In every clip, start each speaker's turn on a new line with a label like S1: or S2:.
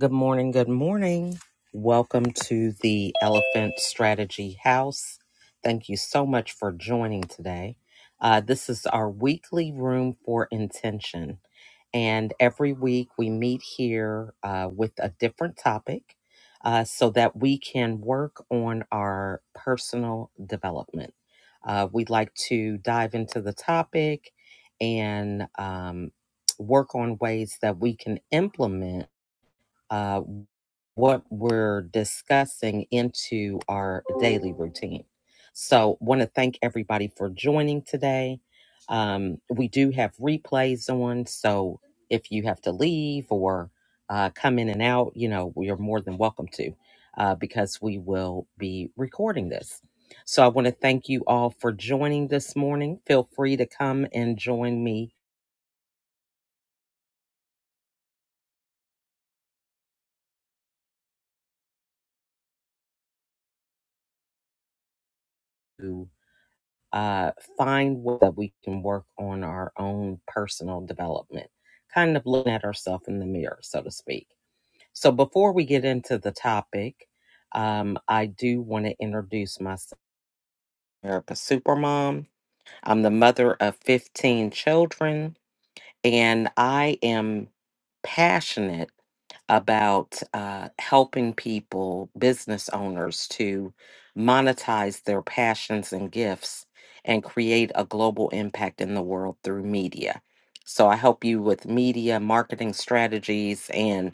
S1: Good morning. Good morning. Welcome to the Elephant Strategy House. Thank you so much for joining today. Uh, this is our weekly room for intention. And every week we meet here uh, with a different topic uh, so that we can work on our personal development. Uh, we'd like to dive into the topic and um, work on ways that we can implement uh, what we're discussing into our daily routine. So, want to thank everybody for joining today. Um, we do have replays on, so if you have to leave or uh, come in and out, you know, you are more than welcome to uh, because we will be recording this. So, I want to thank you all for joining this morning. Feel free to come and join me uh, find ways that we can work on our own personal development, kind of looking at ourselves in the mirror, so to speak. So, before we get into the topic, um, I do want to introduce myself. I'm a supermom. I'm the mother of 15 children, and I am passionate about uh, helping people, business owners, to monetize their passions and gifts and create a global impact in the world through media. So I help you with media marketing strategies, and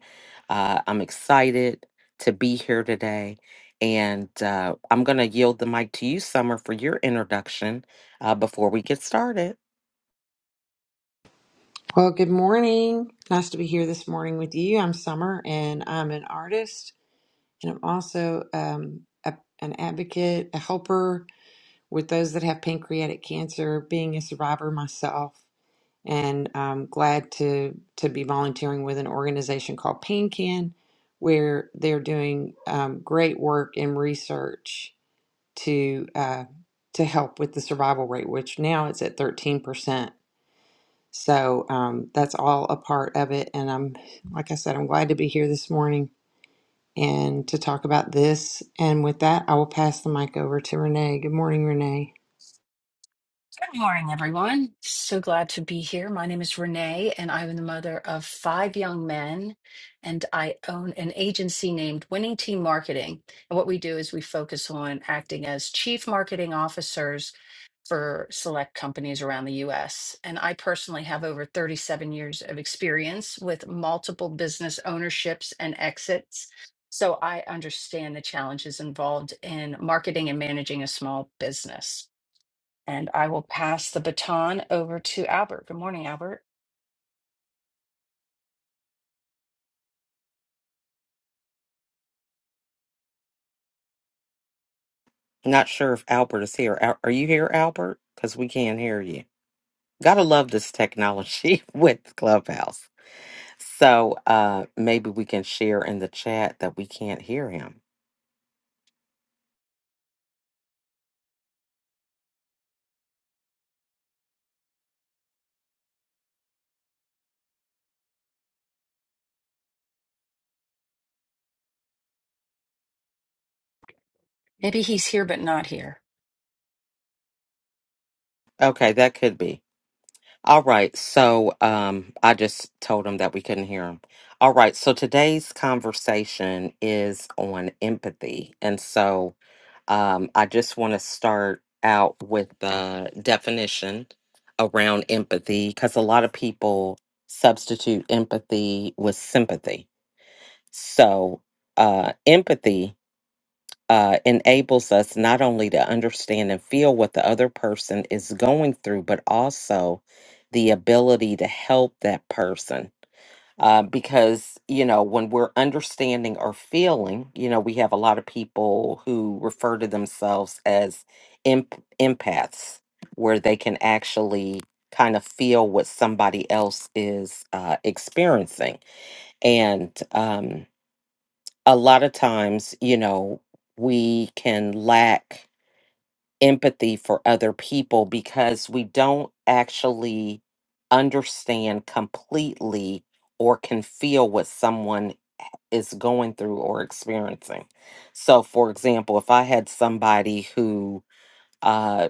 S1: uh, I'm excited to be here today. And uh, I'm going to yield the mic to you, Summer, for your introduction uh, before we get started.
S2: Well, good morning. Nice to be here this morning with you. I'm Summer, and I'm an artist, and I'm also um, a, an advocate, a helper with those that have pancreatic cancer. Being a survivor myself, and I'm glad to to be volunteering with an organization called PanCan, where they're doing um, great work and research to uh, to help with the survival rate, which now it's at 13%. So um, that's all a part of it. And I'm, like I said, I'm glad to be here this morning and to talk about this. And with that, I will pass the mic over to Renee. Good morning, Renee.
S3: Good morning, everyone. So glad to be here. My name is Renee, and I am the mother of five young men, and I own an agency named Winning Team Marketing. And what we do is we focus on acting as chief marketing officers for select companies around the US. And I personally have over 37 years of experience with multiple business ownerships and exits. So I understand the challenges involved in marketing and managing a small business. And I will pass the baton over to Albert. Good morning, Albert.
S1: Not sure if Albert is here. Al- Are you here, Albert? Because we can't hear you. Gotta love this technology with Clubhouse. So uh maybe we can share in the chat that we can't hear him.
S3: Maybe he's here but not here.
S1: Okay, that could be. All right. So um I just told him that we couldn't hear him. All right. So today's conversation is on empathy. And so um I just want to start out with the definition around empathy because a lot of people substitute empathy with sympathy So, uh, empathy uh, enables us not only to understand and feel what the other person is going through, but also the ability to help that person. Uh, because, you know, when we're understanding or feeling, you know, we have a lot of people who refer to themselves as imp- empaths, where they can actually kind of feel what somebody else is uh, experiencing. And, um, a lot of times, you know, we can lack empathy for other people because we don't actually understand completely or can feel what someone is going through or experiencing. So, for example, if I had somebody who uh,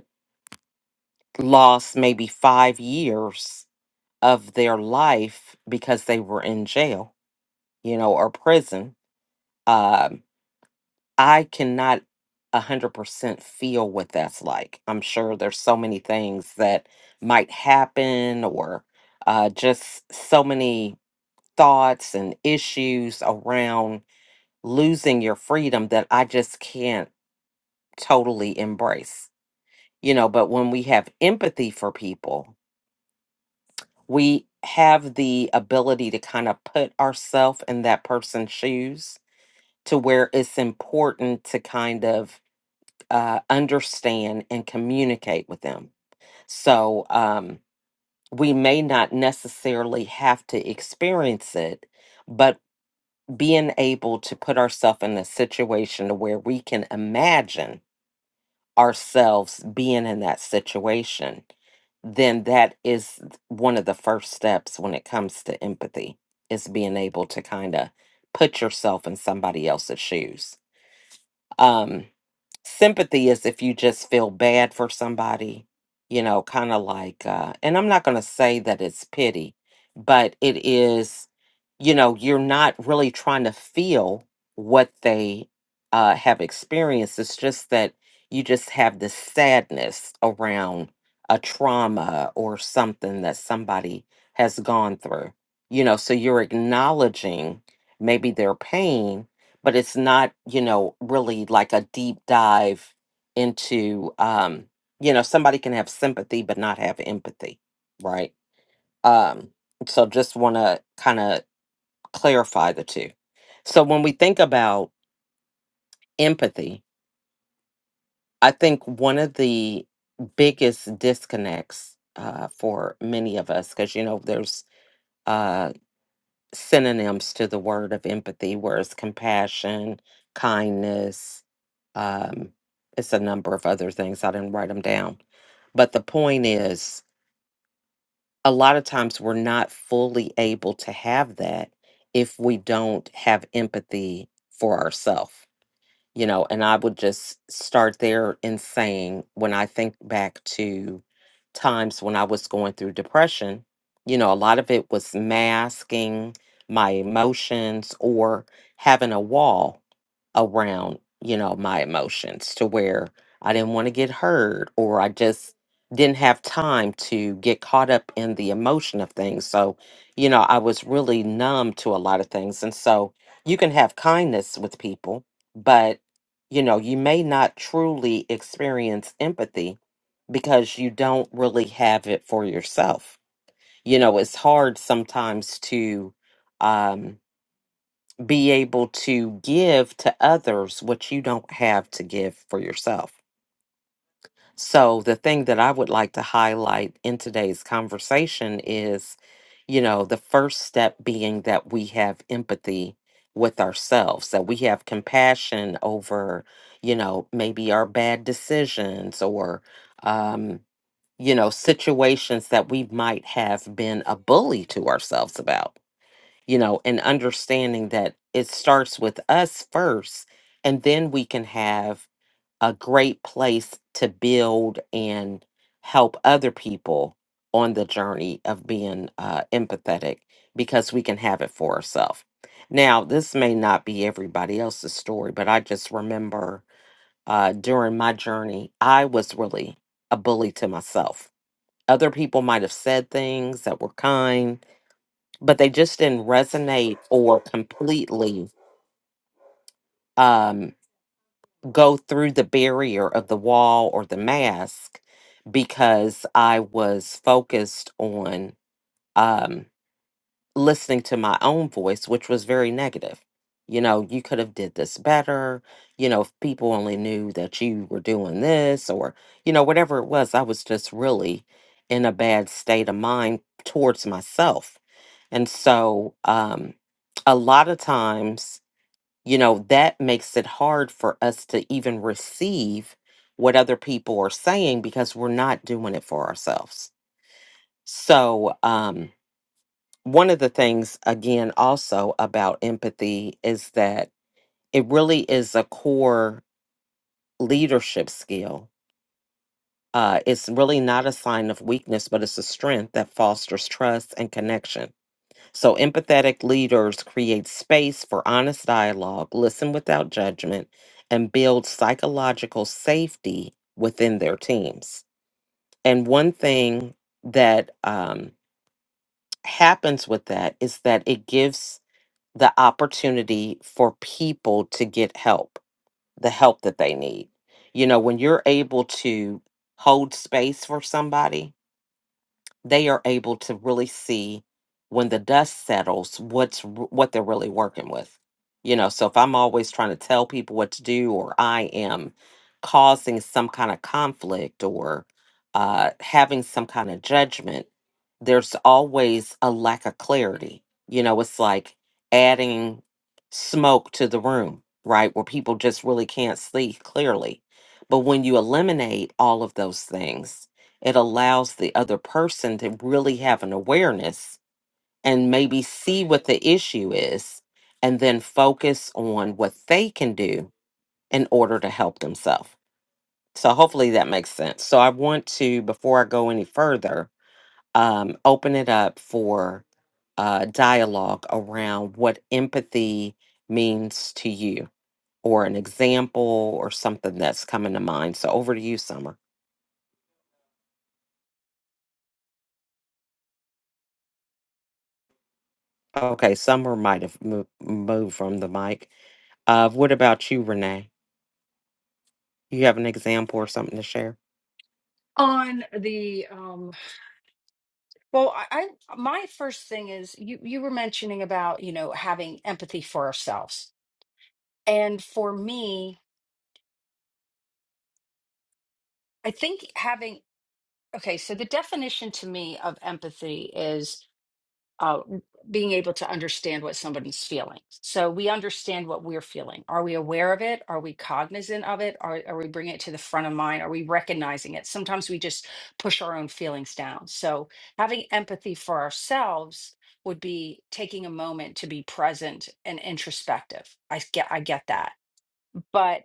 S1: lost maybe five years of their life because they were in jail, you know, or prison. um. I cannot 100% feel what that's like. I'm sure there's so many things that might happen or uh, just so many thoughts and issues around losing your freedom that I just can't totally embrace. You know, but when we have empathy for people, we have the ability to kind of put ourselves in that person's shoes to where it's important to kind of uh, understand and communicate with them. So um, we may not necessarily have to experience it, but being able to put ourselves in a situation to where we can imagine ourselves being in that situation, then that is one of the first steps when it comes to empathy is being able to kind of put yourself in somebody else's shoes um, sympathy is if you just feel bad for somebody, you know, kind of like, uh, and I'm not going to say that it's pity, but it is, you know, you're not really trying to feel what they uh, have experienced. It's just that you just have this sadness around a trauma or something that somebody has gone through, you know, so you're acknowledging maybe their pain but it's not you know really like a deep dive into um you know somebody can have sympathy but not have empathy right um so just want to kind of clarify the two so when we think about empathy i think one of the biggest disconnects uh, for many of us because you know there's uh, synonyms to the word of empathy, whereas compassion, kindness, um, it's a number of other things. I didn't write them down. But the point is, a lot of times we're not fully able to have that if we don't have empathy for ourselves you know, and I would just start there in saying when I think back to times when I was going through depression, you know, a lot of it was masking my emotions or having a wall around, you know, my emotions to where I didn't want to get hurt or I just didn't have time to get caught up in the emotion of things. So, you know, I was really numb to a lot of things. And so you can have kindness with people but you know, you may not truly experience empathy because you don't really have it for yourself. You know, it's hard sometimes to um, be able to give to others what you don't have to give for yourself. So, the thing that I would like to highlight in today's conversation is, you know, the first step being that we have empathy with ourselves, that we have compassion over, you know, maybe our bad decisions or, um, you know, situations that we might have been a bully to ourselves about, you know, and understanding that it starts with us first, and then we can have a great place to build and help other people on the journey of being uh, empathetic because we can have it for ourselves. Now, this may not be everybody else's story, but I just remember uh, during my journey, I was really a bully to myself. Other people might have said things that were kind, but they just didn't resonate or completely Um, go through the barrier of the wall or the mask because I was focused on um, listening to my own voice, which was very negative. You know, you could have did this better. You know, if people only knew that you were doing this or, you know, whatever it was, I was just really in a bad state of mind towards myself. And so um, a lot of times you know, that makes it hard for us to even receive what other people are saying because we're not doing it for ourselves. So, um, one of the things, again, also about empathy is that it really is a core leadership skill. Uh, it's really not a sign of weakness, but it's a strength that fosters trust and connection So, empathetic leaders create space for honest dialogue, listen without judgment, and build psychological safety within their teams. And one thing that um, happens with that is that it gives the opportunity for people to get help, the help that they need. You know, when you're able to hold space for somebody, they are able to really see when the dust settles what's r- what they're really working with you know so if i'm always trying to tell people what to do or i am causing some kind of conflict or uh, having some kind of judgment there's always a lack of clarity you know it's like adding smoke to the room right where people just really can't see clearly but when you eliminate all of those things it allows the other person to really have an awareness and maybe see what the issue is and then focus on what they can do in order to help themselves. So hopefully that makes sense. So I want to, before I go any further, um, open it up for uh, dialogue around what empathy means to you or an example or something that's coming to mind. So over to you, Summer. Okay, Summer might have mo- moved from the mic. Of what about you, Renee? You have an example or something to share?
S3: On the um well, I, I my first thing is you you were mentioning about, you know, having empathy for ourselves. And for me, I think having okay, so the definition to me of empathy is. uh, being able to understand what somebody's feeling. So we understand what we're feeling. Are we aware of it? Are we cognizant of it? Are, are we bringing it to the front of mind? Are we recognizing it? Sometimes we just push our own feelings down. So having empathy for ourselves would be taking a moment to be present and introspective. I get I get that. But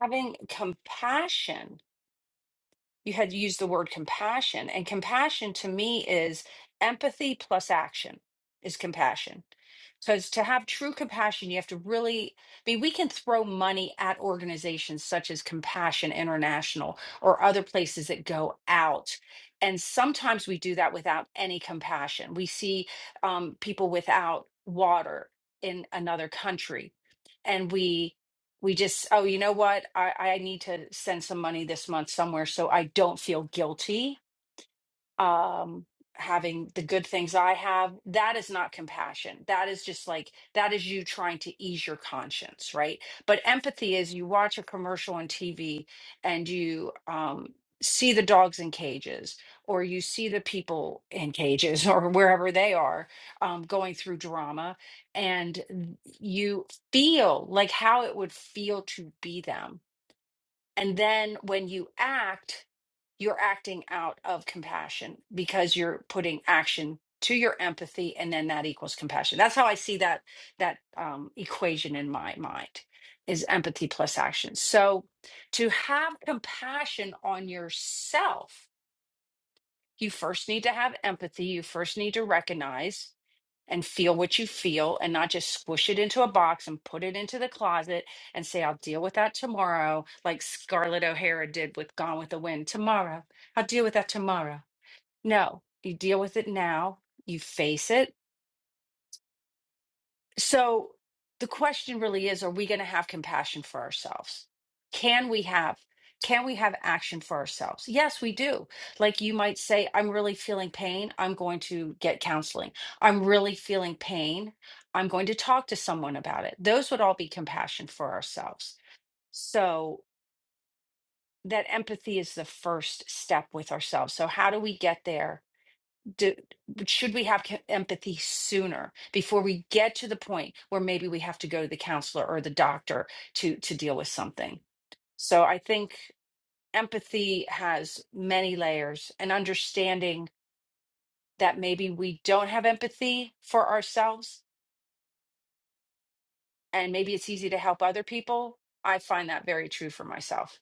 S3: having compassion you had used the word compassion and compassion to me is empathy plus action is compassion because to have true compassion you have to really i mean we can throw money at organizations such as compassion international or other places that go out and sometimes we do that without any compassion we see um, people without water in another country and we we just oh you know what i i need to send some money this month somewhere so i don't feel guilty um having the good things i have that is not compassion that is just like that is you trying to ease your conscience right but empathy is you watch a commercial on tv and you um see the dogs in cages or you see the people in cages or wherever they are um, going through drama and you feel like how it would feel to be them and then when you act, you're acting out of compassion because you're putting action to your empathy and then that equals compassion. That's how I see that that um, equation in my mind is empathy plus action. So to have compassion on yourself, you first need to have empathy, you first need to recognize and feel what you feel and not just squish it into a box and put it into the closet and say, I'll deal with that tomorrow, like Scarlett O'Hara did with Gone with the Wind. Tomorrow, I'll deal with that tomorrow. No, you deal with it now, you face it, so the question really is, are we going to have compassion for ourselves? Can we have can we have action for ourselves? Yes, we do. Like you might say, I'm really feeling pain. I'm going to get counseling. I'm really feeling pain. I'm going to talk to someone about it. Those would all be compassion for ourselves. So that empathy is the first step with ourselves. So how do we get there? do, should we have ca- empathy sooner before we get to the point where maybe we have to go to the counselor or the doctor to to deal with something so i think empathy has many layers and understanding that maybe we don't have empathy for ourselves and maybe it's easy to help other people i find that very true for myself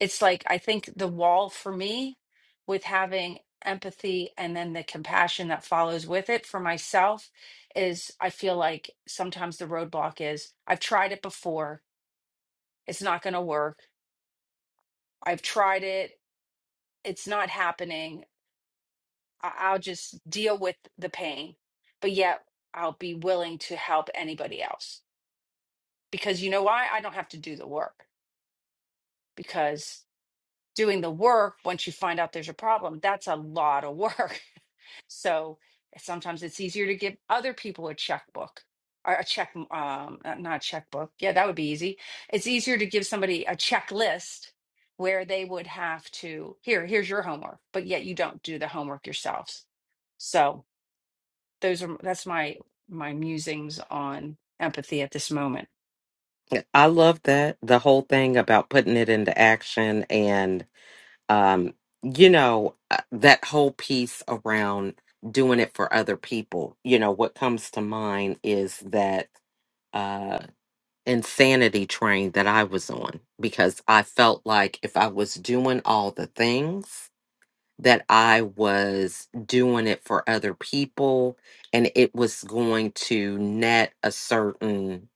S3: it's like I think the wall for me with having empathy and then the compassion that follows with it for myself is I feel like sometimes the roadblock is I've tried it before, it's not going to work. I've tried it, it's not happening. I- I'll just deal with the pain, but yet I'll be willing to help anybody else because you know why? I don't have to do the work because doing the work once you find out there's a problem that's a lot of work So sometimes it's easier to give other people a checkbook or a check, um, uh, not a checkbook. Yeah, that would be easy. It's easier to give somebody a checklist where they would have to, here, here's your homework, but yet you don't do the homework yourselves. So those are, that's my, my musings on empathy at this moment.
S1: Yeah, I love that the whole thing about putting it into action and um, you know uh, that whole piece around doing it for other people. You know what comes to mind is that uh, insanity train that I was on because I felt like if I was doing all the things. that I was doing it for other people and it was going to net a certain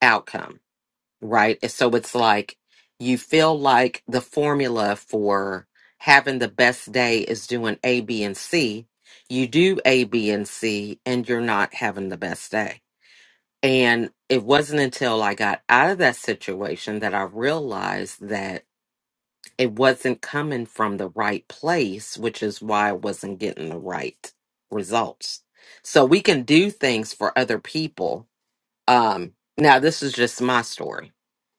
S1: outcome, right? And So it's like you feel like the formula for having the best day is doing A, B, and C. You do A, B, and C, and you're not having the best day. And it wasn't until I got out of that situation that I realized that it wasn't coming from the right place, which is why I wasn't getting the right results. So we can do things for other people. Um, now, this is just my story.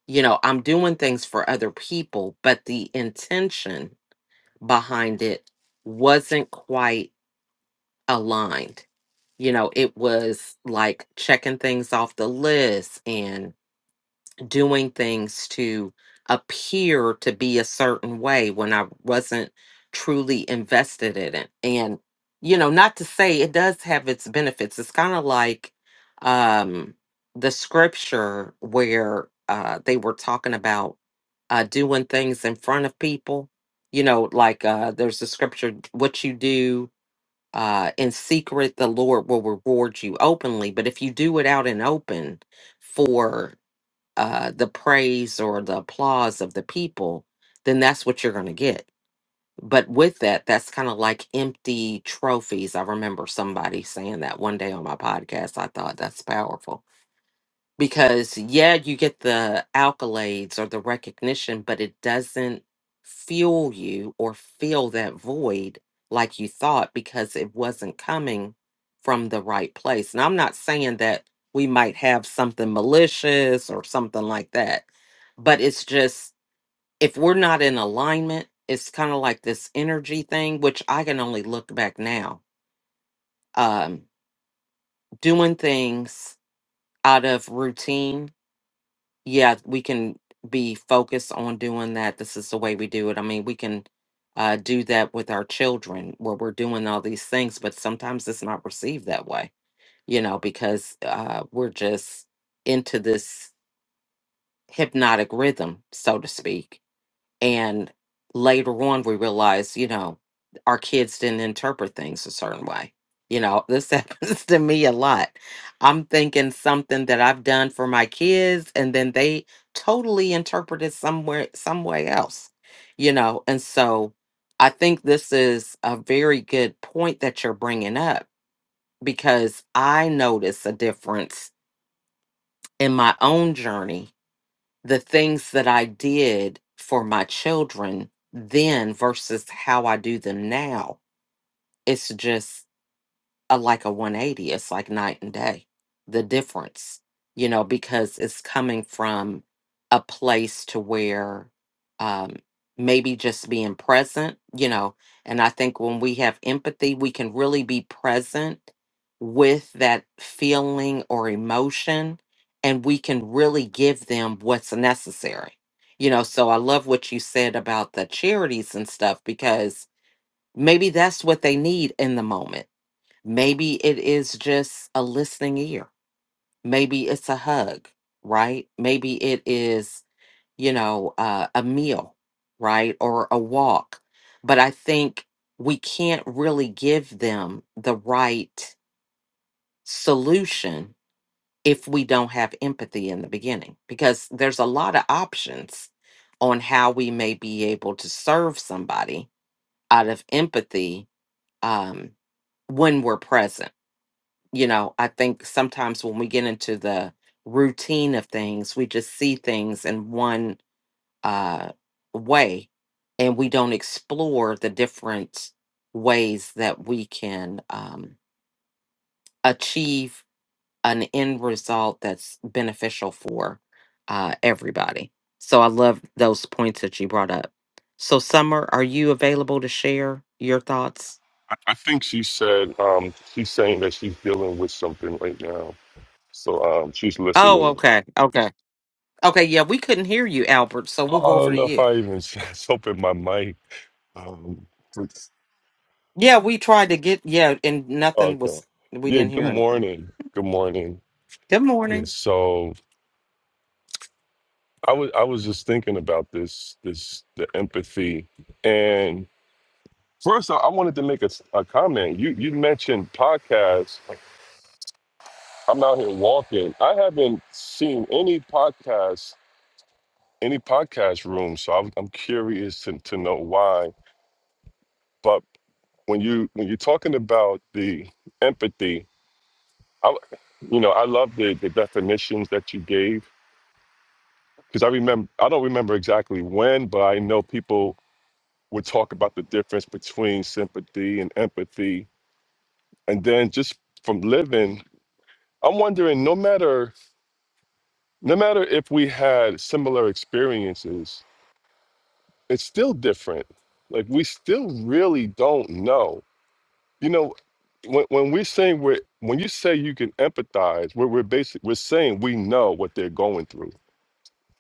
S1: You know, I'm doing things for other people, but the intention behind it wasn't quite aligned. You know, it was like checking things off the list and doing things to appear to be a certain way when I wasn't truly invested in it. And, you know, not to say it does have its benefits. It's kind of like um, the scripture where uh, they were talking about uh, doing things in front of people. You know, like uh, there's a scripture, what you do uh, in secret, the Lord will reward you openly. But if you do it out in open, for uh, the praise or the applause of the people, then that's what you're going to get. But with that, that's kind of like empty trophies. I remember somebody saying that one day on my podcast. I thought that's powerful because yeah you get the accolades or the recognition but it doesn't fuel you or fill that void like you thought because it wasn't coming from the right place and i'm not saying that we might have something malicious or something like that but it's just if we're not in alignment it's kind of like this energy thing which i can only look back now um doing things out of routine yeah, we can be focused on doing that. This is the way we do it. I mean, we can uh, do that with our children where we're doing all these things, but sometimes it's not received that way, you know, because uh, we're just into this hypnotic rhythm, so to speak and later on, we realized, you know, our kids didn't interpret things a certain way. You know, this happens to me a lot. I'm thinking something that I've done for my kids, and then they totally interpret it somewhere, some way else, you know. And so I think this is a very good point that you're bringing up because I notice a difference in my own journey the things that I did for my children then versus how I do them now. It's just a, like a 180. It's like night and day, the difference, you know, because it's coming from a place to where um, maybe just being present, you know. And I think when we have empathy, we can really be present with that feeling or emotion and we can really give them what's necessary. You know, so I love what you said about the charities and stuff because maybe that's what they need in the moment Maybe it is just a listening ear. Maybe it's a hug, right? Maybe it is, you know, uh, a meal, right? Or a walk. But I think we can't really give them the right solution if we don't have empathy in the beginning, because there's a lot of options on how we may be able to serve somebody out of empathy um, when we're present you know, I think sometimes when we get into the routine of things, we just see things in one uh, way and we don't explore the different ways that we can um, achieve an end result that's beneficial for uh, everybody. So I love those points that you brought up. So, Summer, are you available to share your thoughts?
S4: I, I think she said um, she's saying that she's dealing with something right now. So um, she's
S1: Oh,
S4: listening.
S1: okay. Okay. Okay. Yeah, we couldn't hear you, Albert. So
S4: Oh,
S1: we'll go
S4: I
S1: over
S4: don't
S1: to
S4: know if
S1: you.
S4: I even just opened my mic. Um, it's-
S1: Yeah, we tried to get yeah, and nothing
S4: okay.
S1: was we
S4: Yeah.
S1: didn't
S4: Good
S1: hear anything.
S4: morning. Good morning.
S1: Good
S4: Yeah.
S1: morning.
S4: So I was I was just thinking about this this the empathy and first I, I wanted to make a, s- a comment. You you mentioned podcasts. I'm out here walking. I haven't seen any podcasts any podcast room. So I'm, I'm curious to, to know why. But when you when you're talking about the empathy, I, you know, I love the, the definitions that you gave because I remember I don't remember exactly when, but I know people would talk about the difference between sympathy and empathy, and then just from living, I'm wondering no matter no matter if we had similar experiences, it's still different. Like we still really don't know You know, when when we say we're when you say you can empathize, we're we're basic we're saying we know what they're going through,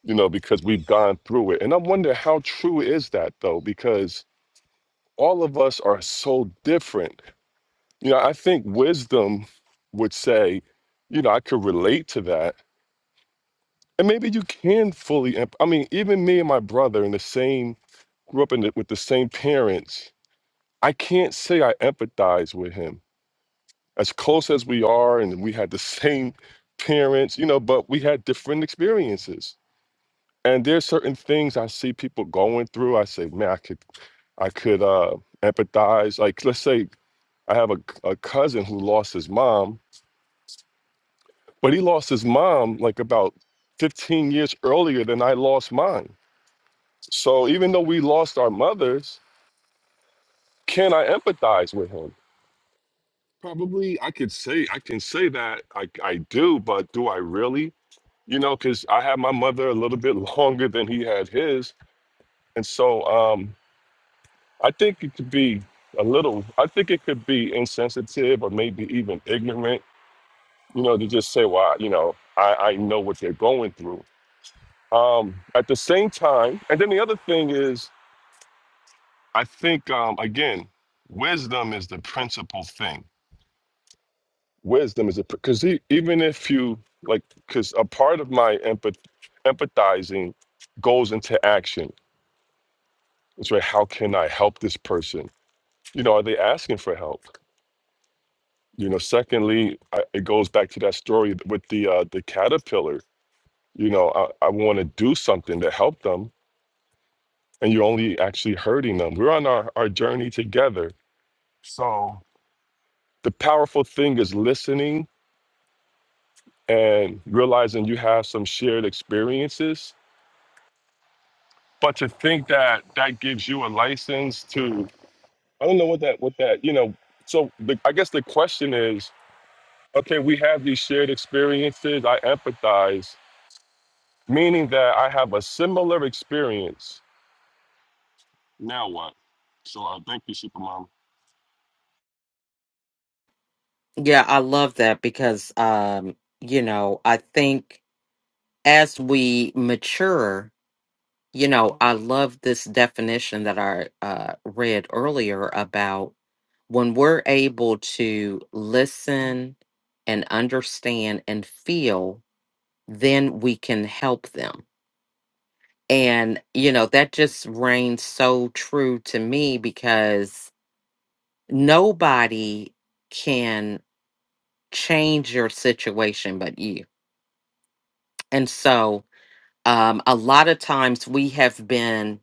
S4: you know, because we've gone through it. And I wonder how true is that though, because all of us are so different. You know, I think wisdom would say, you know, I could relate to that. And maybe you can fully emp- I mean, even me and my brother in the same grew up in the, with the same parents. I can't say I empathize with him as close as we are and we had the same parents you know but we had different experiences and there's certain things i see people going through i say man i could i could uh empathize like let's say i have a, a cousin who lost his mom but he lost his mom like about 15 years earlier than i lost mine so even though we lost our mothers can i empathize with him probably i could say i can say that i, I do but do i really you know, because I had my mother a little bit longer than he had his, and so um, I think it could be a little. I think it could be insensitive or maybe even ignorant, you know, to just say, "Well, you know, I, I know what they're going through." Um, at the same time, and then the other thing is, I think um, again, wisdom is the principal thing. Wisdom is a because even if you like, because a part of my empath, empathizing goes into action It's right. How can I help this person? You know, are they asking for help? You know, secondly, I, it goes back to that story with the uh, the caterpillar. You know, I, I want to do something to help them, and you're only actually hurting them. We're on our, our journey together. So the powerful thing is listening and realizing you have some shared experiences. But to think that that gives you a license to, I don't know what that, what that, you know, so the, I guess the question is, okay, we have these shared experiences. I empathize, meaning that I have a similar experience. Now what? So uh, thank you, Supermom.
S1: Yeah, I love that because um, you know, I think as we mature, you know, I love this definition that I uh read earlier about when we're able to listen and understand and feel, then we can help them. And you know, that just reigns so true to me because nobody can change your situation but you. And so um, a lot of times we have been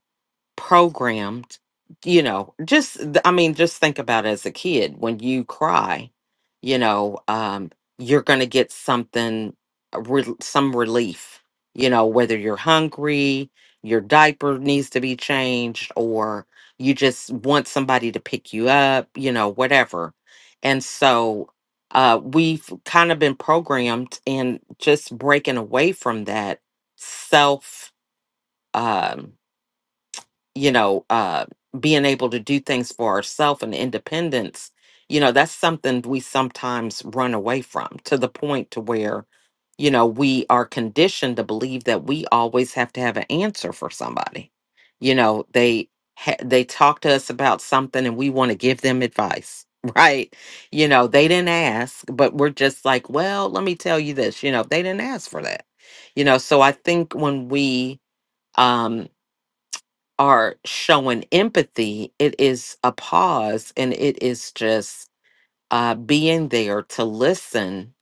S1: programmed you know just th- i mean just think about as a kid when you cry you know um you're going to get something a rel- some relief you know whether you're hungry your diaper needs to be changed or you just want somebody to pick you up you know whatever and so uh we've kind of been programmed and just breaking away from that self um, you know, uh, being able to do things for ourselves and independence, you know, that's something we sometimes run away from to the point to where, you know, we are conditioned to believe that we always have to have an answer for somebody. You know, they ha- they talk to us about something and we want to give them advice, right? You know, they didn't ask, but we're just like, well, let me tell you this. You know, they didn't ask for that. You know, so I think when we um, are showing empathy, it is a pause and it is just uh, being there to listen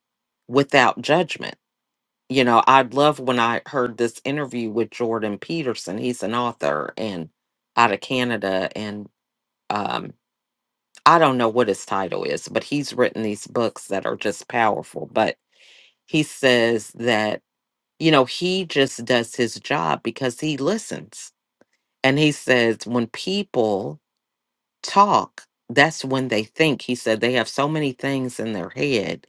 S1: without judgment. You know, I love when I heard this interview with Jordan Peterson. He's an author and out of Canada. And um, I don't know what his title is, but he's written these books that are just powerful. But he says that, you know, he just does his job because he listens. And he says, when people talk, that's when they think. He said they have so many things in their head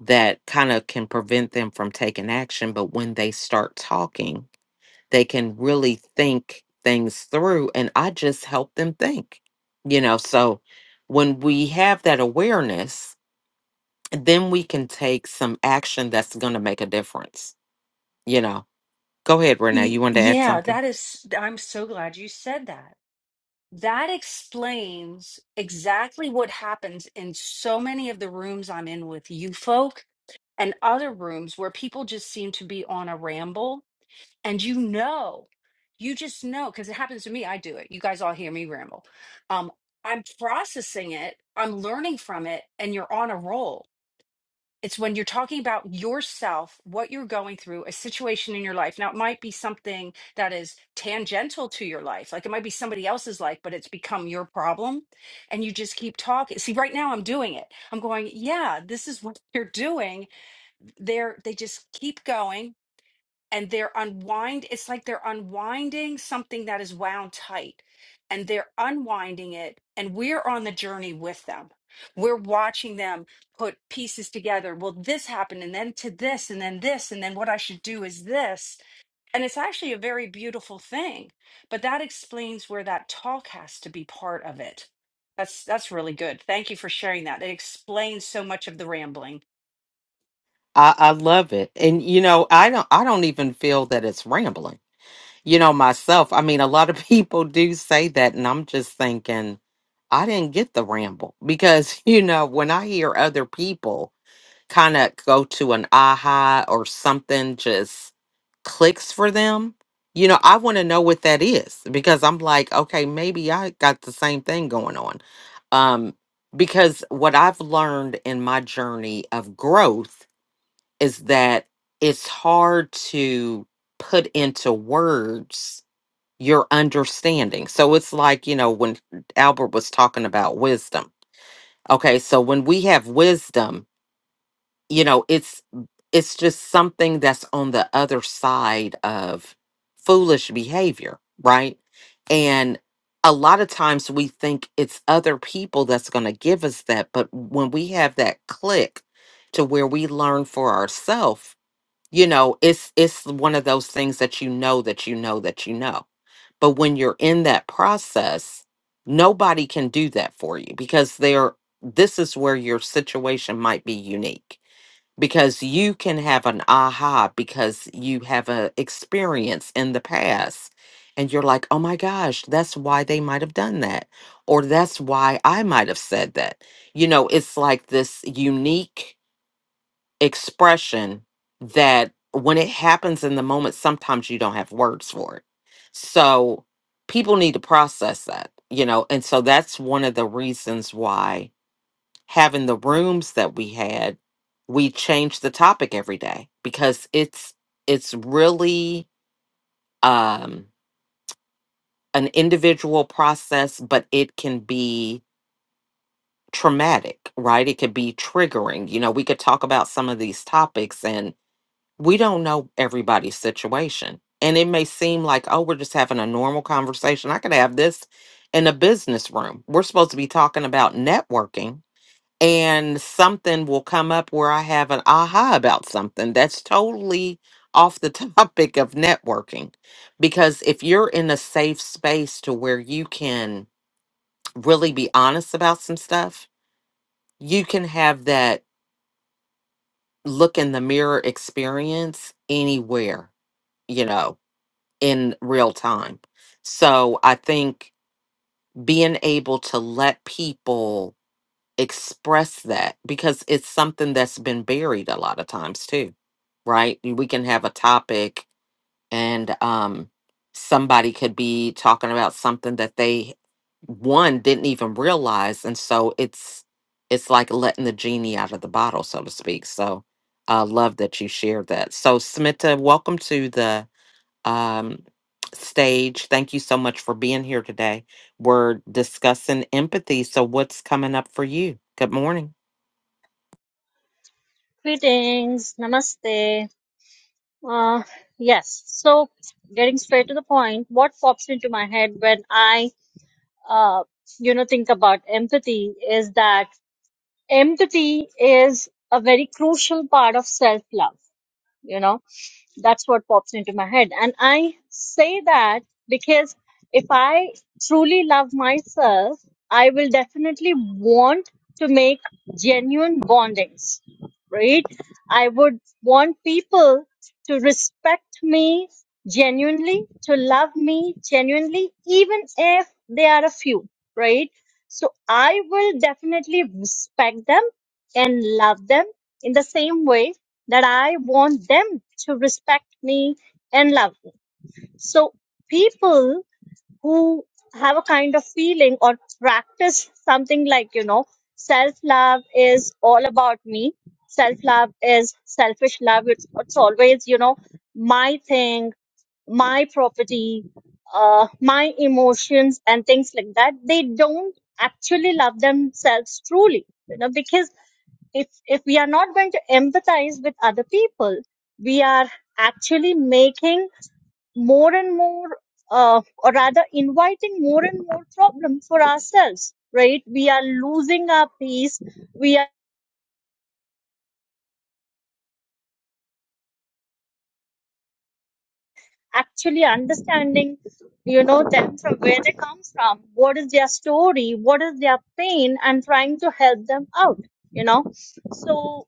S1: that kind of can prevent them from taking action. But when they start talking, they can really think things through. And I just help them think, you know. So when we have that awareness, then we can take some action that's going to make a difference, you know. Go ahead, Renee.
S3: Y-
S1: You wanted to add
S3: Yeah,
S1: something?
S3: that is, I'm so glad you said that that explains exactly what happens in so many of the rooms I'm in with you folk and other rooms where people just seem to be on a ramble. And you know, you just know, because it happens to me. I do it. You guys all hear me ramble. Um, I'm processing it, I'm learning from it, and you're on a roll it's when you're talking about yourself, what you're going through, a situation in your life. Now, it might be something that is tangential to your life. Like it might be somebody else's life, but it's become your problem. And you just keep talking. See, right now I'm doing it. I'm going, yeah, this is what you're doing. They're, they just keep going and they're unwind it's like they're unwinding something that is wound tight and they're unwinding it and we're on the journey with them we're watching them put pieces together well this happened and then to this and then this and then what i should do is this and it's actually a very beautiful thing but that explains where that talk has to be part of it that's that's really good thank you for sharing that it explains so much of the rambling
S1: I, I love it. And you know, I don't I don't even feel that it's rambling you know, myself. I mean, a lot of people do say that, and I'm just thinking, I didn't get the ramble because, you know, when I hear other people kind of go to an aha or something just clicks for them, you know, I want to know what that is because I'm like, okay, maybe I got the same thing going on. Um, because what I've learned in my journey of growth is that it's hard to put into words your understanding. So it's like, you know, when Albert was talking about wisdom. Okay, so when we have wisdom, you know, it's it's just something that's on the other side of foolish behavior, right? And a lot of times we think it's other people that's going to give us that, but when we have that click to where we learn for ourselves, you know it's it's one of those things that you know that you know that you know but when you're in that process nobody can do that for you because they're this is where your situation might be unique because you can have an aha because you have a experience in the past and you're like oh my gosh that's why they might have done that or that's why i might have said that you know it's like this unique expression that when it happens in the moment, sometimes you don't have words for it. So people need to process that, you know, and so that's one of the reasons why having the rooms that we had, we changed the topic every day because it's it's really um an individual process, but it can be traumatic, right? It could be triggering. You know, we could talk about some of these topics and. we don't know everybody's situation. And it may seem like, oh, we're just having a normal conversation. I could have this in a business room. We're supposed to be talking about networking, and something will come up where I have an aha about something that's totally off the topic of networking. Because if you're in a safe space to where you can really be honest about some stuff, you can have that look in the mirror experience anywhere, you know in real time. So I think being able to let people express that because it's something that's been buried a lot of times too, right? We can have a topic and um somebody could be talking about something that they one didn't even realize and so it's it's like letting the genie out of the bottle so to speak. So I love that you shared that. So Smita, welcome to the um, stage. Thank you so much for being here today. We're discussing empathy. So, what's coming up for you? Good morning.
S5: Greetings, namaste. Uh, yes, so getting straight to the point, what pops into my head when I, uh, you know, think about empathy is that empathy is a very crucial part of self love, you know that's what pops into my head and i say that because if i truly love myself i will definitely want to make genuine bondings right i would want people to respect me genuinely to love me genuinely even if they are a few right so i will definitely respect them and love them in the same way that I want them to respect me and love me. So people who have a kind of feeling or practice something like, you know, self love is all about me. Self love is selfish love. It's, it's always, you know, my thing, my property, uh, my emotions and things like that. They don't actually love themselves truly, you know, because if if we are not going to empathize with other people we are actually making more and more uh, or rather inviting more and more problems for ourselves right we are losing our peace we are actually understanding you know them from where they come from what is their story what is their pain and trying to help them out you know so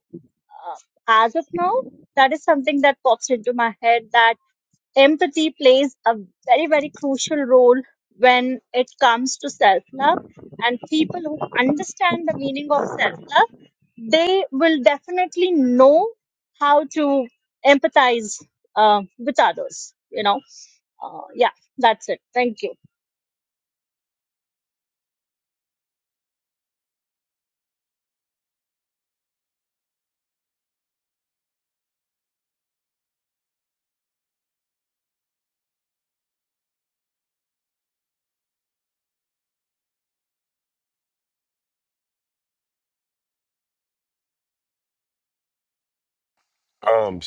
S5: uh, as of now that is something that pops into my head that empathy plays a very very crucial role when it comes to self love and people who understand the meaning of self love they will definitely know how to empathize uh, with others you know uh, yeah that's it thank you
S4: Um,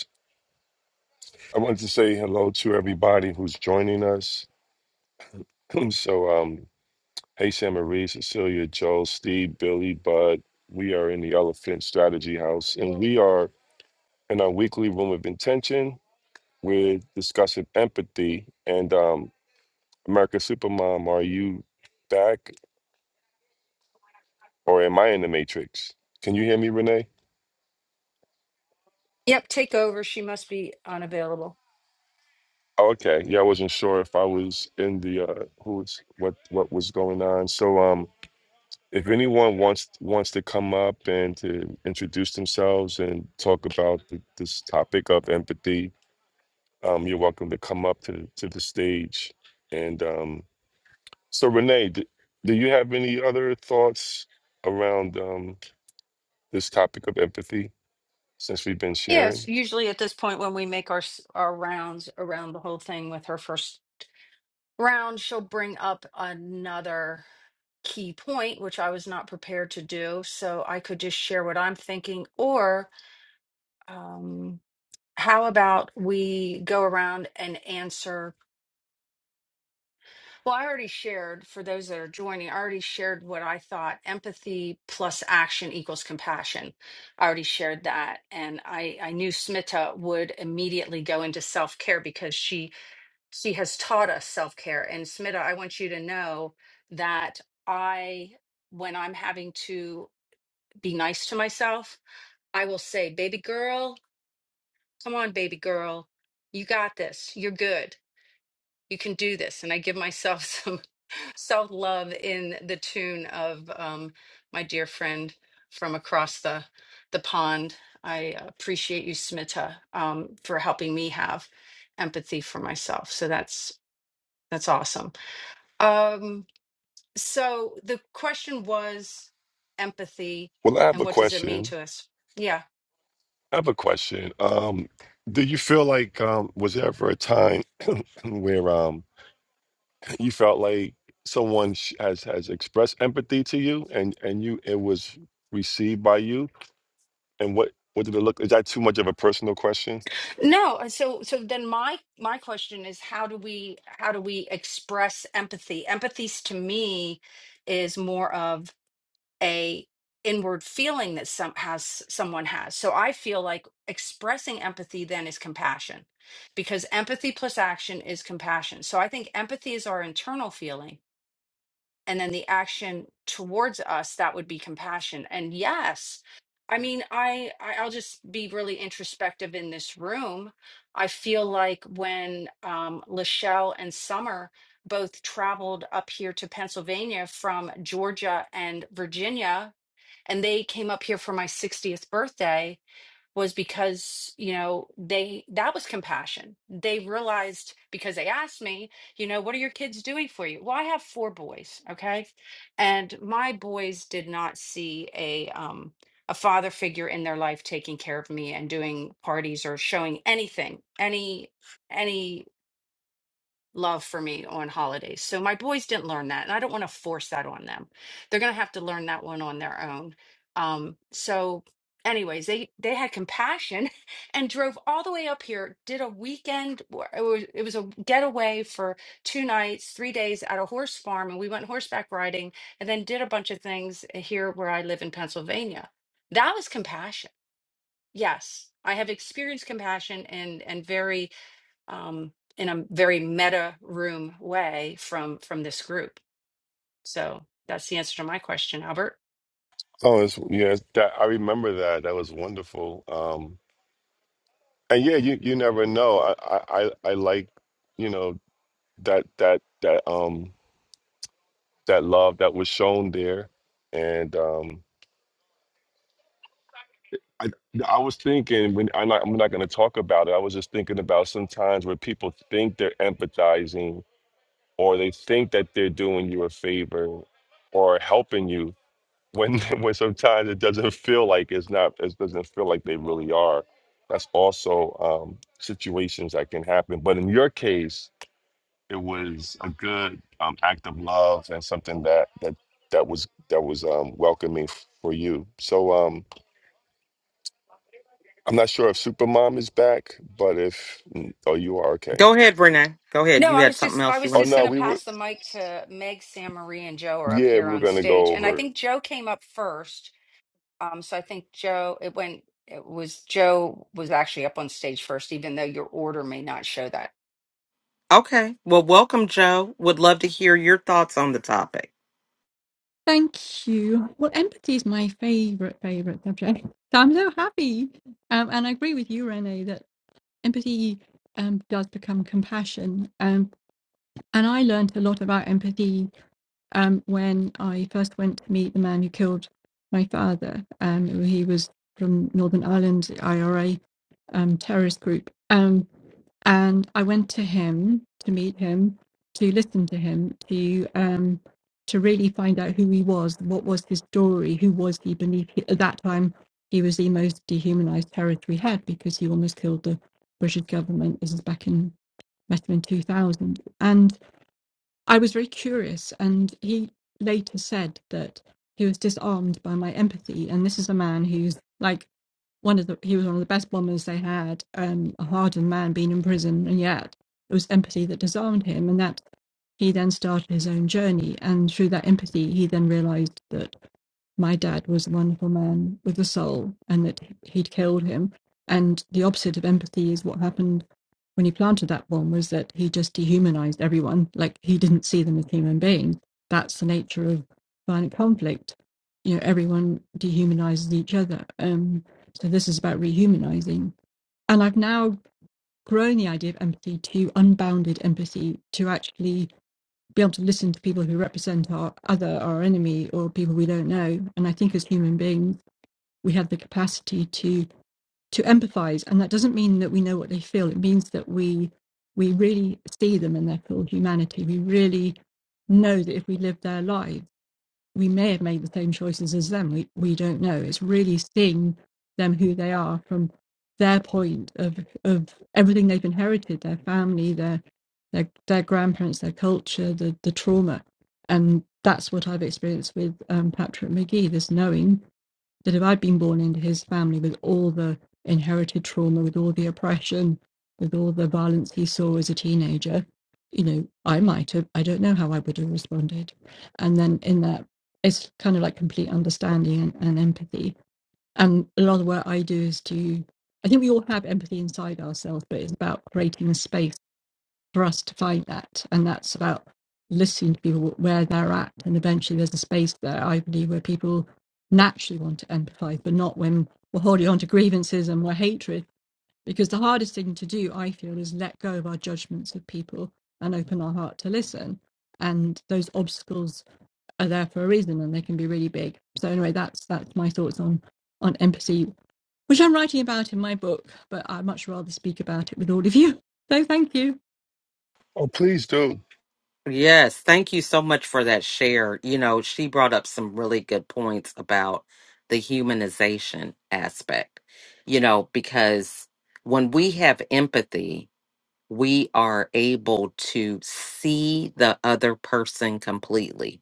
S4: I wanted to say hello to everybody who's joining us. so, um, hey, Sam Marie, Cecilia, Joel, Steve, Billy, Bud. We are in the Elephant Strategy House, and we are in our weekly room of intention. We're discussing empathy. And um, America Supermom, are you back? or am I in the matrix? Can you hear me, Renee?
S3: yep take over she must be unavailable
S4: Oh, okay. Yeah, I wasn't sure if I was in the uh who was what what was going on. So um if anyone wants wants to come up and to introduce themselves and talk about the, this topic of empathy, um you're welcome to come up to to the stage. And um so Renee, d- do you have any other thoughts around um this topic of empathy since we've been
S3: Yes,
S4: sharing?
S3: usually at this point when we make our s- our rounds around the whole thing with her first round, she'll bring up another key point, which I was not prepared to do. So I could just share what I'm thinking, or um, how about we go around and answer Well, I already shared for those that are joining, I already shared what I thought empathy plus action equals compassion. I already shared that. And I, I knew Smita would immediately go into self care because she she has taught us self care. And Smita, I want you to know that I when I'm having to be nice to myself, I will say, baby girl, come on, baby girl, you got this. You're good. You can do this. And I give myself some self love in the tune of um, my dear friend from across the the pond. I appreciate you, Smita, um, for helping me have empathy for myself. So that's that's awesome. Um, so the question was empathy
S4: Well, I have
S3: and
S4: a
S3: what does it mean
S4: question.
S3: to us? Yeah.
S4: I have a question. Um, do you feel like um, was there ever a time where um, you felt like someone sh- has has expressed empathy to you, and and you it was received by you? And what what did it look? Is that too much of a personal question?
S3: No, uh, so so then my my question is how do we how do we express empathy? Empathy to me is more of a inward feeling that some has someone has so i feel like expressing empathy then is compassion because empathy plus action is compassion so i think empathy is our internal feeling and then the action towards us that would be compassion and yes i mean i I- i'll just be really introspective in this room i feel like when um lachelle and summer both traveled up here to pennsylvania from georgia and virginia and they came up here for my 60th birthday was because you know they that was compassion they realized because they asked me you know what are your kids doing for you well i have four boys okay and my boys did not see a um a father figure in their life taking care of me and doing parties or showing anything any any love for me on holidays. So my boys didn't learn that, and I don't want to force that on them. They're going to have to learn that one on their own. Um, so, anyways, they they had compassion and drove all the way up here. Did a weekend. where It was it was a getaway for two nights, three days at a horse farm, and we went horseback riding, and then did a bunch of things eh, here where I live in Pennsylvania. That was compassion. Yes, I have experienced compassion and and very um, in a very meta room way from from this group. So that's the answer to my question, Albert.
S4: Oh, it's, yeah, it's that I remember that. That was wonderful. Um, and yeah, you you never know. I I I I like you know that that that um that love that was shown there, and um. I, I was thinking when I'm not, I'm not going to talk about it. I was just thinking about sometimes where people think they're empathizing or they think that they're doing you a favor or helping you when when sometimes it doesn't feel like it's not it doesn't feel like they really are. That's also um, situations that can happen. But in your case, it was a good um, act of love and something that that that was that was um, welcoming for you. So. Um, I'm not sure if Supermom is back, but if oh you are okay.
S1: Go ahead, Renee. Go ahead.
S3: No,
S1: You
S3: I
S1: had
S3: was
S1: something
S3: just I
S1: else you
S3: was
S4: Oh
S1: wanted to
S3: just
S1: say.
S3: going
S4: no,
S3: to
S4: we were
S3: pass the mic to Meg, Sam, Marie, and Joe are up
S4: yeah,
S3: here
S4: we were
S3: on
S4: gonna
S3: stage,
S4: go
S3: and I
S4: over.
S3: think Joe came up first. Um, so I think Joe it went it was Joe was actually up on stage first, even though your order may not show that.
S1: Okay. Well, welcome, Joe. Would love to hear your thoughts on the topic.
S6: Thank you. Well, empathy is my favorite, favorite subject. So I'm so happy. Um, and I agree with you, Renee, that empathy um, does become compassion. Um, and I learned a lot about empathy um, when I first went to meet the man who killed my father. Um, he was from Northern Ireland, the IRA um, terrorist group. Um, and I went to him to meet him, to listen to him, to um, to really find out who he was, what was his story, who was he beneath. At that time, he was the most dehumanized terrorist we had because he almost killed the British government. This is back in must have been two thousand, and. I was very curious, and he later said that he was disarmed by my empathy. And this is a man who's like one of the he was one of the best bombers they had, um, a hardened man being in prison, and yet it was empathy that disarmed him, and that he then started his own journey. And through that empathy, he then realised that my dad was a wonderful man with a soul and that he'd killed him. And the opposite of empathy is what happened when he planted that bomb was that he just dehumanized everyone. Like he didn't see them as human beings. That's the nature of violent conflict. You know, everyone dehumanizes each other. Um, so this is about rehumanizing. And I've now grown the idea of empathy to unbounded empathy, to actually be able to listen to people who represent our other, our enemy, or people we don't know. And I think as human beings, we have the capacity to to empathize, and that doesn't mean that we know what they feel. It means that we we really see them in their full humanity. We really know that if we live their lives we may have made the same choices as them. We we don't know. It's really seeing them who they are from their point of of everything they've inherited, their family, their their their grandparents, their culture, the the trauma, and that's what I've experienced with um, Patrick McGee. This knowing that if I'd been born into his family with all the inherited trauma, with all the oppression, with all the violence he saw as a teenager, you know, I might have, I don't know how I would have responded. And then in that, it's kind of like complete understanding and, and empathy. And a lot of what I do is to, I think we all have empathy inside ourselves, but it's about creating a space for us to find that. And that's about listening to people where they're at. And eventually there's a space there, I believe, where people naturally want to empathize, but not when we're holding on to grievances and we're hatred. Because the hardest thing to do, I feel, is let go of our judgments of people and open our heart to listen. And those obstacles are there for a reason and they can be really big. So anyway, that's that's my thoughts on on empathy, which I'm writing about in my book, but I'd much rather speak about it with all of you. So thank you.
S4: Oh please do.
S1: Yes. Thank you so much for that share. You know, she brought up some really good points about the humanization aspect, you know, because when we have empathy, we are able to see the other person completely,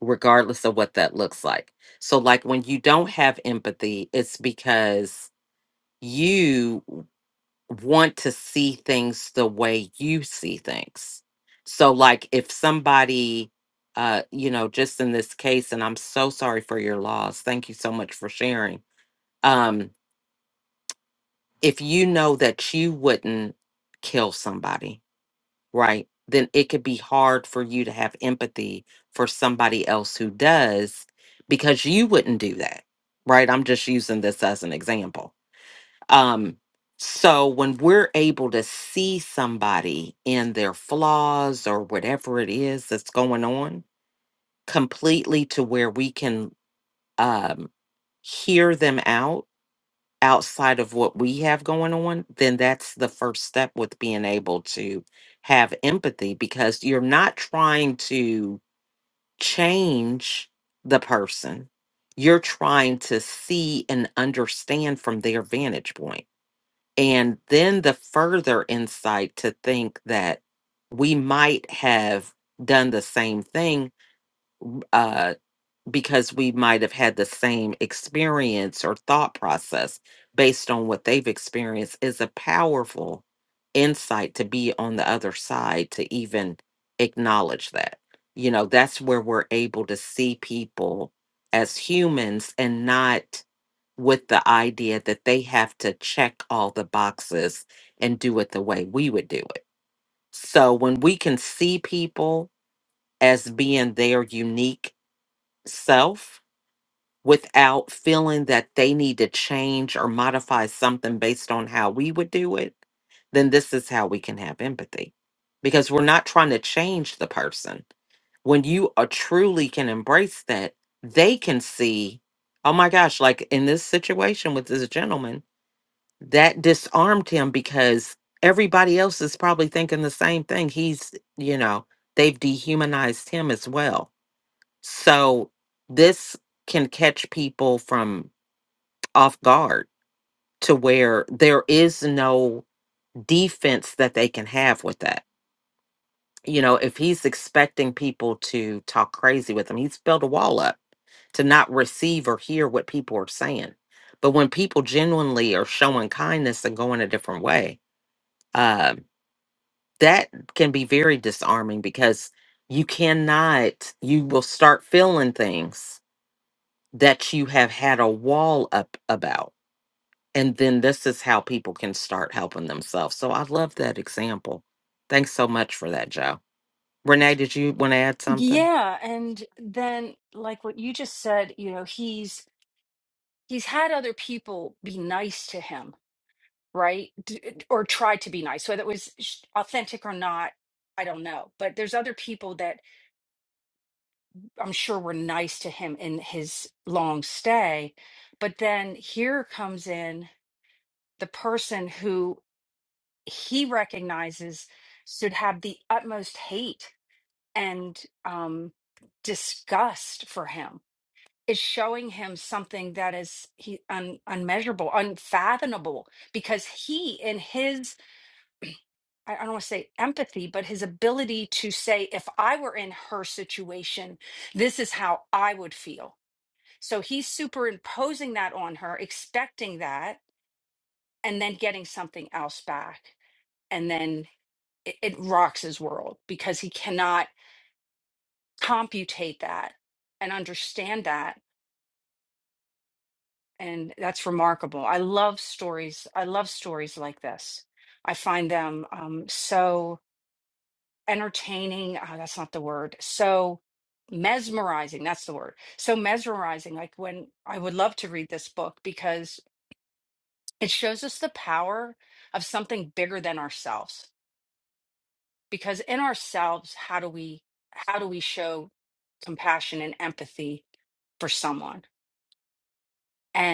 S1: regardless of what that looks like. So, like when you don't have empathy, it's because you want to see things the way you see things. So, like if somebody, uh, you know, just in this case, and I'm so sorry for your loss. Thank you so much for sharing. Um, if you know that you wouldn't kill somebody, right, then it could be hard for you to have empathy for somebody else who does because you wouldn't do that, right? I'm just using this as an example. Um, so when we're able to see somebody in their flaws or whatever it is that's going on completely to where we can um, hear them out outside of what we have going on, then that's the first step with being able to have empathy because you're not trying to change the person. You're trying to see and understand from their vantage point. And then the further insight to think that we might have done the same thing uh, because we might have had the same experience or thought process based on what they've experienced is a powerful insight to be on the other side to even acknowledge that. You know, that's where we're able to see people as humans and not with the idea that they have to check all the boxes and do it the way we would do it. So when we can see people as being their unique self, without feeling that they need to change or modify something based on how we would do it, then this is how we can have empathy because we're not trying to change the person. When you are truly can embrace that, they can see, oh my gosh, like in this situation with this gentleman, that disarmed him because everybody else is probably thinking the same thing. He's, you know, they've dehumanized him as well so this can catch people from off guard to where there is no defense that they can have with that. You know, if he's expecting people to talk crazy with him, he's built a wall up to not receive or hear what people are saying. But when people genuinely are showing kindness and going a different way, um, that can be very disarming because you cannot, you will start feeling things that you have had a wall up about. And then this is how people can start helping themselves. So I love that example. Thanks so much for that, Joe. Renee, did you want to add something?
S3: Yeah, and then like what you just said, you know, he's he's had other people be nice to him, right? D eh, d- or try to be nice, whether it was sh- authentic or not, I don't know. But there's other people that I'm sure were nice to him in his long stay. But then here comes in the person who he recognizes should have the utmost hate and um disgust for him is showing him something that is he un, unmeasurable, unfathomable, because he in his I I don't want to say empathy, but his ability to say, if I were in her situation, this is how I would feel. So he's superimposing that on her, expecting that, and then getting something else back. And then it, it rocks his world because he cannot computate that and understand that and that's remarkable. I love stories. I love stories like this. I find them um, so entertaining. ah, that's not the word. So mesmerizing. That's the word. So mesmerizing. Like when I would love to read this book because it shows us the power of something bigger than ourselves. Because in ourselves, how do we how do we show compassion and empathy for someone?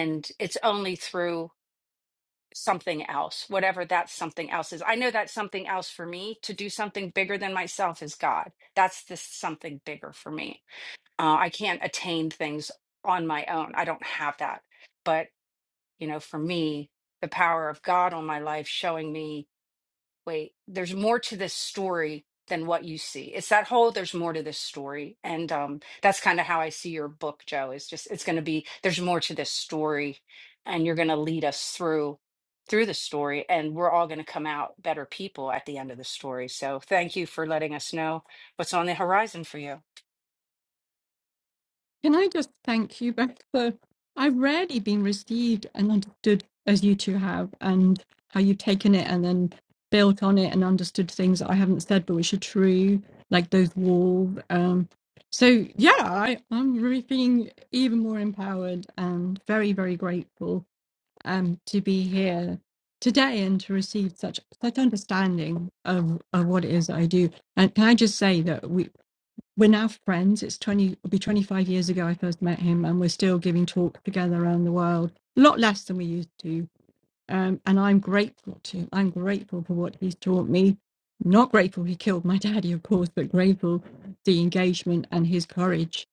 S3: And it's only through something else, whatever that something else is. I know that something else for me to do something bigger than myself is God. That's this something bigger for me. Uh, I can't attain things on my own. I don't have that. But, you know, for me, the power of God on my life showing me wait, there's more to this story than what you see. It's that whole there's more to this story. And um that's kind of how I see your book, Joe. Is just it's gonna be there's more to this story and you're gonna lead us through through the story and we're all gonna come out better people at the end of the story. So thank you for letting us know what's on the horizon for you.
S6: Can I just thank you both for? I've rarely been received and understood as you two have, and how you've taken it and then built on it and understood things that I haven't said but which are true, like those walls. Um, so yeah, I, I'm really feeling even more empowered and very, very grateful um, to be here today and to receive such such understanding of, of what it is that I do. And can I just say that we, we're now friends. It's 20, it'll be 25 years ago I first met him, and we're still giving talks together around the world, a lot less than we used to. Um, and I'm grateful to, I'm grateful for what he's taught me. Not grateful he killed my daddy, of course, but grateful the engagement and his courage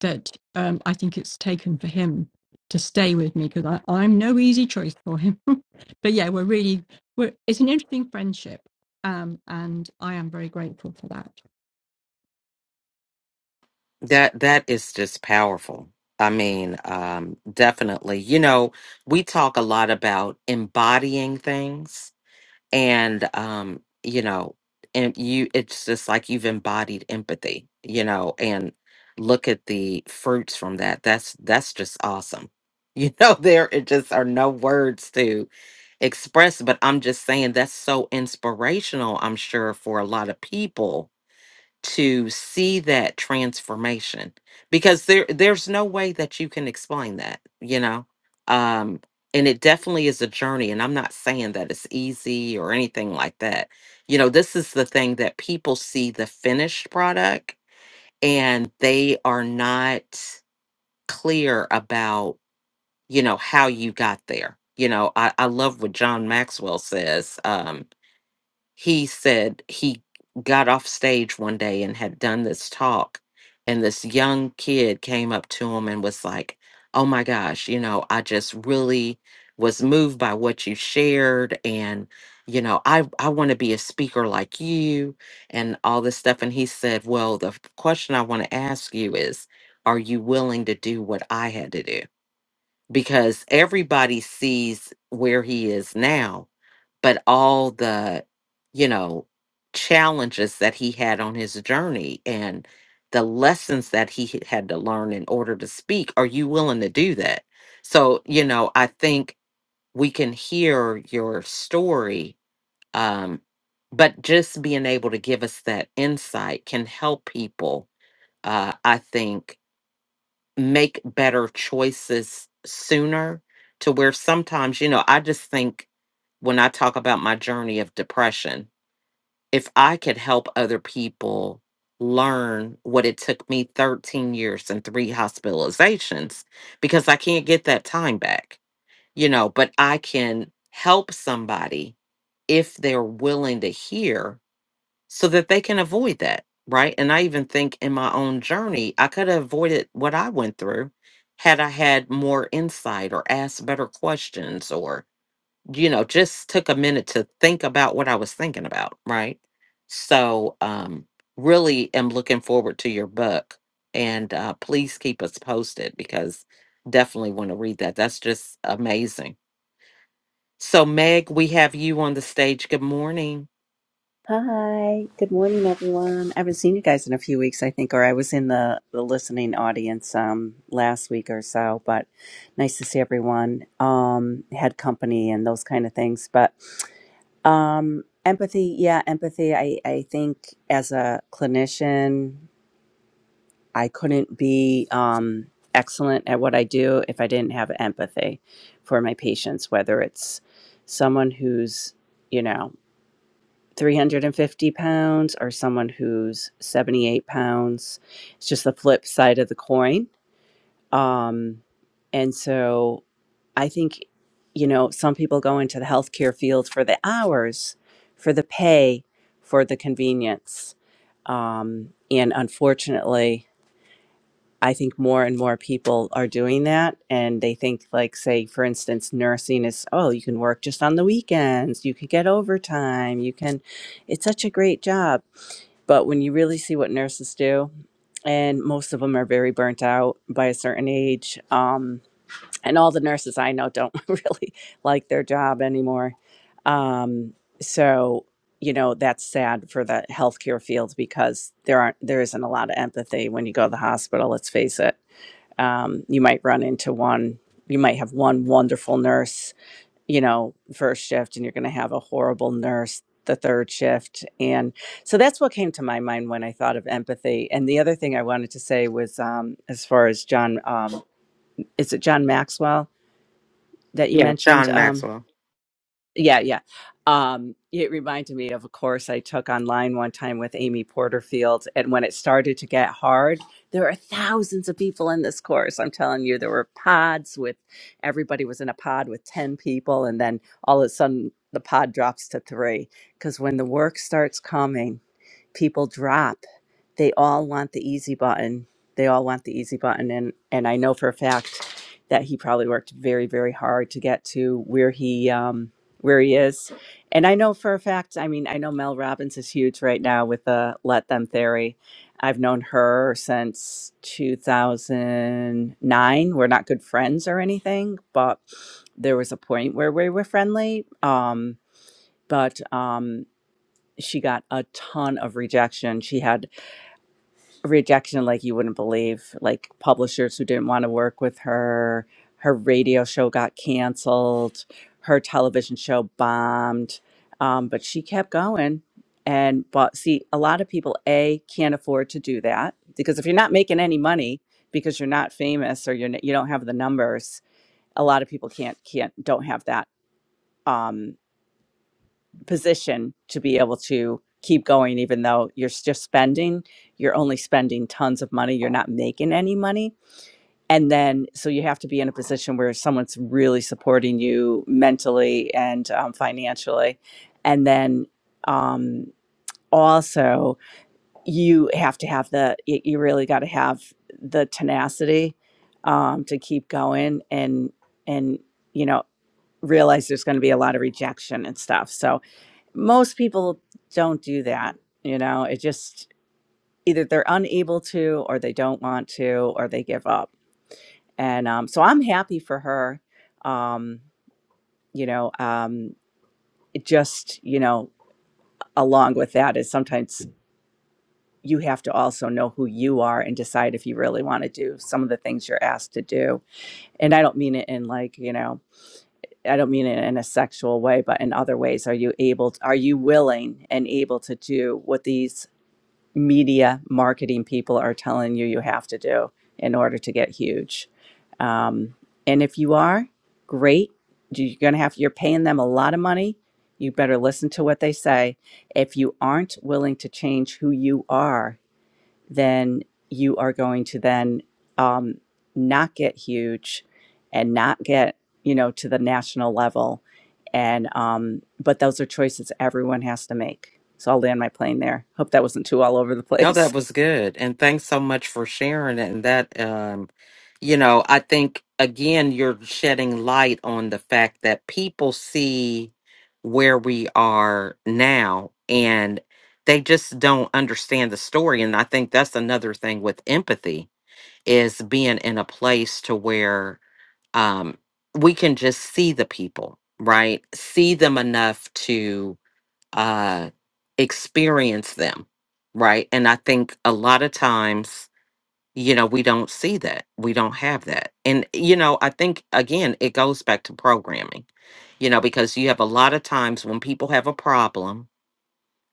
S6: that um, I think it's taken for him to stay with me because I'm no easy choice for him. but yeah, we're really, we're, it's an interesting friendship. Um, and I am very grateful for that.
S1: That that is just powerful. I mean, um, definitely. You know, we talk a lot about embodying things and um you know and you it's just like you've embodied empathy you know and look at the fruits from that that's that's just awesome you know there it just are no words to express but i'm just saying that's so inspirational i'm sure for a lot of people to see that transformation because there there's no way that you can explain that you know um and it definitely is a journey and i'm not saying that it's easy or anything like that you know this is the thing that people see the finished product and they are not clear about you know how you got there you know i, I love what john maxwell says um, he said he got off stage one day and had done this talk and this young kid came up to him and was like oh my gosh you know i just really was moved by what you shared and you know i i want to be a speaker like you and all this stuff and he said well the f- question i want to ask you is are you willing to do what i had to do because everybody sees where he is now but all the you know challenges that he had on his journey and the lessons that he h- had to learn in order to speak are you willing to do that so you know i think we can hear your story um but just being able to give us that insight can help people uh i think make better choices sooner to where sometimes, you know, I just think when I talk about my journey of depression, if I could help other people learn what it took me 13 years and three hospitalizations, because I can't get that time back, you know, but I can help somebody if they're willing to hear so that they can avoid that, right? And I even think in my own journey, I could have avoided what I went through had I had more insight or asked better questions or, you know, just took a minute to think about what I was thinking about, right? So, um, really am looking forward to your book and uh, please keep us posted because definitely want to read that. That's just amazing. So, Meg, we have you on the stage. Good morning.
S7: Hi, good morning, everyone. I haven't seen you guys in a few weeks, I think, or I was in the, the listening audience um, last week or so, but nice to see everyone. Um, had company and those kind of things. But um, empathy, yeah, empathy. I, I think as a clinician, I couldn't be um, excellent at what I do if I didn't have empathy for my patients, whether it's someone who's, you know, 350 pounds or someone who's 78 pounds. It's just the flip side of the coin. Um, and so I think, you know, some people go into the healthcare field for the hours, for the pay, for the convenience. Um, and unfortunately, I think more and more people are doing that. And they think, like, say, for instance, nursing is, oh, you can work just on the weekends, you can get overtime, you can, it's such a great job. But when you really see what nurses do, and most of them are very burnt out by a certain age. Um, and all the nurses I know don't really like their job anymore. Um, so, you know, that's sad for the healthcare field because there aren't, there isn't a lot of empathy when you go to the hospital, let's face it um, you might run into one you might have one wonderful nurse you know first shift and you're going to have a horrible nurse the third shift and so that's what came to my mind when i thought of empathy and the other thing i wanted to say was um, as far as john um, is it john maxwell that you
S1: Yeah,
S7: mentioned
S1: John
S7: um,
S1: Maxwell.
S7: yeah, yeah. Um, it reminded me of a course I took online one time with Amy Porterfield. And when it started to get hard, there were thousands of people in this course. I'm telling you, there were pods with everybody was in a pod with 10 people. And then all of a sudden, the pod drops to three. Because when the work starts coming, people drop they all want the easy button they all want the easy button and and i know for a fact that he probably worked very very hard to get to where he um where he is and i know for a fact i mean i know mel robbins is huge right now with the let them theory i've known her since 2009 we're not good friends or anything but there was a point where we were friendly um but um, she got a ton of rejection. She had rejection like you wouldn't believe, like publishers who didn't want to work with her. Her radio show got canceled. Her television show bombed. Um, but she kept going. And but see, a lot of people a can't afford to do that because if you're not making any money because you're not famous or you're n- you don't have the numbers, a lot of people can't can't don't have that Um, position to be able to keep going even though you're just spending you're only spending tons of money you're not making any money and then so you have to be in a position where someone's really supporting you mentally and um, financially and then um, also you have to have the y- you really got to have the tenacity um, to keep going and and you know realize there's going to be a lot of rejection and stuff so most people don't do that. You know, it just either they're unable to, or they don't want to, or they give up. And um, so I'm happy for her. Um, you know, um, it just, you know, along with that is sometimes you have to also know who you are and decide if you really want to do some of the things you're asked to do. And I don't mean it in like, you know, I don't mean it in a sexual way, but in other ways, are you able, to, are you willing and able to do what these media marketing people are telling you you have to do in order to get huge. Um, and if you are, great. You're going to have, you're paying them a lot of money. You better listen to what they say. If you aren't willing to change who you are then you are going to then um, not get huge and not get you know to the national level and um, but those are choices everyone has to make so i'll land my plane there hope that wasn't too all over the
S1: No, that
S7: place
S1: was good. And thanks so much for sharing it. And that, um, you know, I think, again, you're shedding light on the fact that people see where we are now and they just don't understand the story. And I think that's another thing with empathy is being in a place to where um, we can just see the people, right? See them enough to uh, experience them, right? And I think a lot of times, you know, we don't see that. We don't have that. And, you know, I think, again, it goes back to programming, you know, because you have a lot of times when people have a problem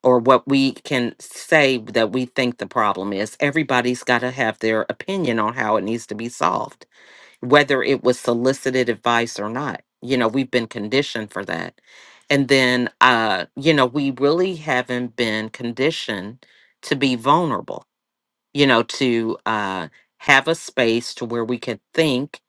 S1: or what we can say that we think the problem is, everybody's got to have their opinion on how it needs to be solved whether it was solicited advice or not. You know, we've been conditioned for that. And then, uh, you know, we really haven't been conditioned to be vulnerable you know, to uh, have a space to where we could think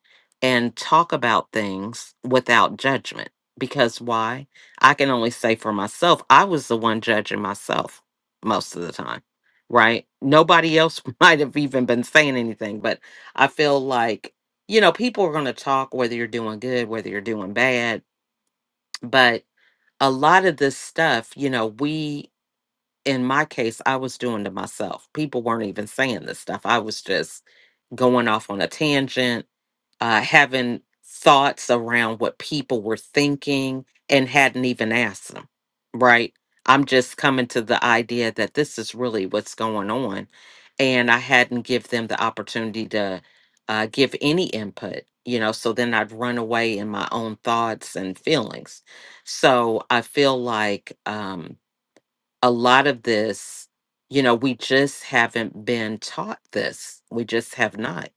S1: and talk about things without judgment. Because why? I can only say for myself, I was the one judging myself most of the time, right? Nobody else might have even been saying anything, but I feel like, you know, people are going to talk whether you're doing good, whether you're doing bad. But a lot of this stuff, you know, we in my case, I was doing to myself. People weren't even saying this stuff. I was just going off on a tangent, uh, having thoughts around what people were thinking and hadn't even asked them, right? I'm just coming to the idea that this is really what's going on. And I hadn't give them the opportunity to uh, give any input, you know, so then I'd run away in my own thoughts and feelings. So I feel like, um, a lot of this, you know, we just haven't been taught this. We just have not.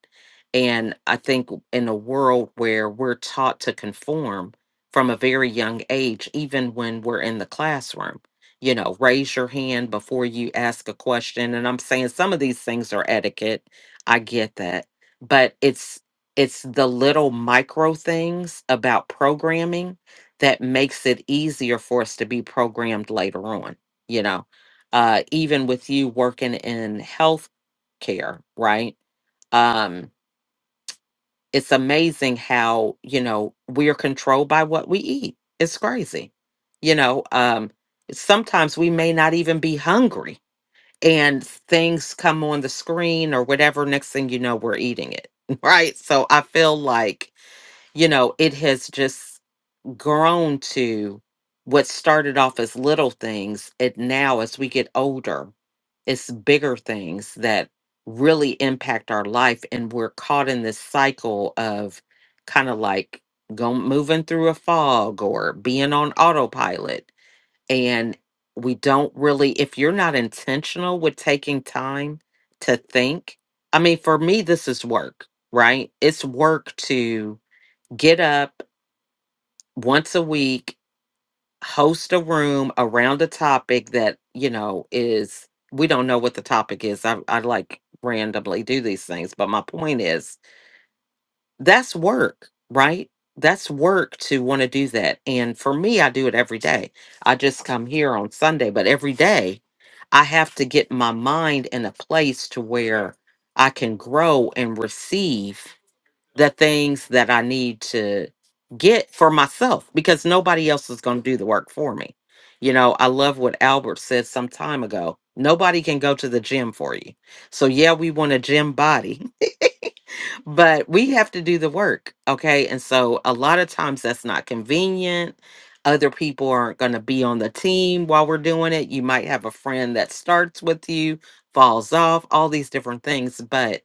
S1: And I think in a world where we're taught to conform from a very young age, even when we're in the classroom, you know, raise your hand before you ask a question. And I'm saying some of these things are etiquette. I get that. But it's, it's the little micro things about programming that makes it easier for us to be programmed later on you know uh even with you working in health care right um it's amazing how you know we're controlled by what we eat it's crazy you know um sometimes we may not even be hungry and things come on the screen or whatever next thing you know we're eating it right so i feel like you know it has just grown to what started off as little things it now as we get older it's bigger things that really impact our life. And we're caught in this cycle of kind of like going moving through a fog or being on autopilot. And we don't really, if you're not intentional with taking time to think, I mean, for me, this is work, right? It's work to get up once a week host a room around a topic that you know is we don't know what the topic is i, I like randomly do these things but my point is that's work right that's work to want to do that and for me i do it every day i just come here on sunday but every day i have to get my mind in a place to where i can grow and receive the things that I need to get for myself because nobody else is going to do the work for me. You know, I love what Albert said some time ago. Nobody can go to the gym for you. So, yeah, we want a gym body, but we have to do the work okay and so a lot of times that's not convenient other people aren't going to be on the team while we're doing it you might have a friend that starts with you falls off all these different things but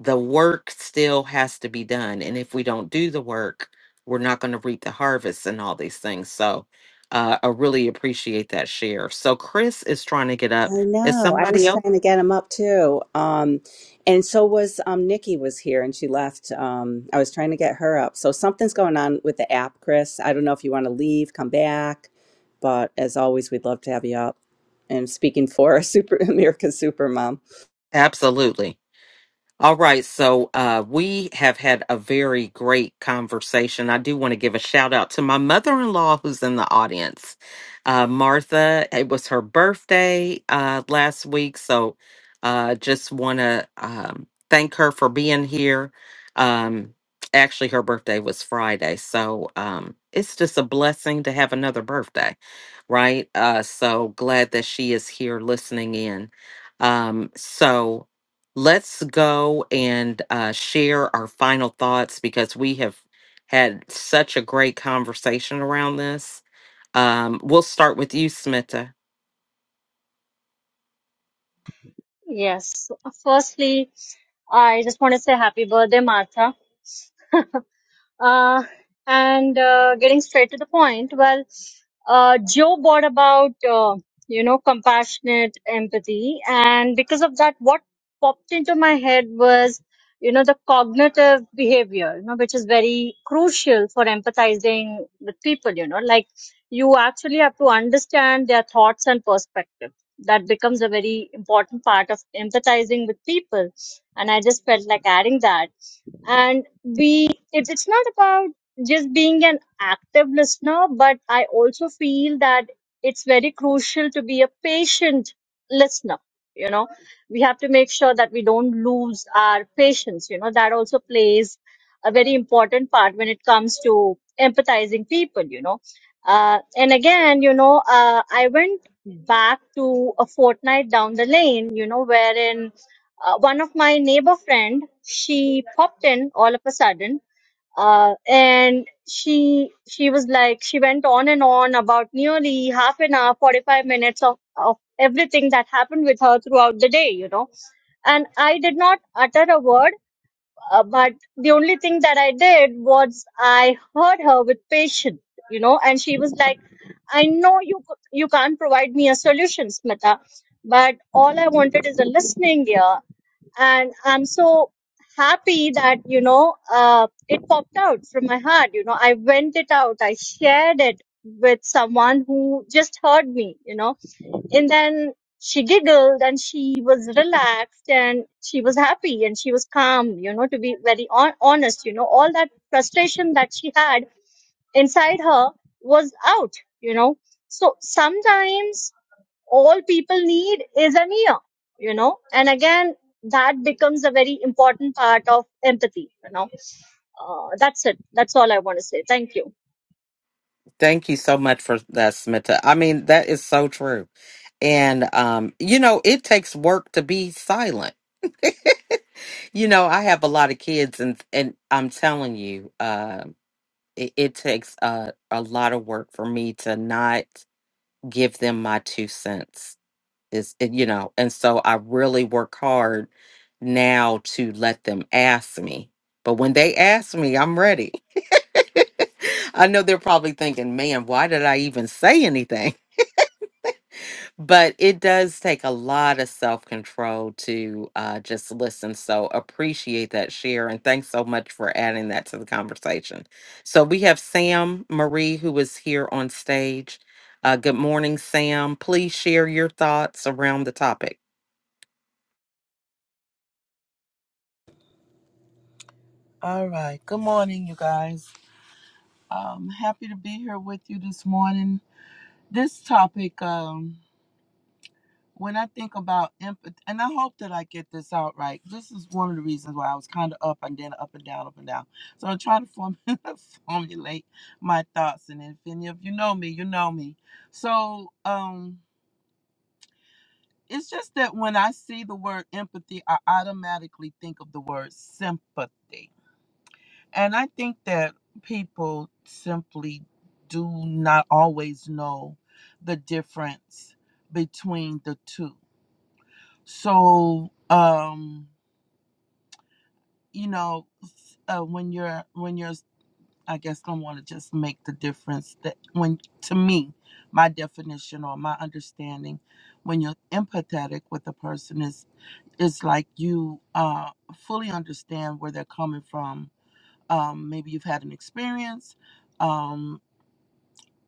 S1: the work still has to be done and if we don't do the work we're not going to reap the harvest and all these things so uh, i really appreciate that share so chris is trying to get up
S7: I
S1: is
S7: know. I
S1: somebody
S7: was
S1: else
S7: trying to get him up too. Um, and so was um, Nikki was here and she left. Um, I was trying to get her up. So something's going on with the app, Chris. I don't know if you want to leave, come back, but as always, we'd love to have you up. And speaking for Super America's Supermom.
S1: absolutely All right, so uh, we have had a very great conversation. I do want to give a shout out to my mother in law who's in the audience. Uh, Martha, it was her birthday uh, last week, so uh, just want to um, thank her for being here. Um, actually, her birthday was Friday, so um, it's just a blessing to have another birthday, right? Uh, so glad that she is here listening in. Um, so let's go and uh, share our final thoughts because we have had such a great conversation around this. Um, we'll start with you, Smita.
S5: yes firstly i just want to say happy birthday martha Uh, and uh, getting straight to the point, well, uh, Joe brought about, uh, you know, compassionate empathy. And because of that, what popped into my head was, you know, the cognitive behavior, you know, which is very crucial for empathizing with people, you know, like you actually have to understand their thoughts and perspective. That becomes a very important part of empathizing with people. And I just felt like adding that and we it, it's not about just being an active listener but i also feel that it's very crucial to be a patient listener you know we have to make sure that we don't lose our patience you know that also plays a very important part when it comes to empathizing people you know uh, and again you know uh, i went back to a fortnight down the lane you know wherein uh, one of my neighbor friend she popped in all of a sudden uh, and she she was like she went on and on about nearly half an hour 45 minutes of, of everything that happened with her throughout the day you know and i did not utter a word uh, but the only thing that i did was i heard her with patience you know and she was like i know you c- you can't provide me a solution smita but all I wanted is a listening ear, and i'm so happy that you know uh, it popped out from my heart you know i went it out i shared it with someone who just heard me you know and then she giggled and she was relaxed and she was happy and she was calm you know to be very on- honest you know all that frustration that she had inside her was out you know so sometimes all people need is an ear, you know. And again, that becomes a very important part of empathy, you know. Uh, that's it. That's all I want to say. Thank you.
S1: Thank you so much for that, Smita. I mean, that is so true. And, um, you know, it takes work to be silent. you know, I have a lot of kids, and and I'm telling you, uh, it, it takes a, a lot of work for me to not give them my two cents is and, you know and so i really work hard now to let them ask me but when they ask me i'm ready i know they're probably thinking man why did i even say anything but it does take a lot of self-control to uh, just listen so appreciate that share and thanks so much for adding that to the conversation so we have sam marie who is here on stage uh, good morning sam please share your thoughts around the topic
S8: All right. Good morning, you guys. I'm happy to be here with you this morning. This topic, um, when I think about empathy, and I hope that I get this out right. This is one of the reasons why I was kind of up and then up and down, up and down. So I'm trying to form, formulate my thoughts. And if any of you know me, you know me. So um, it's just that when I see the word empathy, I automatically think of the word sympathy And I think that people simply do not always know the difference between the two. So, um, you know, s- uh, when you're when you're, I guess I want to just make the difference that when to me, my definition or my understanding, when you're empathetic with a person is is like you uh, fully understand where they're coming from. Um, maybe you've had an experience. Um,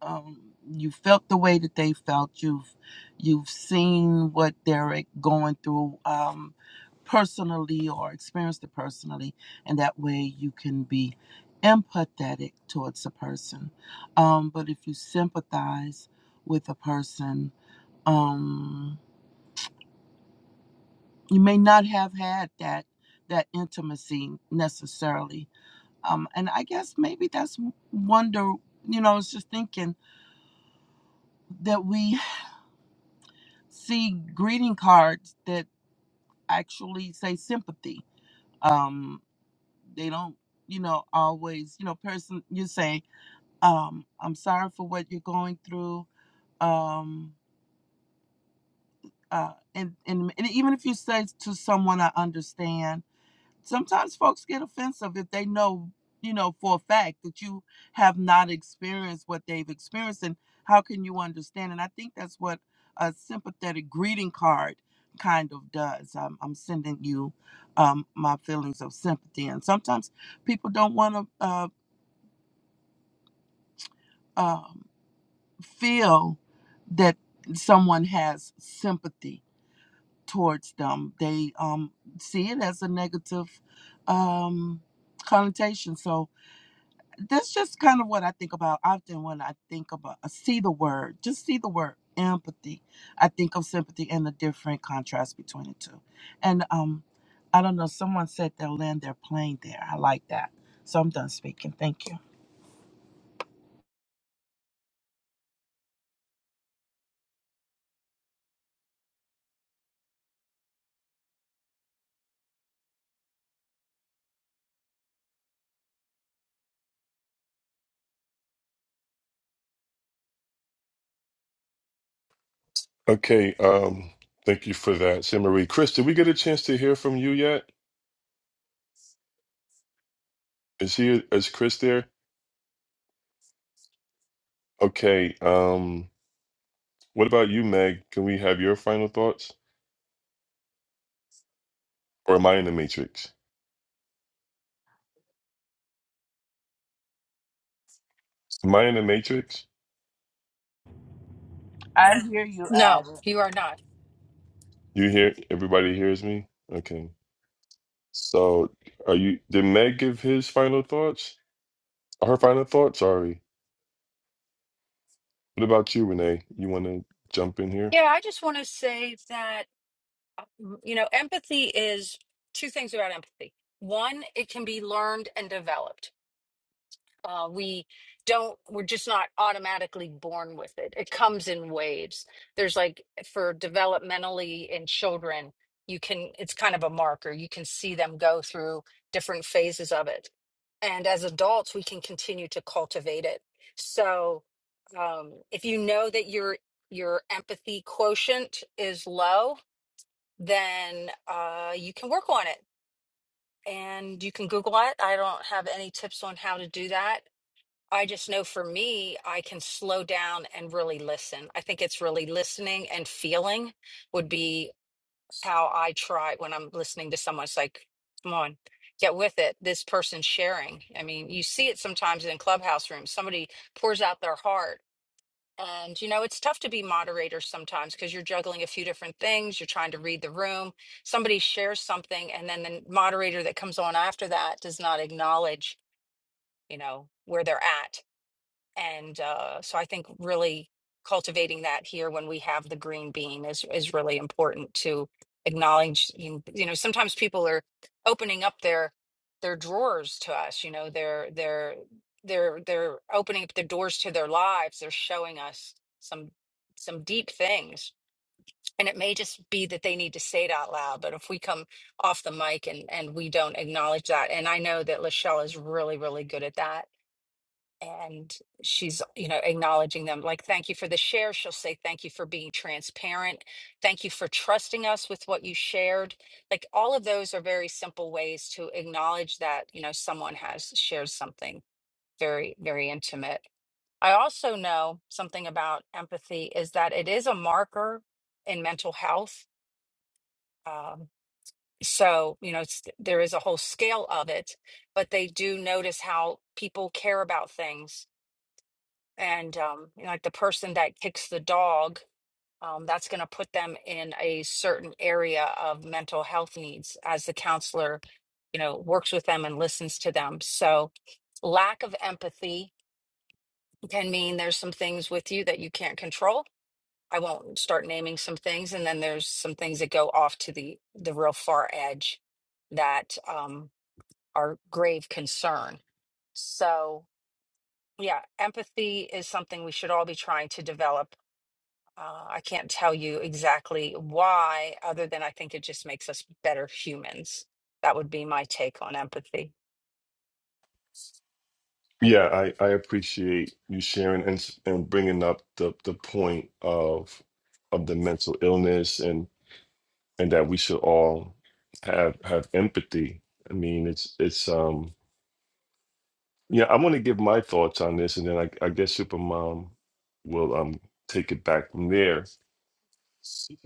S8: um, you felt the way that they felt. You've you've seen what they're going through um, personally or experienced it personally, and that way you can be empathetic towards a person. Um, but if you sympathize with a person, um, you may not have had that that intimacy necessarily. Um, and I guess maybe that's wonder. You know, I was just thinking that we see greeting cards that actually say sympathy. Um, they don't, you know, always, you know, person you say, um, I'm sorry for what you're going through. Um, uh, and, and and even if you say to someone, I understand sometimes folks get offensive if they know, you know, for a fact that you have not experienced what they've experienced. And how can you understand? And I think that's what a sympathetic greeting card kind of does. I'm, I'm sending you um, my feelings of sympathy. And sometimes people don't want to uh, um feel that someone has sympathy towards them. They um, see it as a negative um, connotation. So, that's just kind of what I think about often when I think about I see the word, just see the word empathy. I think of sympathy and the different contrast between the two. And um, I don't know. Someone said they'll land their plane there. I like that. So I'm done speaking. Thank you.
S4: Okay, um, thank you for that, Simmery. Chris, did we get a chance to hear from you yet? Is he is Chris there? Okay, um, what about you, Meg? Can we have your final thoughts? Or am I in the Matrix? Am I in the Matrix?
S8: I hear you,
S3: No,
S8: Al.
S3: you are not.
S4: You hear everybody hears me? Okay. So are you did Meg give his final thoughts? Her final thoughts, sorry. What about you, Renee? You want to jump in here?
S3: Yeah, I just want to say that um, you know, empathy is two things about empathy. One, it can be learned and developed uh, we don't we're just not automatically born with it it comes in waves there's like for developmentally in children you can it's kind of a marker you can see them go through different phases of it and as adults we can continue to cultivate it so um, if you know that your your empathy quotient is low then uh, you can work on it and you can google it i don't have any tips on how to do that I just know for me, I can slow down and really listen. I think it's really listening and feeling would be how I try when I'm listening to someone. It's like, come on, get with it. This person's sharing. I mean, you see it sometimes in clubhouse rooms. Somebody pours out their heart. And, you know, it's tough to be moderator sometimes because you're juggling a few different things. You're trying to read the room. Somebody shares something, and then the moderator that comes on after that does not acknowledge, you know, where they're at and uh, so I think really cultivating that here when we have the green bean is is really important to acknowledge. You you know, sometimes people are opening up their their drawers to us. You know, they're they're they're they're opening up the doors to their lives. They're showing us some some deep things, and it may just be that they need to say it out loud. But if we come off the mic and and we don't acknowledge that, and I know that Lachelle is really really good at that and she's you know acknowledging them like thank you for the share she'll say thank you for being transparent thank you for trusting us with what you shared like all of those are very simple ways to acknowledge that you know someone has shared something very very intimate i also know something about empathy is that it is a marker in mental health um, so you know it's, there is a whole scale of it but they do notice how people care about things and um, you know, like the person that kicks the dog, um, that's going to put them in a certain area of mental health needs as the counselor, you know, works with them and listens to them. So, lack of empathy can mean there's some things with you that you can't control. I won't start naming some things, and then there's some things that go off to the the real far edge that um, are grave concern. So, yeah, empathy is something we should all be trying to develop Uh, I can't tell you exactly why, other than I think it just makes us better humans. That would be my take on empathy.
S4: Yeah, I, I appreciate you sharing and s- and bringing up the the point of of the mental illness and and that we should all have have empathy. I mean, it's it's um yeah. I want to give my thoughts on this, and then I, I guess Supermom will um take it back from there.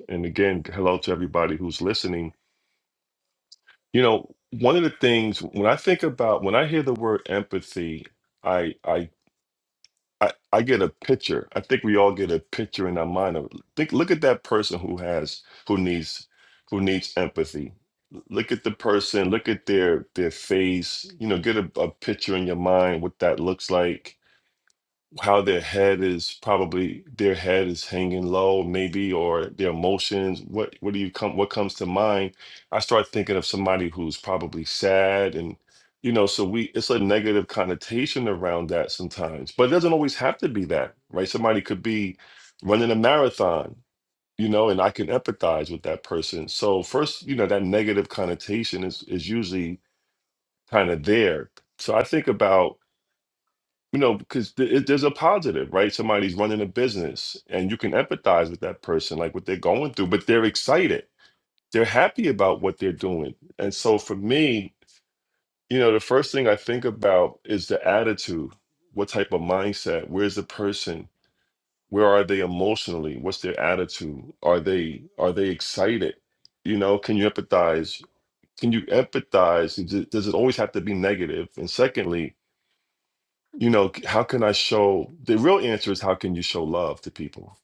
S4: And again, hello to everybody who's listening. You know, one of the things when I think about when I hear the word empathy, I I I, I get a picture. I think we all get a picture in our mind of think look at that person who has who needs who needs empathy. Look at the person, look at their their face, you know, get a, a picture in your mind what that looks like how their head is probably their head is hanging low maybe or their emotions what what do you come what comes to mind i start thinking of somebody who's probably sad and you know so we it's a negative connotation around that sometimes but it doesn't always have to be that right somebody could be running a marathon you know and i can empathize with that person so first you know that negative connotation is is usually kind of there so i think about you know, because th- it, there's a positive, right? Somebody's running a business and you can empathize with that person, like what they're going through, but they're excited. They're happy about what they're doing. And so for me, you know, the first thing I think about is the attitude. What type of mindset? Where's the person? Where are they emotionally? What's their attitude? Are they are they excited? You know, can you empathize? Can you empathize? Does it does it always have to be negative? And secondly, you know, c- how can I show the real answer is how can you show love to people,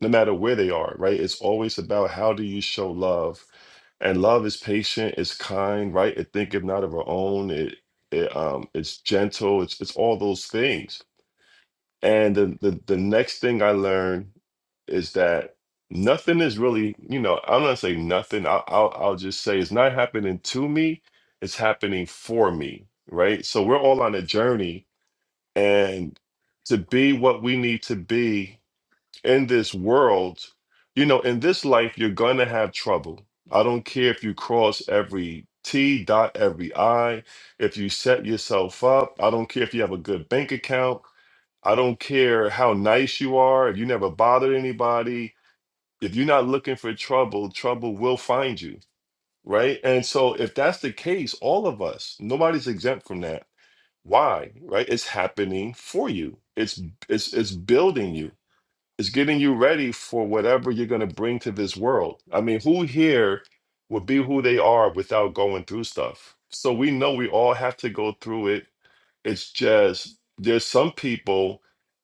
S4: no matter where they are, right? It's always about how do you show love. And love is patient, it's kind, right? It thinketh not of our own. It it um it's gentle, it's it's all those things. And the the, the next thing I learned is that nothing is really, you know, I'm not saying nothing. I'll, I'll I'll just say it's not happening to me, it's happening for me, right? So we're all on a journey and to be what we need to be in this world you know in this life you're going to have trouble i don't care if you cross every t dot every i if you set yourself up i don't care if you have a good bank account i don't care how nice you are if you never bothered anybody if you're not looking for trouble trouble will find you right and so if that's the case all of us nobody's exempt from that why? Right? It's happening for you. It's it's it's building you. It's getting you ready for whatever you're going to bring to this world. I mean, who here would be who they are without going through stuff? So we know we all have to go through it. It's just there's some people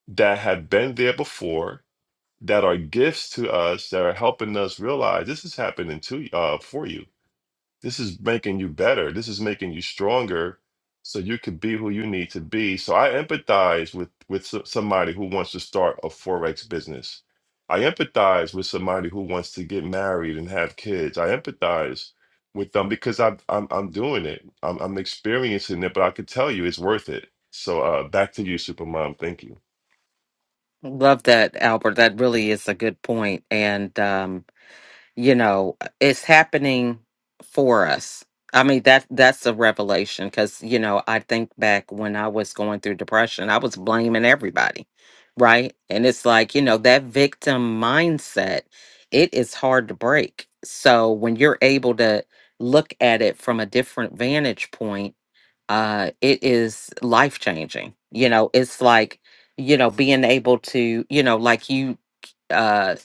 S4: that have been there before that are gifts to us that are helping us realize this is happening to uh for you this is making you better. This is making you stronger so you could be who you need to be. So I empathize with with so- somebody who wants to start a forex business. I empathize with somebody who wants to get married and have kids. I empathize with them because I'm I'm, I'm doing it. I'm, I'm experiencing it, but I could tell you it's worth it. So uh, back to you, Supermom. Thank you.
S1: Love that, Albert. That really is a good point. And um, you know, it's happening for us. I mean, that that's a revelation because, you know, I think back when I was going through depression, I was blaming everybody, right? And it's like, you know, that victim mindset, it is hard to break. So when you're able to look at it from a different vantage point, uh it is life changing you know it's like you know being able to you know like you uh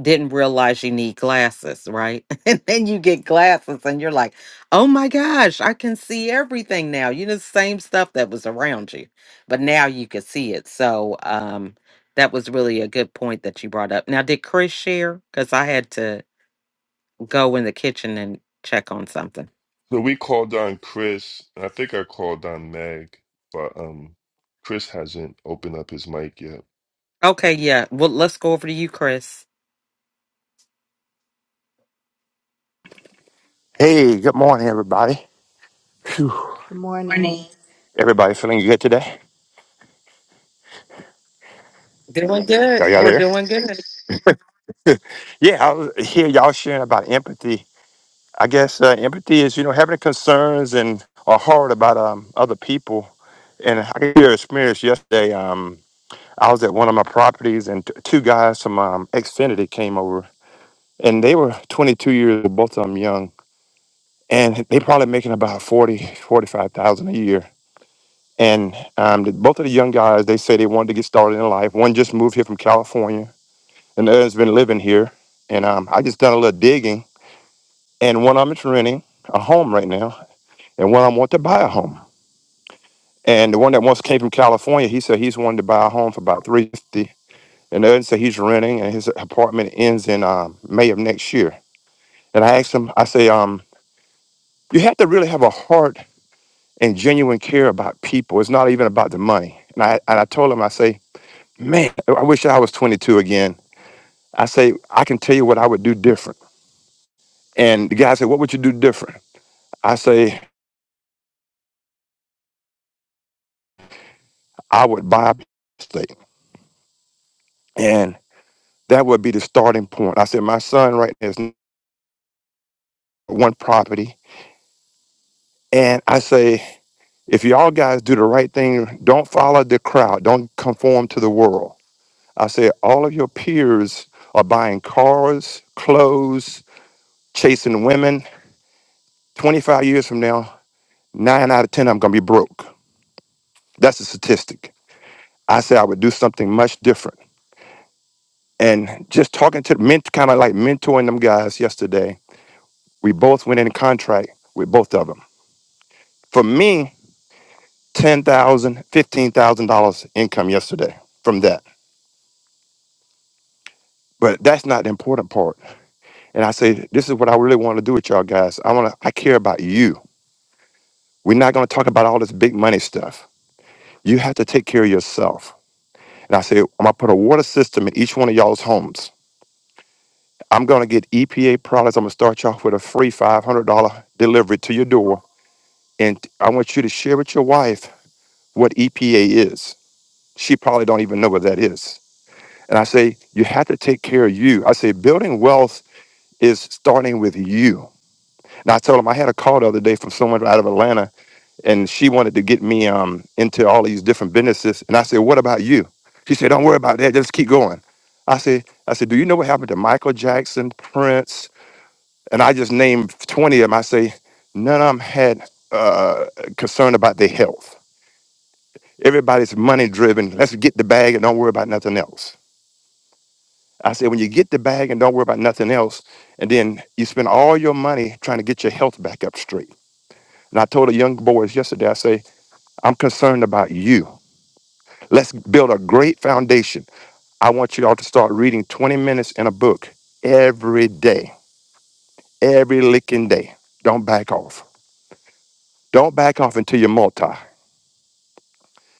S1: didn't realize you need glasses right and then you get glasses and you're like oh my gosh i can see everything now you know the same stuff that was around you but now you can see it so um that was really a good point that you brought up now did chris share because i had to go in the kitchen and check on something
S4: So we called on Chris, and I think I called on Meg, but um, Chris hasn't opened up his mic yet.
S1: okay yeah well let's go over to you chris
S9: Hey, good morning, everybody. Phew. morning. Everybody feeling good today?
S1: Doing good.
S9: Are y'all
S1: We're
S9: there?
S1: doing good.
S9: Yeah, I was- hear y'all sharing about empathy. I guess uh, empathy is, you know, having concerns and or heart about um, other people. And I can hear experience yesterday. Um, I was at one of my properties, and t- two guys from um, Xfinity came over, and they were 22 years old, both of them young, and they probably making about 40, 45,000 a year. And um, the, both of the young guys, they say they wanted to get started in life. One just moved here from California, and the other's been living here. And um, I just done a little digging, and one of them is renting a home right now, and one of them want to buy a home. And the one that once came from California, he said he's wanted to buy a home for about three fifty. And the other said he's renting, and his apartment ends in um, May of next year. And I asked him, I say, um, you have to really have a heart and genuine care about people. It's not even about the money. And I and I told him, I say. man, I wish I was 22 again. I say, I can tell you what I would do different. And the guy said, What would you do different? I say, I would buy a estate. And that would be the starting point. I said, My son right now is one property. And I say, If y'all guys do the right thing, don't follow the crowd, don't conform to the world. I said, All of your peers are buying cars, clothes, chasing women. 25 years from now, nine out of 10 i I'm going to be broke. That's a statistic. I said I would do something much different. And just talking to men, kind of like mentoring them guys yesterday, we both went in contract with both of them. For me, ten thousand, fifteen thousand dollars dollars income yesterday from that. But that's not the important part. And I say, this is what I really want to do with y'all guys. I want to, I care about you. We're not going to talk about all this big money stuff. You have to take care of yourself. And I said, I'm going to put a water system in each one of y'all's homes. I'm going to get EPA products. I'm going to start you off with a free $500 delivery to your door. And I want you to share with your wife what EPA is. She probably don't even know what that is. And I say, you have to take care of you. I say, building wealth is starting with you. And I told him I had a call the other day from someone out of Atlanta, and she wanted to get me um, into all these different businesses. And I said, what about you? She said, don't worry about that. Just keep going. I said, I said, do you know what happened to Michael Jackson, Prince, and I just named 20 of them. I say, none of them had uh, concern about their health. Everybody's money driven. Let's get the bag and don't worry about nothing else. I say, when you get the bag and don't worry about nothing else, and then you spend all your money trying to get your health back up straight. And I told the young boys yesterday, I say, I'm concerned about you. Let's build a great foundation. I want you all to start reading 20 minutes in a book every day, every licking day. Don't back off. Don't back off until you're multi.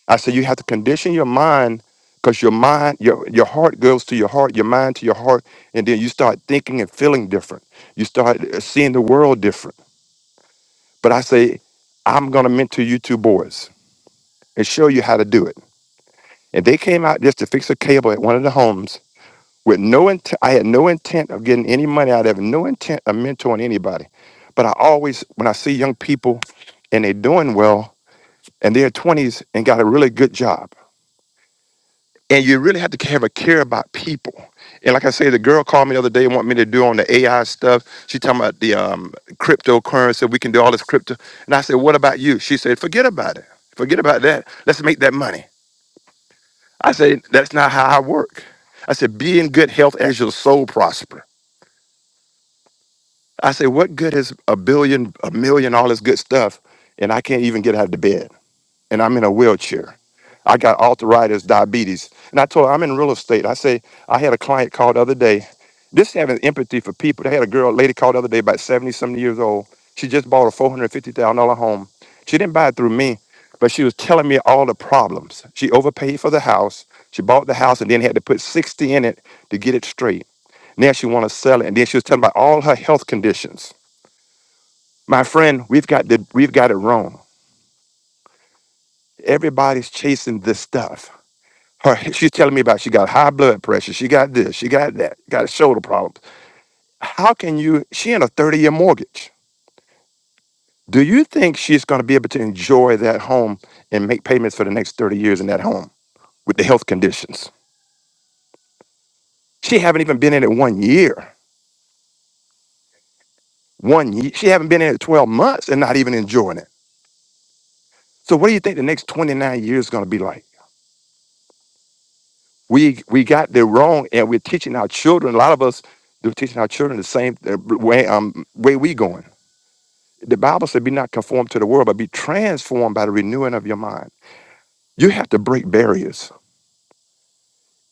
S9: I said you have to condition your mind because your mind, your your heart goes to your heart, your mind to your heart, and then you start thinking and feeling different. You start uh, seeing the world different. But I say, I'm gonna mentor you two boys and show you how to do it. And they came out just to fix a cable at one of the homes with no intent. I had no intent of getting any money out of it, no intent of mentoring anybody. But I always, when I see young people and they're doing well and they're 20s and got a really good job. and you really have to have a care about people. And like I say, the girl called me the other day and want me to do on the AI stuff. She talking about the um, cryptocurrency. We can do all this crypto. And I said, what about you? She said, forget about it. Forget about that. Let's make that money. I said, that's not how I work. I said, be in good health as your soul prosper. I said, what good is a billion, a million, all this good stuff, and I can't even get out of the bed? and I'm in a wheelchair. I got arthritis, diabetes. And I told her I'm in real estate. I say, I had a client call the other day. This having empathy for people. They had a girl, lady called the other day, about 70 something years old. She just bought a $450,000 home. She didn't buy it through me, but she was telling me all the problems. She overpaid for the house. She bought the house and then had to put 60 in it to get it straight. Now she want to sell it. And then she was telling about all her health conditions. My friend, we've got the, we've got it wrong. Everybody's chasing this stuff her she's telling me about she got high blood pressure she got this she got that got shoulder problems how can you she in a 30-year mortgage do you think she's going to be able to enjoy that home and make payments for the next 30 years in that home with the health conditions she haven't even been in it one year one year she haven't been in it 12 months and not even enjoying it so what do you think the next 29 years is going to be like we we got the wrong and we're teaching our children a lot of us they're teaching our children the same uh, way um way we going The Bible said, be not conformed to the world, but be transformed by the renewing of your mind. You have to break barriers.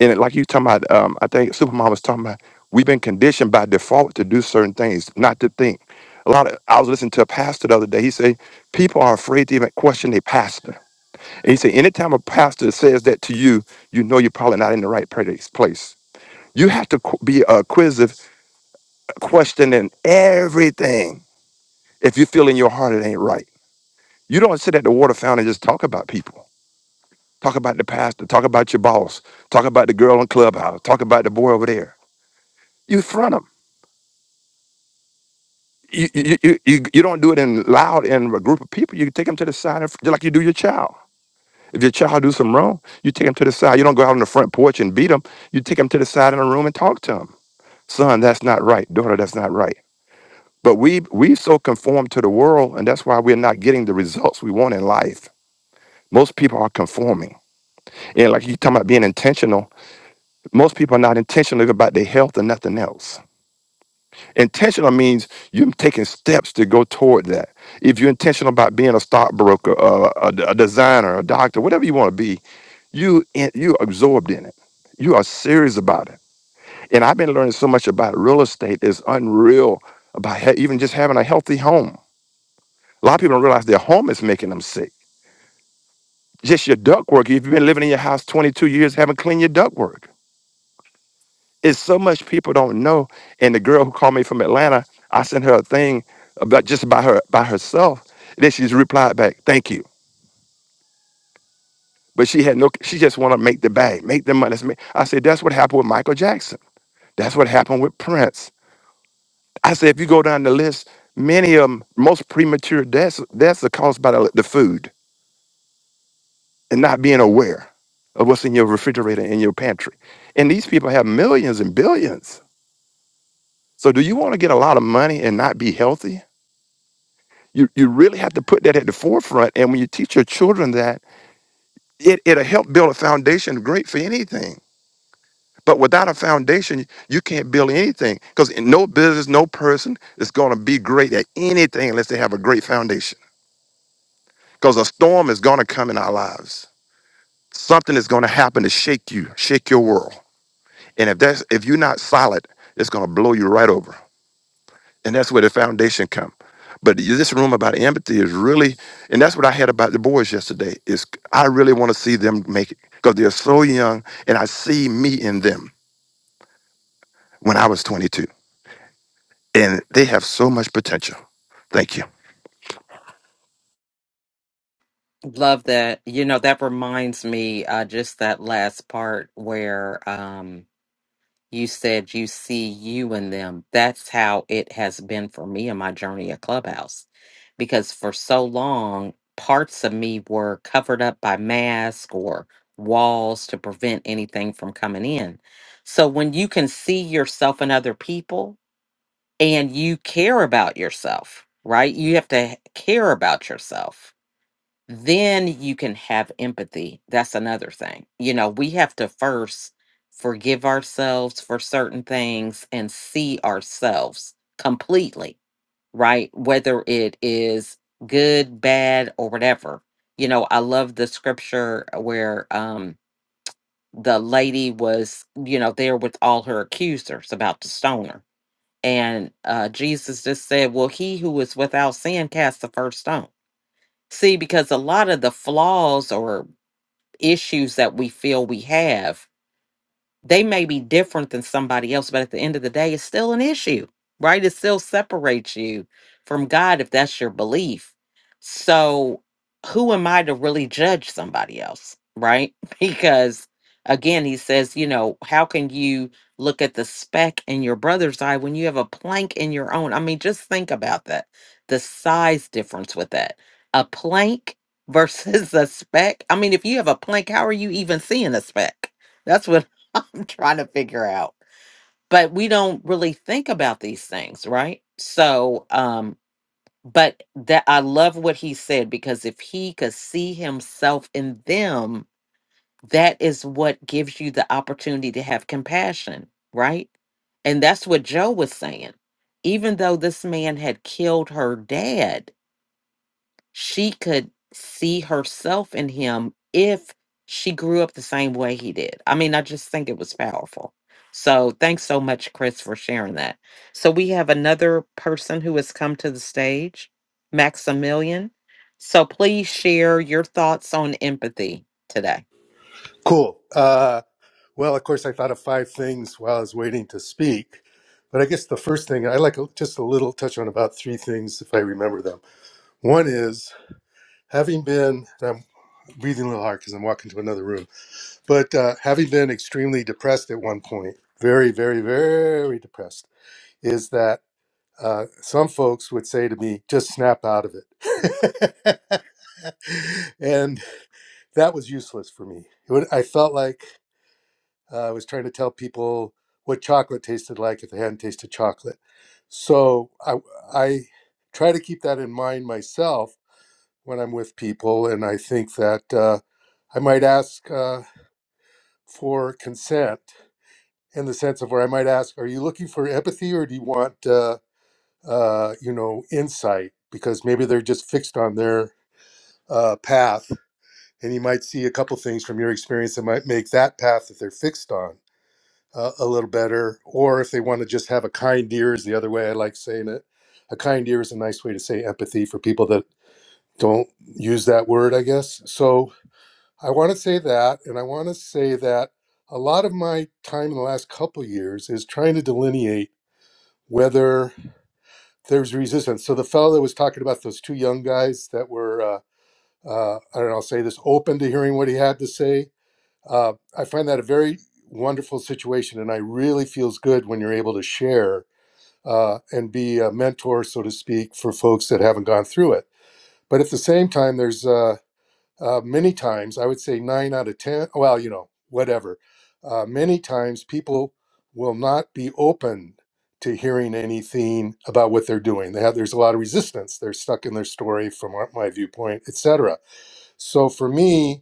S9: And it- like you talking about, um, I think Supermom was talking about, we've been conditioned by default to do certain things, not to think. A lot of, I was listening to a pastor the other day. He said, people are afraid to even question their pastor. And he said, anytime a pastor says that to you, you know you're probably not in the right place. place. You have to qu- be acquisitive, questioning everything if you feel in your heart it ain't right. You don't sit at the water fountain and just talk about people. Talk about the pastor. Talk about your boss. Talk about the girl in clubhouse. Talk about the boy over there. You front them. You, you, you, you you don't do it in loud in a group of people. You take them to the side, and fr- just like you do your child. If your child do some wrong, you take them to the side. You don't go out on the front porch and beat them. You take them to the side in a room and talk to them. Son, that's not right. Daughter, that's not right. But we we so conform to the world, and that's why we're not getting the results we want in life. Most people are conforming. And like you talking about being intentional Most people are not intentional about their health or nothing else. Intentional means you're taking steps to go toward that. If you're intentional about being a stockbroker, uh, a, a designer, a doctor, whatever you want to be, you in, you absorbed in it. You are serious about it. And I've been learning so much about real estate is unreal about he- even just having a healthy home. A lot of people don't realize their home is making them sick. Just your ductwork. If you've been living in your house 22 years, haven't cleaned your ductwork. It's so much people don't know. And the girl who called me from Atlanta, I sent her a thing about just about her by herself. Then she's replied back, "Thank you." But she had no. She just want to make the bag, make the money. That's me. I said that's what happened with Michael Jackson. That's what happened with Prince. I said if you go down the list, many of 'em- most premature deaths deaths are caused by the, the food and not being aware of what's in your refrigerator in your pantry. And these people have millions and billions. So do you want to get a lot of money and not be healthy? You you really have to put that at the forefront. And when you teach your children that, it, it'll help build a foundation great for anything. But without a foundation, you can't build anything. Because no business, no person is gonna be great at anything unless they have a great foundation. Because a storm is gonna come in our lives. Something is gonna happen to shake you, shake your world. And if that's if you're not solid, it's gonna blow you right over. and that's where the foundation come. But this room about empathy is really, and that's what I had about the boys yesterday. Is I really want to see them make it because they're so young, and I see me in them when I was 22, and they have so much potential. Thank you.
S1: Love that. You know, that reminds me uh just that last part where um you said you see you in them. That's how it has been for me in my journey at Clubhouse. Because for so long, parts of me were covered up by masks or walls to prevent anything from coming in. So when you can see yourself in other people and you care about yourself, right? You have to care about yourself then you can have empathy. That's another thing. You know, we have to first forgive ourselves for certain things and see ourselves completely, right? Whether it is good, bad, or whatever. You know, I love the scripture where um the lady was, you know, there with all her accusers about to stone her. And uh Jesus just said, Well, he who is without sin cast the first stone see because a lot of the flaws or issues that we feel we have they may be different than somebody else, but at the end of the day, it's still an issue, right? It still separates you from God if that's your belief. So, who am I to really judge somebody else, right? Because again, he says, you know, how can you look at the speck in your brother's eye when you have a plank in your own? I mean, just think about that the size difference with that. A plank versus a speck. I mean, if you have a plank, how are you even seeing a speck? That's what I'm trying to figure out. But we don't really think about these things, right? So, um, but that I love what he said because if he could see himself in them, that is what gives you the opportunity to have compassion, right? And that's what Joe was saying. Even though this man had killed her dad, she could see herself in him if she grew up the same way he did. I mean, I just think it was powerful. So thanks so much, Chris, for sharing that. So we have another person who has come to the stage, Maximilian. So please share your thoughts on empathy today.
S10: Cool. Uh, well, of course, I thought of five things while I was waiting to speak. But I guess the first thing I like just a little touch on about three things if I remember them. One is having been, and I'm breathing a little hard because I'm walking to another room, but uh, having been extremely depressed at one point, very, very, very depressed, is that uh, some folks would say to me, just snap out of it. and that was useless for me. It would, I felt like Uh, I was trying to tell people what chocolate tasted like if they hadn't tasted chocolate. So I, I try to keep that in mind myself when I'm with people. And I think that uh, I might ask uh, for consent in the sense of where I might ask, are you looking for empathy or do you want, uh, uh, you know, insight? Because maybe they're just fixed on their uh, path and you might see a couple things from your experience that might make that path that they're fixed on uh, a little better, or if they want to just have a kind ear is the other way I like saying it. A kind ear is a nice way to say empathy for people that don't use that word, I guess. So I want to say that, and I want to say that a lot of my time in the last couple years is trying to delineate whether there's resistance. So the fellow that was talking about those two young guys that were, uh, uh, I don't know, I'll say this, open to hearing what he had to say. Uh, I find that a very wonderful situation, and I really feels good when you're able to share uh, and be a mentor, so to speak, for folks that haven't gone through it. But at the same time, there's uh, uh, many times, I would say nine out of 10, well, you know, whatever, uh, many times people will not be open to hearing anything about what they're doing. They have, there's a lot of resistance. They're stuck in their story from our- my viewpoint, etc. So for me,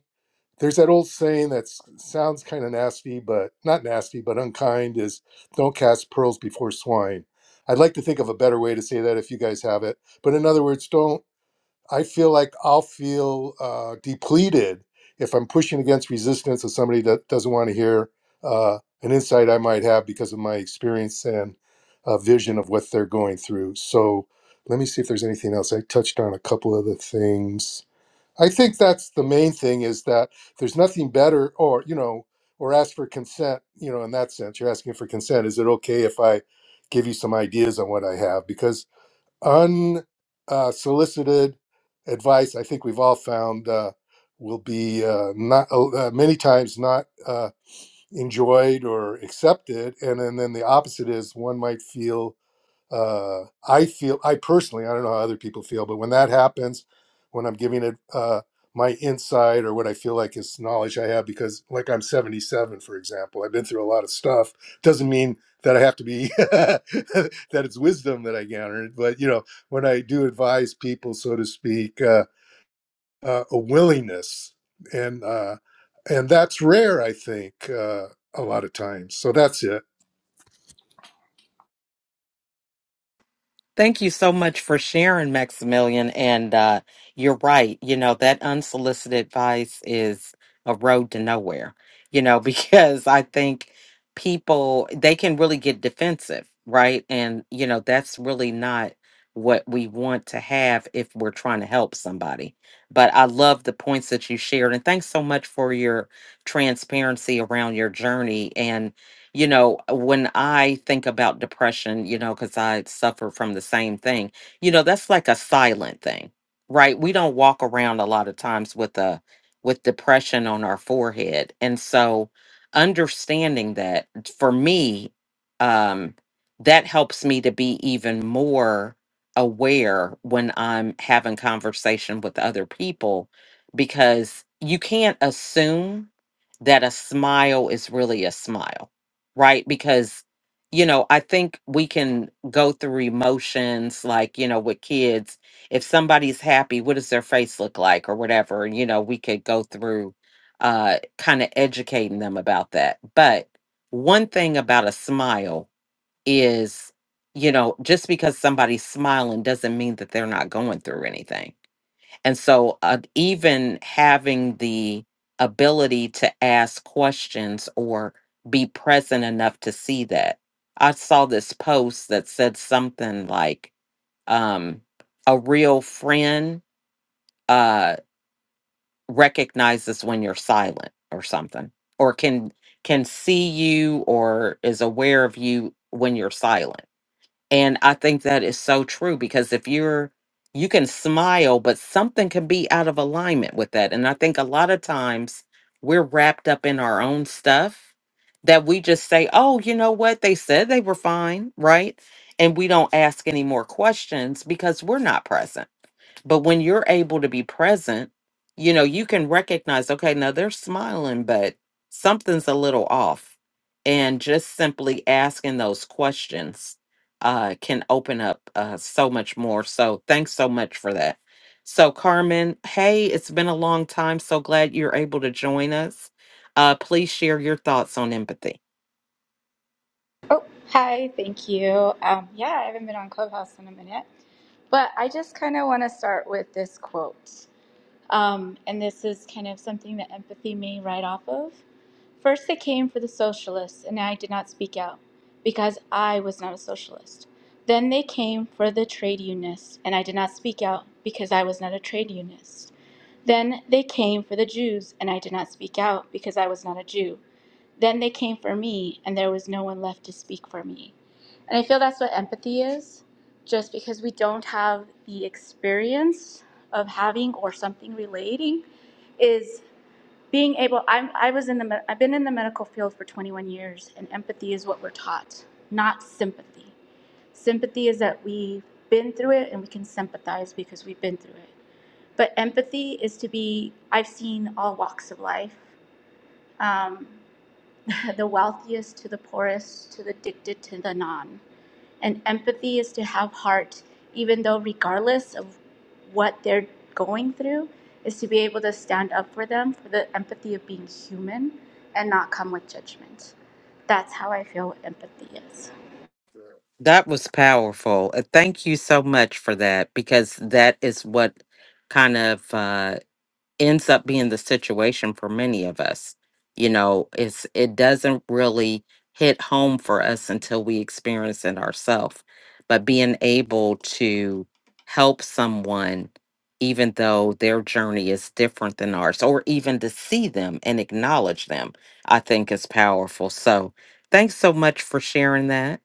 S10: there's that old saying that s- sounds kind of nasty, but not nasty, but unkind is don't cast pearls before swine. I'd like to think of a better way to say that if you guys have it. But in other words, don't, I feel like I'll feel uh, depleted if I'm pushing against resistance of somebody that doesn't want to hear uh, an insight I might have because of my experience and uh, vision of what they're going through. So let me see if there's anything else. I touched on a couple other things. I think that's the main thing is that there's nothing better or, you know, or ask for consent, you know, in that sense. You're asking for consent. Is it okay if I give you some ideas on what I have? Because unsolicited uh, solicited advice, I think we've all found, uh, will be uh, not uh, uh, many times not uh, enjoyed or accepted. And, and then the opposite is one might feel uh, I feel I personally I don't know how other people feel, but when that happens, when I'm giving it uh, my insight or what I feel like is knowledge I have, because like I'm 77, for example, I've been through a lot of stuff. Doesn't mean that I have to be that it's wisdom that I garnered, but you know when I do advise people, so to speak, uh, uh, a willingness and uh, and that's rare, I think, uh, a lot of times. So that's it.
S1: Thank you so much for sharing, Maximilian. And uh, you're right. You know, that unsolicited advice is a road to nowhere, you know, because I think people, they can really get defensive, right? And, you know, that's really not what we want to have if we're trying to help somebody. But I love the points that you shared. And thanks so much for your transparency around your journey. and you know, when I think about depression, you know, because I suffer from the same thing, you know, that's like a silent thing, right? We don't walk around a lot of times with a with depression on our forehead. And so understanding that for me, um, that helps me to be even more aware when I'm having conversation with other people because you can't assume that a smile is really a smile right? Because, you know, I think we can go through emotions like, you know, with kids, if somebody's happy, what does their face look like or whatever? You know, we could go through uh, kind of educating them about that. But one thing about a smile is, you know, just because somebody's smiling doesn't mean that they're not going through anything and so, uh, even having the ability to ask questions or be present enough to see that. I saw this post that said something like, um, a real friend uh, recognizes when you're silent or something, or can can see you or is aware of you when you're silent and I think that is so true because if you're, you can smile, but something can be out of alignment with that. And I think a lot of times we're wrapped up in our own stuff that we just say, oh, you know what? They said they were fine, right? And we don't ask any more questions because we're not present. But when you're able to be present, you know, you can recognize, okay, now they're smiling, but something's a little off. And just simply asking those questions uh, can open up uh, so much more. So thanks so much for that. So, Carmen, hey, it's been a long time. So glad you're able to join us. Uh, please share your thoughts on empathy.
S11: Oh, hi, thank you. Um, yeah, I haven't been on Clubhouse in a minute, but I just kind of want to start with this quote. Um, and this is kind of something that empathy may write off of. First, they came for the socialists, and I did not speak out because I was not a socialist. Then they came for the trade unionists, and I did not speak out because I was not a trade unionist. Then they came for the Jews, and I did not speak out because I was not a Jew. Then they came for me, and there was no one left to speak for me. And I feel that's what empathy is, just because we don't have the experience of having or something relating, is being able. I'm, I was in the. me- I've been in the medical field for 21 years, and empathy is what we're taught, not sympathy. Sympathy is that we've been through it and we can sympathize because we've been through it. But empathy is to be. I've seen all walks of life. Um, the wealthiest to the poorest, to the addicted to the non. And empathy is to have heart, even though, regardless of what they're going through, is to be able to stand up for them for the empathy of being human and not come with judgment. That's how I feel empathy is.
S1: That was powerful. Uh, Thank you so much for that because that is what kind of. ends up being the situation for many of us. You know, it's it doesn't really hit home for us until we experience it ourselves. But being able to help someone, even though their journey is different than ours, or even to see them and acknowledge them, I think is powerful. So thanks so much for sharing that.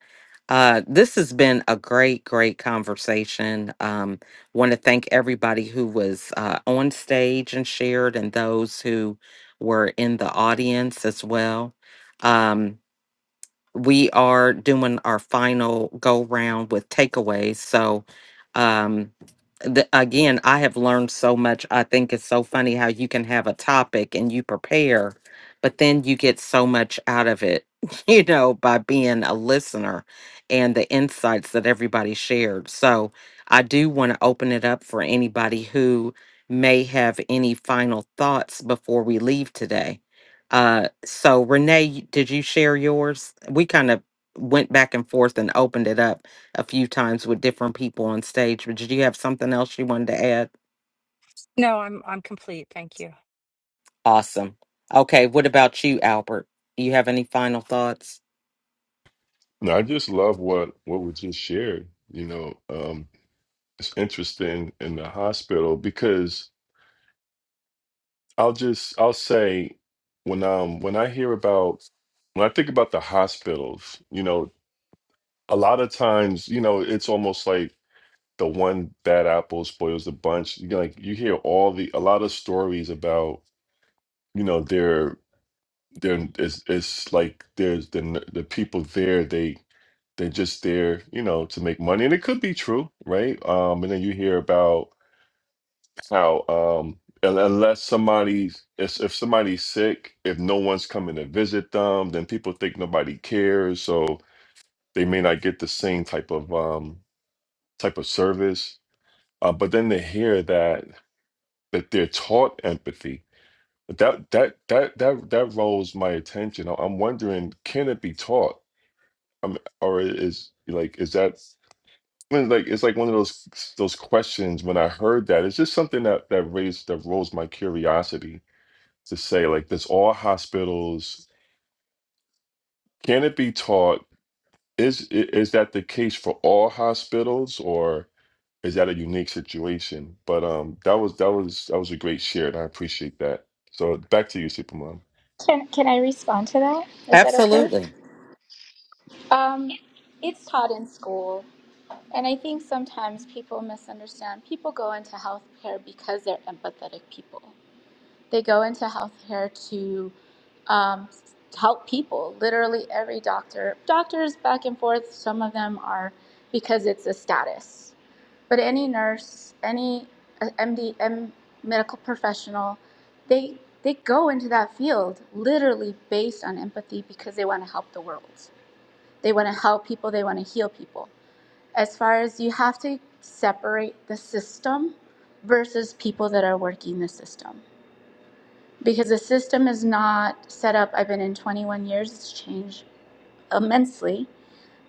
S1: Uh, this has been a great, great conversation. Um, Want to thank everybody who was uh, on stage and shared, and those who were in the audience as well. Um, we are doing our final go round with takeaways. So, um, the, again, I have learned so much. I think it's so funny how you can have a topic and you prepare, but then you get so much out of it, you know, by being a listener and the insights that everybody shared. So, I do want to open it up for anybody who may have any final thoughts before we leave today. Uh, so Renee, y- did you share yours? We kind of went back and forth and opened it up a few times with different people on stage. But did you have something else you wanted to add?
S3: No, I'm I'm complete. Thank you.
S1: Awesome. Okay, what about you, Albert? You have any final thoughts?
S4: No, I just love what what was just shared. You know, um, it's interesting in the hospital because I'll just I'll say when um when I hear about when I think about the hospitals, you know, a lot of times, you know, it's almost like the one bad apple spoils the bunch. You like you hear all the a lot of stories about, you know, their their it's it's like there's the the people there. they. they're just there, you know, to make money, and it could be true, right? Um, and then you hear about how, um, un- unless somebody's if, if somebody's sick, if no one's coming to visit them, then people think nobody cares, so they may not get the same type of um, type of service. Uh, but then they hear that that they're taught empathy. That that that that that rolls my attention. I- I'm wondering, can it be taught? Um, or is like is that? when, like it's like one of those those questions when I heard that it's just something that that raised that rose my curiosity to say like does all hospitals can it be taught is i- is that the case for all hospitals or is that a unique situation but um that was that was that was a great share and I appreciate that so back to you supermom
S11: Can can I respond to that? Is that okay?
S1: Absolutely.
S11: Um, it's taught in school, and I think sometimes people misunderstand. People go into healthcare because they're empathetic people. They go into healthcare to um, help people. Literally every doctor, doctors back and forth. Some of them are because it's a status, but any nurse, any uh, MD, medical professional, they they go into that field literally based on empathy because they want to help the world. They want to help people. They want to heal people. As far as you have to separate the system versus people that are working the system because the system is not set up. I've been in 21 years, it's changed immensely.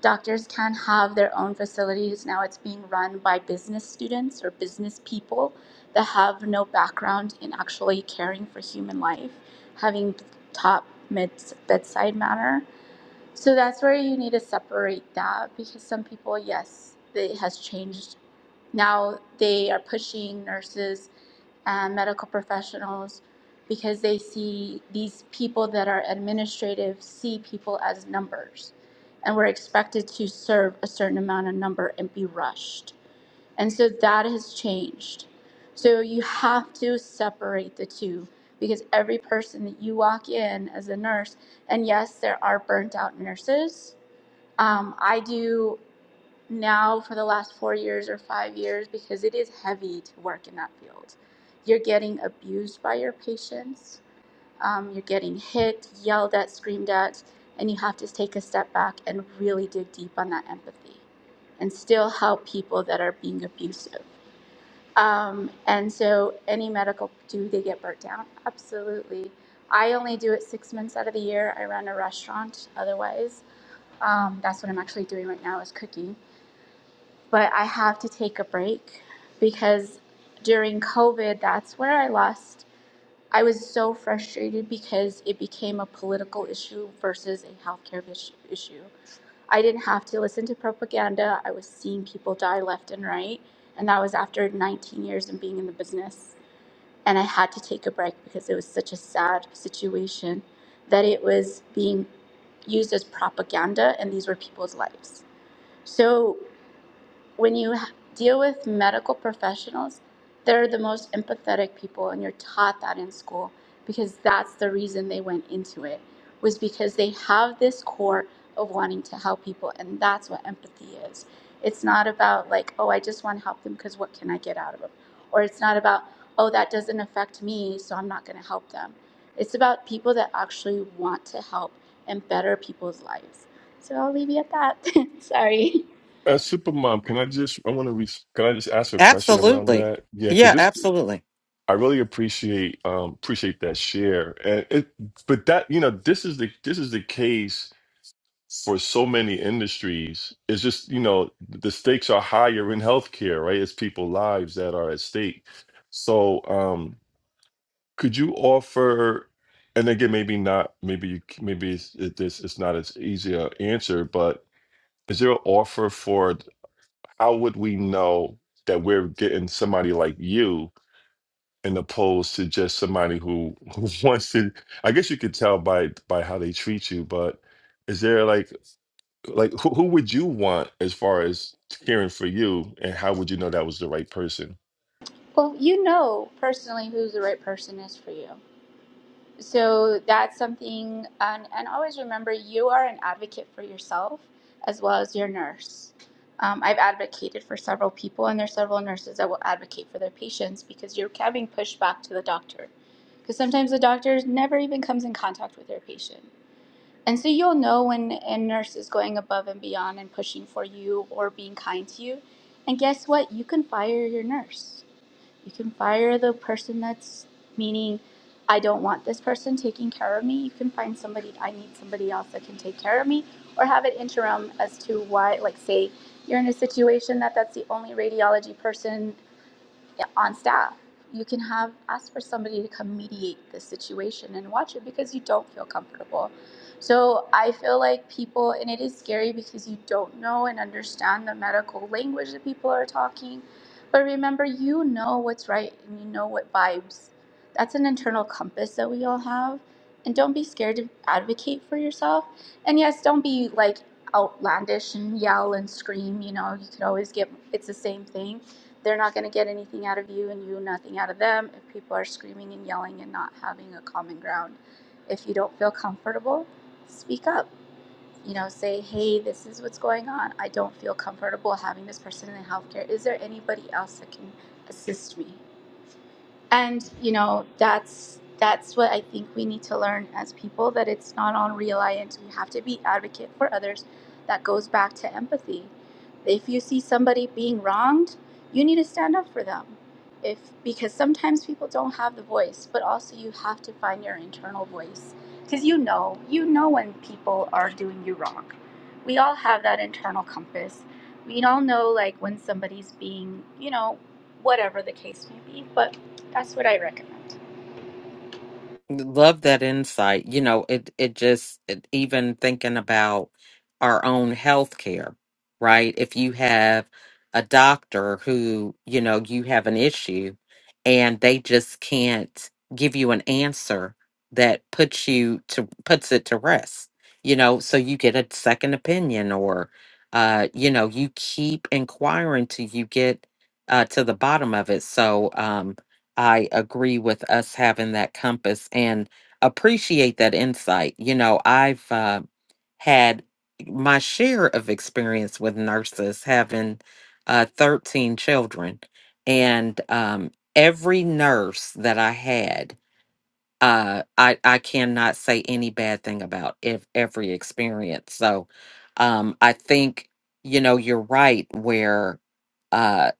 S11: Doctors can have their own facilities. Now it's being run by business students or business people that have no background in actually caring for human life, having top mid- bedside manner. So that's where you need to separate that because some people, yes, it has changed. Now they are pushing nurses and medical professionals because they see these people that are administrative see people as numbers and we're expected to serve a certain amount of number and be rushed and so that has changed. So you have to separate the two because every person that you walk in as a nurse, and yes, there are burnt out nurses. Um, I do now for the last four years or five years because it is heavy to work in that field. You're getting abused by your patients, um, you're getting hit, yelled at, screamed at, and you have to take a step back and really dig deep on that empathy and still help people that are being abusive um, and so, any medical, do they get burnt down? Absolutely. I only do it six months out of the year. I run a restaurant. Otherwise, um, that's what I'm actually doing right now is cooking. But I have to take a break because during COVID, that's where I lost. I was so frustrated because it became a political issue versus a healthcare vis- issue. I didn't have to listen to propaganda. I was seeing people die left and right, and that was after 19 years of being in the business and I had to take a break because it was such a sad situation that it was being used as propaganda, and these were people's lives. So when you deal with medical professionals, they're the most empathetic people, and you're taught that in school because that's the reason they went into it was because they have this core of wanting to help people, and that's what empathy is. It's not about like, oh, I just want to help them because what can I get out of them, or it's not about, oh, that doesn't affect me, so I'm not going to help them. It's about people that actually want to help and better people's lives. So I'll leave you at that. Sorry.
S4: uh, supermom can I just I want to re- can I just ask a question around
S1: Absolutely.
S4: that yeah because
S1: Yeah,
S4: this.
S1: absolutely.
S4: I really appreciate um, appreciate that share, and it, but that you know this is the this is the case for so many industries. It's just you know the stakes are higher in healthcare, right? It's people lives that are at stake. So, um, could you offer, and again, maybe not, maybe you maybe it's, it, this it's not as easy a answer, but is there an offer for how would we know that we're getting somebody like you? and opposed to just somebody who, who wants to i guess you could tell by by how they treat you but is there like like who, who would you want as far as caring for you and how would you know that was the right person
S11: Well, you know personally who the right person is for you. So that's something, and, and always remember you are an advocate for yourself as well as your nurse. Um, I've advocated for several people, and there's several nurses that will advocate for their patients because you're having pushback to the doctor. Because sometimes the doctor never even comes in contact with their patient. And so you'll know when a nurse is going above and beyond and pushing for you or being kind to you. And guess what? You can fire your nurse you can fire the person that's meaning I don't want this person taking care of me. You can find somebody I need somebody else that can take care of me or have an interim as to why like say you're in a situation that that's the only radiology person on staff. You can have ask for somebody to come mediate the situation and watch it because you don't feel comfortable. So I feel like people, and it is scary because you don't know and understand the medical language that people are talking. But remember, you know what's right and you know what vibes. That's an internal compass that we all have. And don't be scared to advocate for yourself. And yes, don't be like outlandish and yell and scream. You know, you could always get it's the same thing they're not going to get anything out of you and you nothing out of them if people are screaming and yelling and not having a common ground if you don't feel comfortable speak up you know say hey this is what's going on i don't feel comfortable having this person in healthcare is there anybody else that can assist me and you know that's that's what i think we need to learn as people that it's not on reliant We have to be advocate for others that goes back to empathy if you see somebody being wronged you need to stand up for them if because sometimes people don't have the voice but also you have to find your internal voice because you know you know when people are doing you wrong we all have that internal compass we all know like when somebody's being you know whatever the case may be but that's what I recommend.
S1: Love that insight. You know, it it just it, even thinking about our own health care, right? If you have a doctor who, you know, you have an issue and they just can't give you an answer that puts you to puts it to rest. You know, so you get a second opinion or uh, you know, you keep inquiring till you get uh to the bottom of it. So, um I agree with us having that compass and appreciate that insight. You know, I've uh, had my share of experience with nurses having uh, 13 children, and um, every nurse that I had uh i i cannot say any bad thing about ev- every experience so um i think you know you're right where uh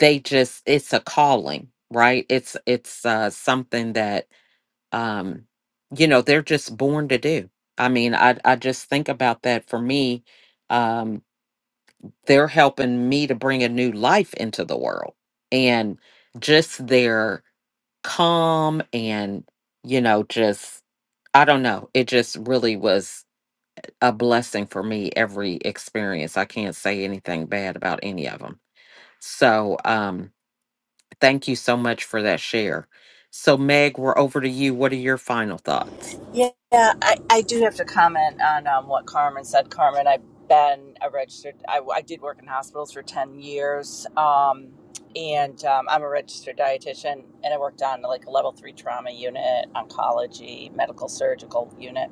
S1: they just it's a calling right it's it's uh something that um you know they're just born to do i mean i i just think about that for me um they're helping me to bring a new life into the world and just their calm and you know just I don't know. It just really was a blessing for me every experience. I can't say anything bad about any of them. So, um, thank you so much for that share. So, Meg, we're over to you. What are your final thoughts?
S7: Yeah, I, I do have to comment on um, what Carmen said. Carmen, I've been a registered, I, I did work in hospitals for 10 years. Um, and um, I'm a registered dietitian and I worked on like a level three trauma unit, oncology, medical surgical unit.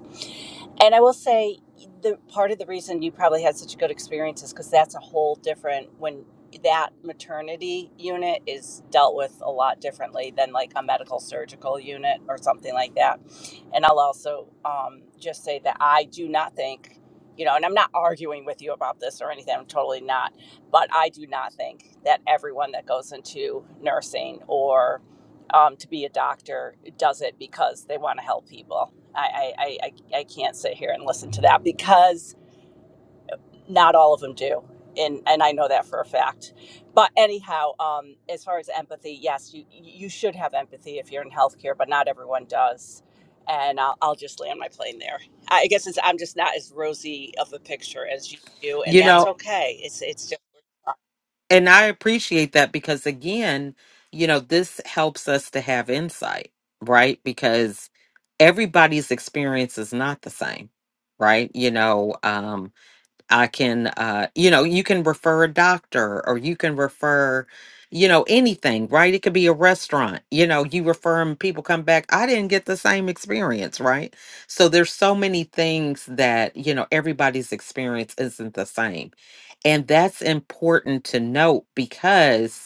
S7: And I will say, the part of the reason you probably had such a good experience is because that's a whole different when that maternity unit is dealt with a lot differently than like a medical surgical unit or something like that. And I'll also um, just say that I do not think, you know, and I'm not arguing with you about this or anything. I'm totally not, but I do not think that everyone that goes into nursing or um, to be a doctor does it because they want to help people. I, I, I, I can't sit here and listen to that because not all of them do. And, and I know that for a fact. But anyhow, um, as far as empathy, yes, you, you should have empathy if you're in healthcare, but not everyone does. And I'll, I'll just land my plane there. I guess it's, I'm just not as rosy of a picture as you, and
S1: You
S7: that's
S1: know,
S7: okay. It's, it's just,
S1: and I appreciate that because again, you know, this helps us to have insight, right? Because everybody's experience is not the same, right? You know, um I can, uh, you know, you can refer a doctor or you can refer, you know, anything, right? It could be a restaurant, you know, you refer them, people come back. I didn't get the same experience, right? So there's so many things that, you know, everybody's experience isn't the same. And that's important to note because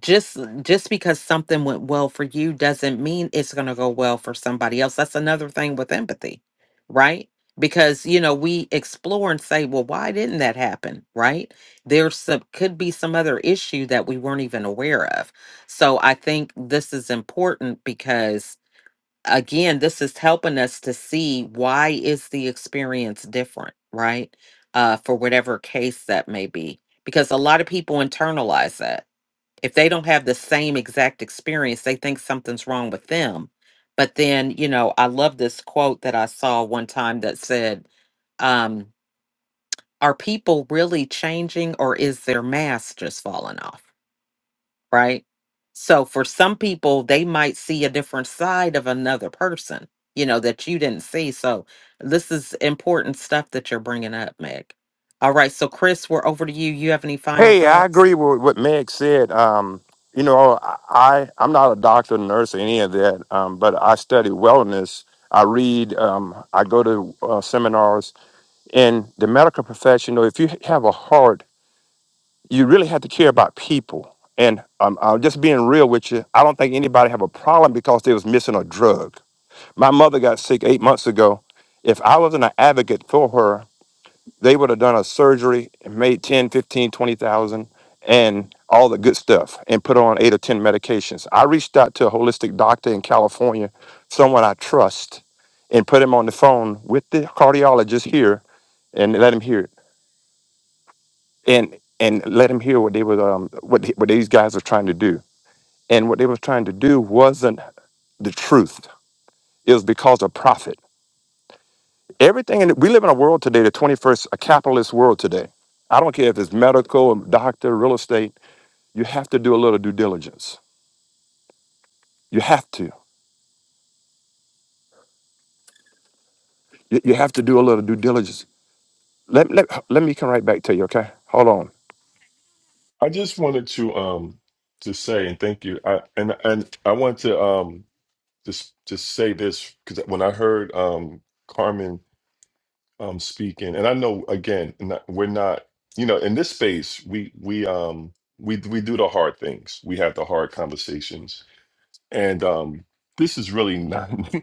S1: just just because something went well for you doesn't mean it's going to go well for somebody else that's another thing with empathy right because you know we explore and say well why didn't that happen right there's some could be some other issue that we weren't even aware of so i think this is important because again this is helping us to see why is the experience different right uh for whatever case that may be because a lot of people internalize that if they don't have the same exact experience, they think something's wrong with them. But then, you know, I love this quote that I saw one time that said, um, Are people really changing or is their mask just falling off? Right. So for some people, they might see a different side of another person, you know, that you didn't see. So this is important stuff that you're bringing up, Meg. All right. So, Chris, we're over to you. You have any final
S9: Hey, I
S1: thoughts?
S9: agree with what Meg said. Um, you know, I I'm not a doctor, nurse, or any of that, um, but I study wellness. I read. Um, I go to uh, seminars in the medical profession. You know, if you have a heart you really have to care about people. And um, I'm just being real with you. I don't think anybody have a problem because they was missing a drug. My mother got sick eight months ago. If I wasn't an advocate for her, they would have done a surgery and made 10, 15, 20,000, and all the good stuff and put her on eight or 10 medications. I reached out to a holistic doctor in California, someone I trust, and put him on the phone with the cardiologist here and let him hear it and and let him hear what they were um, what what these guys were trying to do. And what they were trying to do wasn't the truth. It was because of profit. Everything in we live in a world today, the 21st, a capitalist world today. I don't care if it's medical, doctor, real estate. You have to do a little due diligence. You have to. You, you have to do a little due diligence. Let, let, let me come right back to you, okay? Hold on.
S4: i just wanted to um to say and thank you i and and i want to um just just say this because when i heard um carmen um speaking and i know again not, we're not you know in this space we we um we we do the hard things we have the hard conversations and um this is really not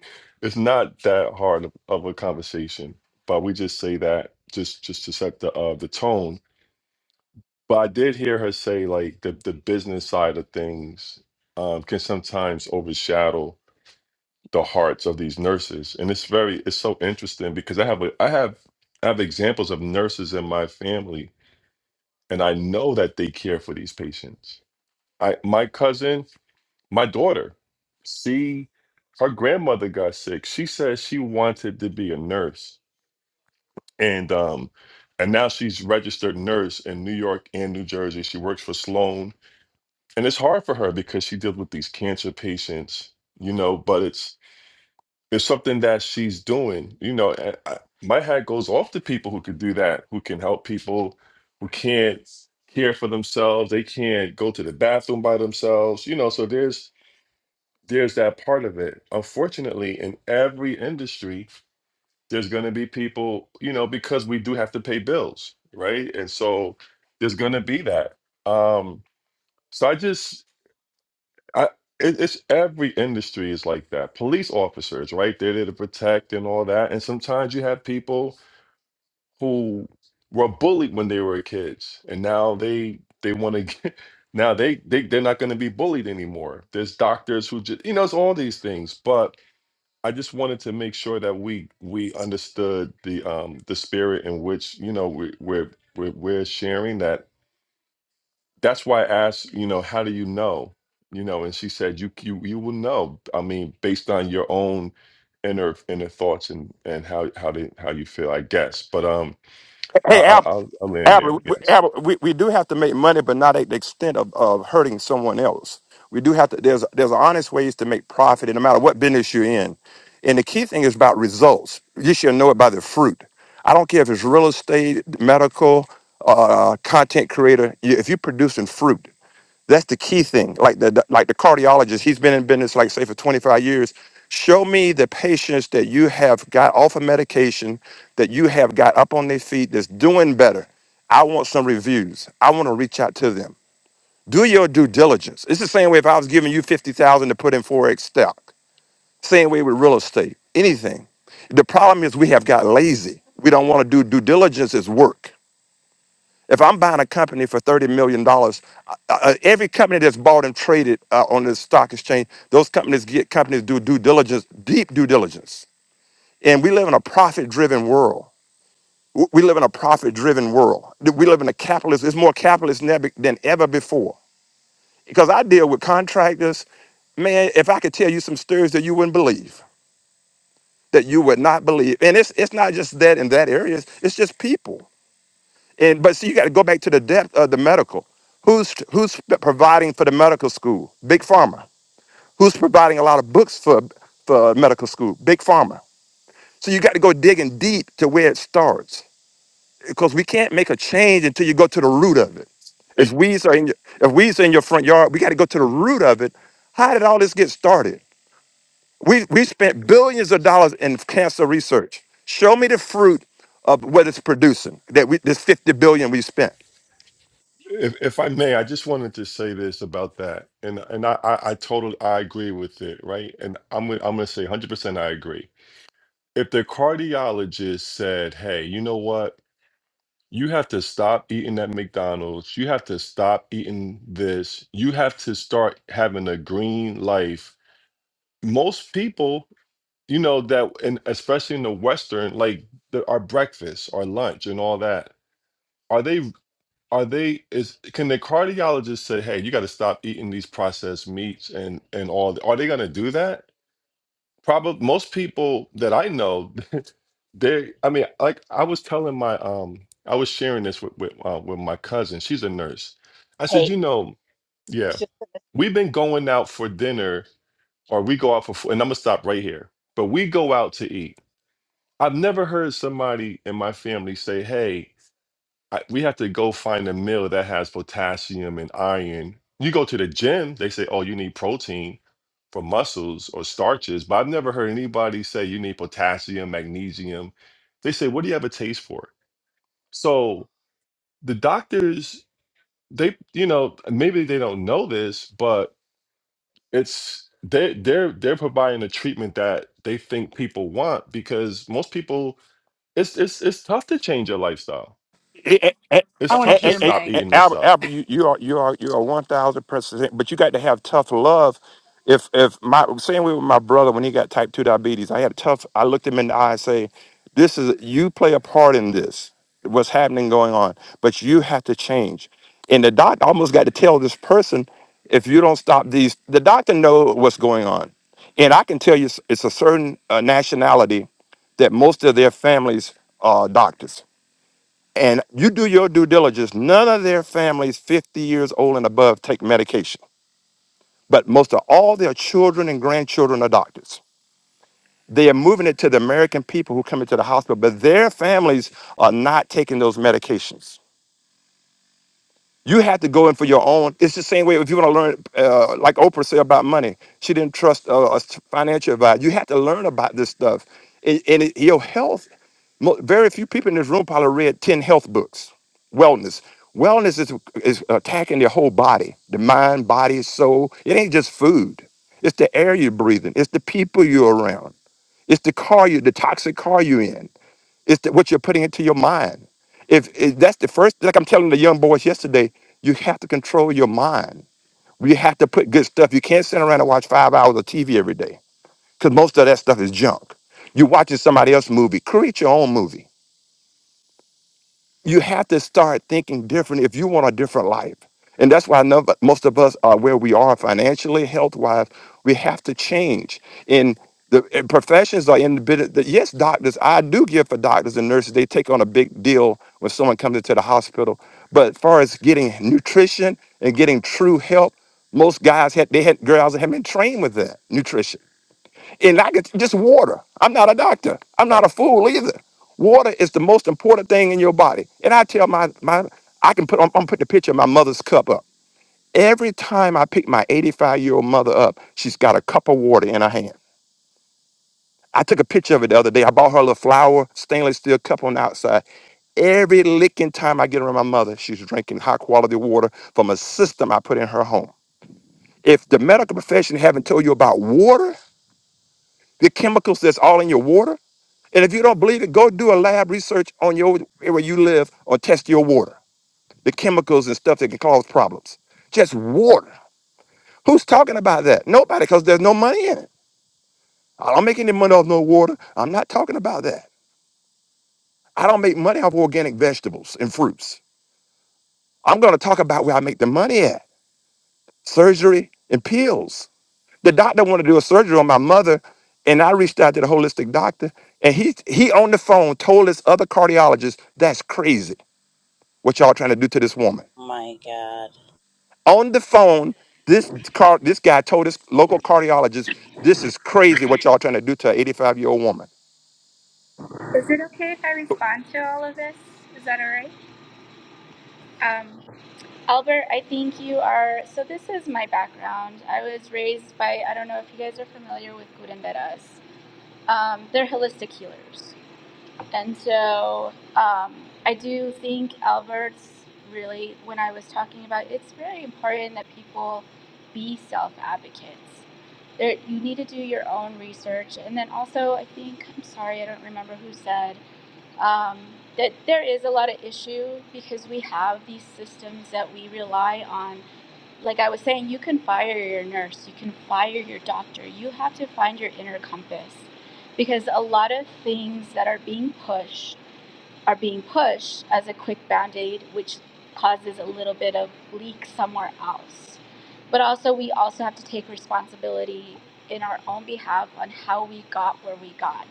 S4: it's not that hard of, of a conversation but we just say that just just to set the uh the tone but i did hear her say like the the business side of things um can sometimes overshadow the hearts of these nurses and it's very it's so interesting because i have a, i have i have examples of nurses in my family and i know that they care for these patients i my cousin my daughter she her grandmother got sick she said she wanted to be a nurse and um and now she's registered nurse in new york and new jersey she works for sloan and it's hard for her because she deals with these cancer patients you know but it's It's something that she's doing. You know, and I, my hat goes off to people who can do that, who can help people, who can't care for themselves, they can't go to the bathroom by themselves. You know, so there's there's that part of it. Unfortunately, in every industry, there's going to be people, you know, because we do have to pay bills, right? And so there's going to be that. Um, so I just I it, it's every industry is like that. Police officers, right? They're there to protect and all that. And sometimes you have people who were bullied when they were kids, and now they they want to get now they they they're not going to be bullied anymore. There's doctors who just you know it's all these things, but. I just wanted to make sure that we we understood the um the spirit in which you know we, we're we're we're sharing that that's why I asked, you know, how do you know? You know, and she said, you you you will know. I mean, based on your own inner inner thoughts and and how how they how you feel, I guess. But um, I,
S9: hey Al
S4: I'll I'll I'll land there.
S9: Albert, we,
S4: Yes.
S9: Albert, we, we do have to make money, but not at the extent of, of hurting someone else. We do have to. There's there's honest ways to make profit, and no matter what business you're in. And the key thing is about results. You should know it by the fruit. I don't care if it's real estate, medical, uh, content creator. You- If you're producing fruit, that's the key thing. Like the, the- like the cardiologist, he's been in business like say for 25 years. Show me the patients that you have got off of medication, that you have got up on their feet, that's doing better. I want some reviews. I want to reach out to them. Do your due diligence. It's the same way if I was giving you 50,000 to put in Forex stock. Same way with real estate, anything. The problem is we have got lazy. We don't want to do due diligence as work. If I'm buying a company for $30 million, dollars, uh, uh, every company that's bought and traded uh, on the stock exchange, those companies get companies do due diligence, deep due diligence. And we live in a profit driven world. W- We live in a profit driven world. We live in a capitalist, it's more capitalist now be- than ever before. Because I deal with contractors, man, if I could tell you some stories that you wouldn't believe, that you would not believe. And it's, it's not just that in that area, it's it's just people And but see, you got to go back to the depth of the medical. Who's who's providing for the medical school? Big pharma. Who's providing a lot of books for for medical school? Big pharma. So you got to go digging deep to where it starts because we can't make a change until you go to the root of it. If
S4: Hey,
S9: weeds are in your, if weeds are in your front yard, we got to go to the root of it. How did all this get started? We we spent billions of dollars in cancer research. Show me the fruit of what it's producing that we this 50 billion we spent.
S4: If, if I may, I just wanted to say this about that, and and I I, I totally I agree with it, right? And I'm gonna- I'm gonna say 100 percent I agree. If the cardiologist said, "Hey, you know what? You have to stop eating that McDonald's. You have to stop eating this. You have to start having a green life. Most people, you know, that, and especially in the Western, like the, our breakfast, our lunch, and all that, are they, are they, is, can the cardiologist say, hey, you got to stop eating these processed meats and, and all? Are they going to do that? Probably most people that I know They, I mean, like I was telling my um, I was sharing this with with, uh, with my cousin. She's a nurse. I said,
S7: hey,
S4: you know, yeah,
S7: it's just,
S4: we've been going out for dinner, or we go out for, fo- and I'm gonna stop right here. But we go out to eat. I've never heard somebody in my family say, hey, I, we have to go find a meal that has potassium and iron. You go to the gym, they say, oh, you need protein for muscles or starches. But I've never heard anybody say you need potassium, magnesium. They say, what do you have a taste for? So the doctors, they, you know, maybe they don't know this, but it's they they're they're providing a treatment that they think people want because most people it's it's it's tough to change your lifestyle.
S9: Eh, eh, eh,
S3: I
S4: It's
S3: want to
S4: tough to
S9: eh,
S3: hear
S9: eh,
S4: stop
S3: Meg.
S9: eh,
S4: eating this
S9: Albert,
S4: stuff.
S9: Albert, you, you are you are you are one thousand percent. But you got to have tough love. If if my same way with my brother when he got type two diabetes, I had tough. I looked him in the eye and say, "This is you play a part in this. What's happening going on? But you have to change." And the doctor almost got to tell this person, "If you don't stop these, the doctor know what's going on." And I can tell you, it's it's a certain uh, nationality that most of their families are doctors and you do your due diligence. None of their families 50 years old and above take medication, but most of all their children and grandchildren are doctors. They are moving it to the American people who come into the hospital, but their families are not taking those medications. You have to go in for your own. It's the same way if you want to learn, uh, like Oprah said about money, she didn't trust uh, a financial advisor. You have to learn about this stuff. And, and it- your health Mo- very few people in this room probably read 10 health books. Wellness. Wellness is, is attacking your whole body, the mind, body, soul. It ain't just food. It's the air you're breathing. It's the people you're around. It's the car you, the toxic car you're in. It's the, what you're putting into your mind. If, if that's the first, like I'm telling the young boys yesterday, you have to control your mind. You have to put good stuff. You can't sit around and watch five hours of TV every day because most of that stuff is junk. You're watching somebody else's movie. Create your own movie you have to start thinking different if you want a different life. And that's why none, most of us are where we are financially, health wise. We have to change. And the and professions are in the bit. Of, yes, doctors. I do give for doctors and nurses. They take on a big deal when someone comes into the hospital. But as far as getting nutrition and getting true health, most guys had they had girls that had been trained with that nutrition. And I could just water. I'm not a doctor. I'm not a fool either. Water is the most important thing in your body. And I tell my my I can put I'm, I'm putting the picture of my mother's cup up. Every time I pick my 85 year old mother up, she's got a cup of water in her hand. I took a picture of it the other day. I bought her a little flower stainless steel cup on the outside. Every licking time I get around my mother, she's drinking high quality water from a system I put in her home. If the medical profession haven't told you about water, the chemicals that's all in your water. And if you don't believe it, go do a lab research on your where you live or test your water, the chemicals and stuff that can cause problems. Just water. Who's talking about that? Nobody, because there's no money in it. I don't make any money off no water. I'm not talking about that. I don't make money off organic vegetables and fruits. I'm going to talk about where I make the money at surgery and pills. The doctor wanted to do a surgery on my mother, and I reached out to the holistic doctor, and he, he on the phone told his other cardiologist, That's crazy what y'all trying to do to this woman.
S7: oh my God.
S9: on the phone. This car, this guy told his local cardiologist, "This is crazy what y'all trying to do to an 85 year old woman."
S11: Is it okay if I respond to all of this? Is that all right? Um, Albert, I think you are. So, this is my background. I was raised by, I don't know if you guys are familiar with curanderas. Um, they're holistic healers. And so um, I do think Albert's really, when I was talking about, it's very important that people be self advocates. There, you need to do your own research. And then also, I think, I'm sorry, I don't remember who said, um, that there is a lot of issue because we have these systems that we rely on. Like I was saying, you can fire your nurse, you can fire your doctor. You have to find your inner compass because a lot of things that are being pushed are being pushed as a quick band aid, which causes a little bit of leak somewhere else. But also, we also have to take responsibility in our own behalf on how we got where we got.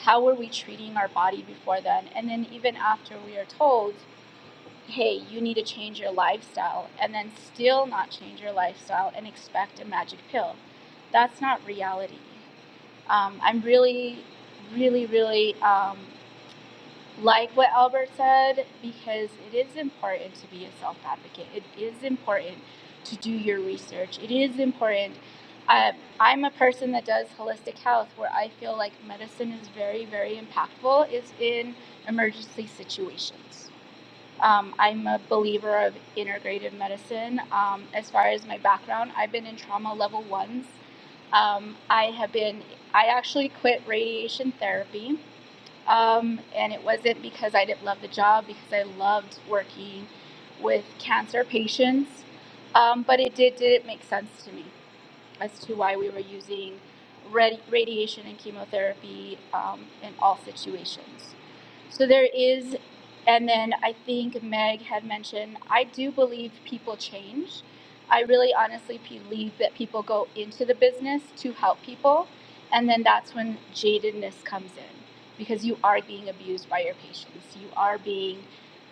S11: How were we treating our body before then? And then, even after we are told, hey, you need to change your lifestyle, and then still not change your lifestyle and expect a magic pill. That's not reality. Um, I'm really, really, really um, like what Albert said, because it is important to be a self advocate. It is important to do your research. It is important. Uh, I'm a person that does holistic health where I feel like medicine is very, very impactful, is in emergency situations. Um, I'm a believer of integrative medicine. Um, as far as my background, I've been in trauma level ones. Um, I have been, I actually quit radiation therapy um, and it wasn't because I didn't love the job, because I loved working with cancer patients. Um, but it did didn't make sense to me as to why we were using radi- radiation and chemotherapy um, in all situations. So there is, and then I think Meg had mentioned, I do believe people change. I really honestly believe that people go into the business to help people, and then that's when jadedness comes in because you are being abused by your patients. You are being,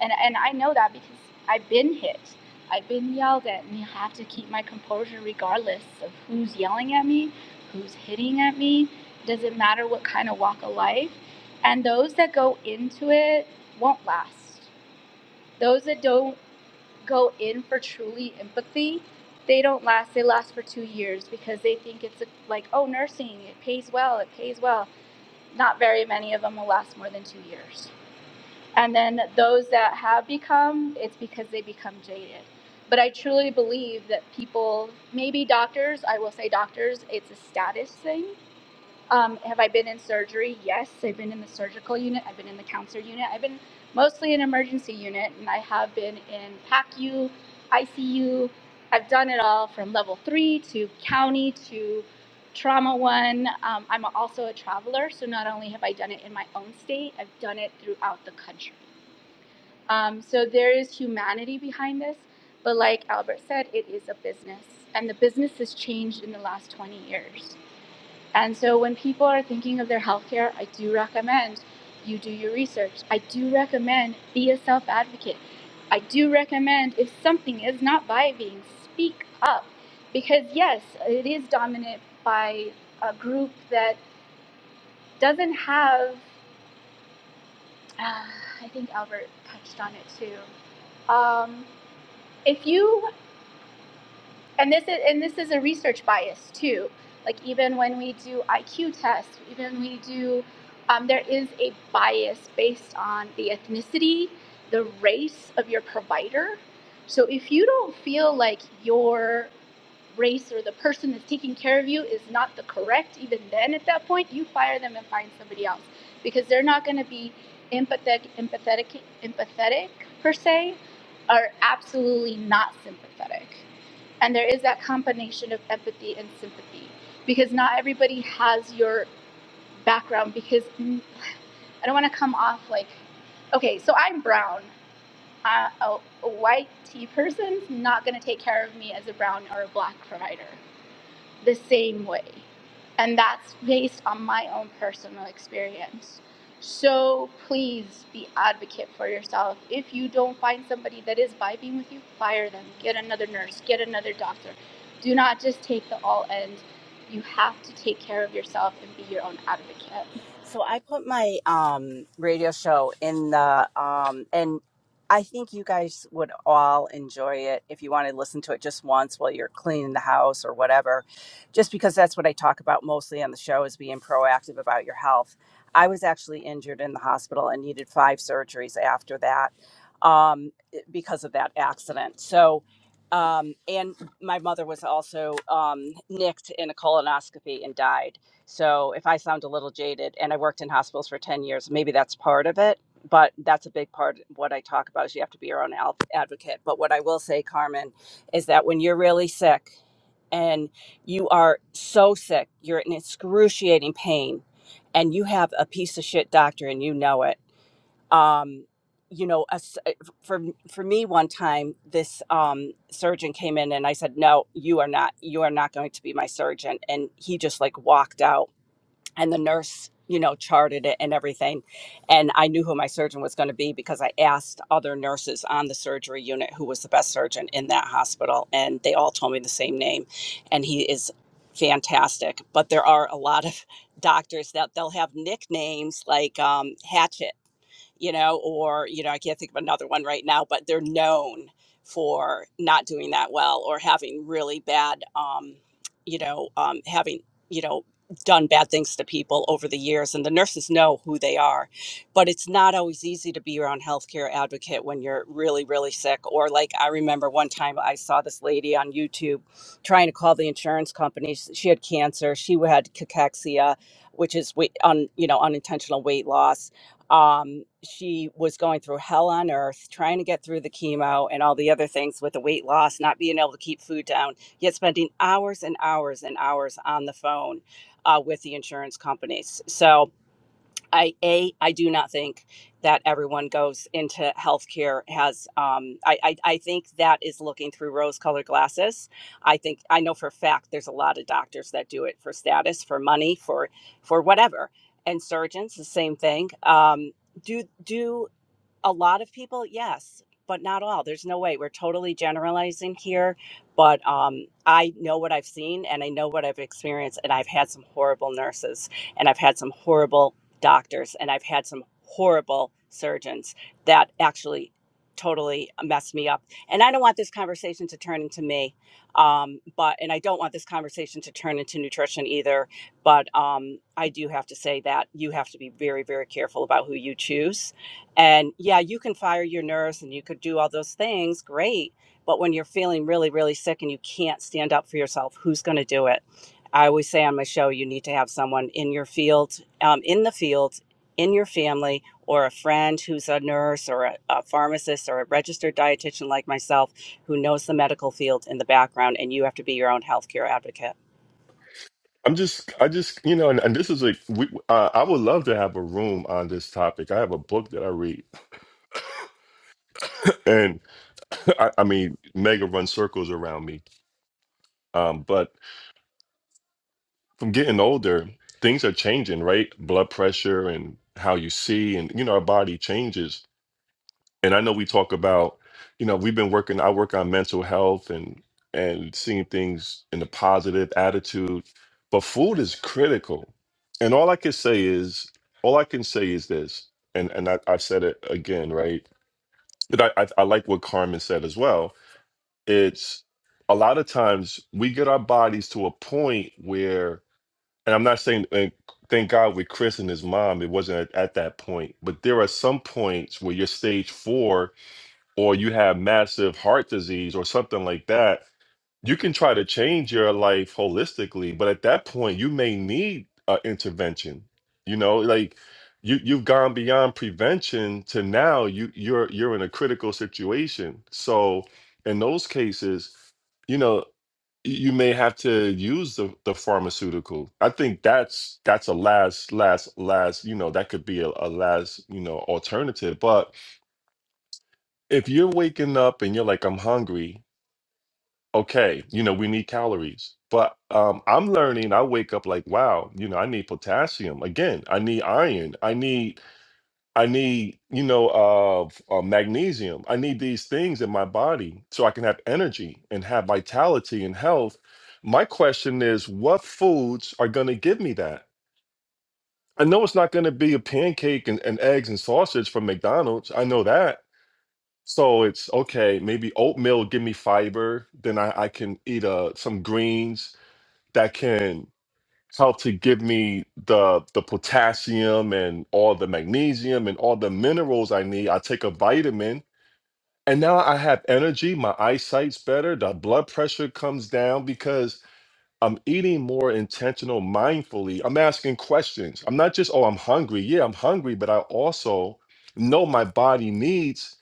S11: and, and I know that because I've been hit I've been yelled at and you have to keep my composure regardless of who's yelling at me, who's hitting at me, doesn't matter what kind of walk of life. And those that go into it won't last. Those that don't go in for truly empathy, they don't last. They last for two years because they think it's a, like, oh, nursing, it pays well, it pays well. Not very many of them will last more than two years. And then those that have become, it's because they become jaded. But I truly believe that people, maybe doctors, I will say doctors, it's a status thing. Um, have I been in surgery? Yes, I've been in the surgical unit. I've been in the counselor unit. I've been mostly in emergency unit, and I have been in PACU, ICU. I've done it all from level three to county to trauma one. Um, I'm also a traveler, so not only have I done it in my own state, I've done it throughout the country. Um, so there is humanity behind this, but like Albert said, it is a business, and the business has changed in the last 20 years. And so when people are thinking of their healthcare, I do recommend you do your research. I do recommend be a self advocate. I do recommend if something is not vibing, speak up. Because yes, it is dominant by a group that doesn't have, uh, I think Albert touched on it too. Um, if you and this is and this is a research bias too like even when we do iq tests even we do um, there is a bias based on the ethnicity the race of your provider so if you don't feel like your race or the person that's taking care of you is not the correct even then at that point you fire them and find somebody else because they're not going to be empathetic empathetic empathetic per se are absolutely not sympathetic and there is that combination of empathy and sympathy because not everybody has your background because mm, i don't want to come off like okay so i'm brown uh, a, a white tea person's not going to take care of me as a brown or a black provider the same way. And that's based on my own personal experience. So please be advocate for yourself. If you don't find somebody that is vibing with you, fire them. Get another nurse, get another doctor. Do not just take the all end. You have to take care of yourself and be your own advocate.
S7: So I put my um, radio show in the, um, and I think you guys would all enjoy it if you want to listen to it just once while you're cleaning the house or whatever, just because that's what I talk about mostly on the show is being proactive about your health. I was actually injured in the hospital and needed five surgeries after that um, because of that accident. So, um, and my mother was also um, nicked in a colonoscopy and died. So if I sound a little jaded, and I worked in hospitals for 10 years, maybe that's part of it. But that's a big part of what I talk about is you have to be your own al- advocate. But what I will say, Carmen, is that when you're really sick and you are so sick, you're in excruciating pain, and you have a piece of shit doctor and you know it. Um, you know, a s- for for me, one time this um, surgeon came in and I said, "No, you are not. You are not going to be my surgeon." And he just like walked out and the nurse you know charted it and everything and i knew who my surgeon was going to be because i asked other nurses on the surgery unit who was the best surgeon in that hospital and they all told me the same name and he is fantastic but there are a lot of doctors that they'll have nicknames like um, hatchet you know, or, you know, I can't think of another one right now, but they're known for not doing that well or having really bad, um, you know, um, having, you know, done bad things to people over the years. And the nurses know who they are. But it's not always easy to be around healthcare advocate when you're really, really sick. Or like I remember one time I saw this lady on YouTube trying to call the insurance companies. She had cancer, she had cachexia, which is weight, un, you know, unintentional weight loss um, she was going through hell on earth, trying to get through the chemo and all the other things with the weight loss, not being able to keep food down, yet spending hours and hours and hours on the phone uh, with the insurance companies. So, I a I do not think that everyone goes into healthcare has um, I, I I think that is looking through rose-colored glasses. I think I know for a fact there's a lot of doctors that do it for status, for money, for for whatever, and surgeons the same thing. Um, do do a lot of people yes but not all there's no way we're totally generalizing here but um, i know what i've seen and i know what i've experienced and i've had some horrible nurses and i've had some horrible doctors and i've had some horrible surgeons that actually totally messed me up and i don't want this conversation to turn into me um, but and i don't want this conversation to turn into nutrition either but um, i do have to say that you have to be very very careful about who you choose and yeah, you can fire your nurse and you could do all those things, great. But when you're feeling really, really sick and you can't stand up for yourself, who's going to do it? I always say on my show, you need to have someone in your field, um, in the field, in your family, or a friend who's a nurse or a, a pharmacist or a registered dietitian like myself who knows the medical field in the background, and you have to be your own healthcare advocate.
S4: I'm just I just you know, and, and this is like we, uh, I would love to have a room on this topic. I have a book that I read, and I, I mean, Mega runs circles around me. Um, but from getting older, things are changing, right? Blood pressure and how you see, and you know, our body changes. And I know we talk about, you know, we've been working. I work on mental health and and seeing things in a positive attitude, but food is critical. And all I can say is, all I can say is this, and and I, I said it again, right? But I, I I like what Carmen said as well. It's a lot of times we get our bodies to a point where and I'm not saying, and thank God with Chris and his mom, it wasn't at, at that point. But there are some points where you're stage four or you have massive heart disease or something like that. You can try to change your life holistically, but at that point, you may need uh, intervention. You know, like you you've gone beyond prevention to now you you're you're in a critical situation. So in those cases, you know you may have to use the, the pharmaceutical. I think that's that's a last last last you know that could be a, a last you know alternative. But if you're waking up and you're like I'm hungry, okay, you know we need calories. But um, I'm learning. I wake up like wow, you know I need potassium again. I need iron. I need I need, you know, uh, uh, magnesium. I need these things in my body so I can have energy and have vitality and health. My question is, what foods are going to give me that? I know it's not going to be a pancake and, and eggs and sausage from McDonald's. I know that. So it's okay, maybe oatmeal give me fiber. Then I, I can eat uh, some greens that can how to give me the the potassium and all the magnesium and all the minerals I need. I take a vitamin and now I have energy, my eyesight's better, the blood pressure comes down because I'm eating more intentional mindfully. I'm asking questions. I'm not just, oh, I'm hungry. Yeah, I'm hungry, but I also know my body needs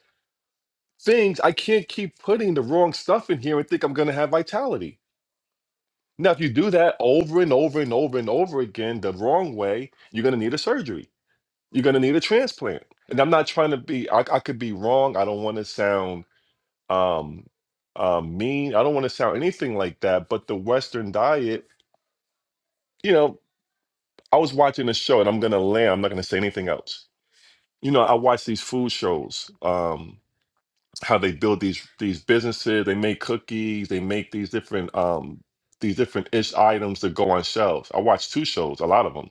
S4: things. I can't keep putting the wrong stuff in here and think I'm going to have vitality. Now, if you do that over and over and over and over again the wrong way, you're going to need a surgery. You're going to need a transplant. And I'm not trying to be, I, I could be wrong. I don't want to sound um, um, mean. I don't want to sound anything like that. But the Western diet, you know, I was watching a show and I'm going to land. I'm not going to say anything else. You know, I watch these food shows, um, how they build these these businesses. They make cookies. They make these different um, these different ish items that go on shelves. I watch two shows, a lot of them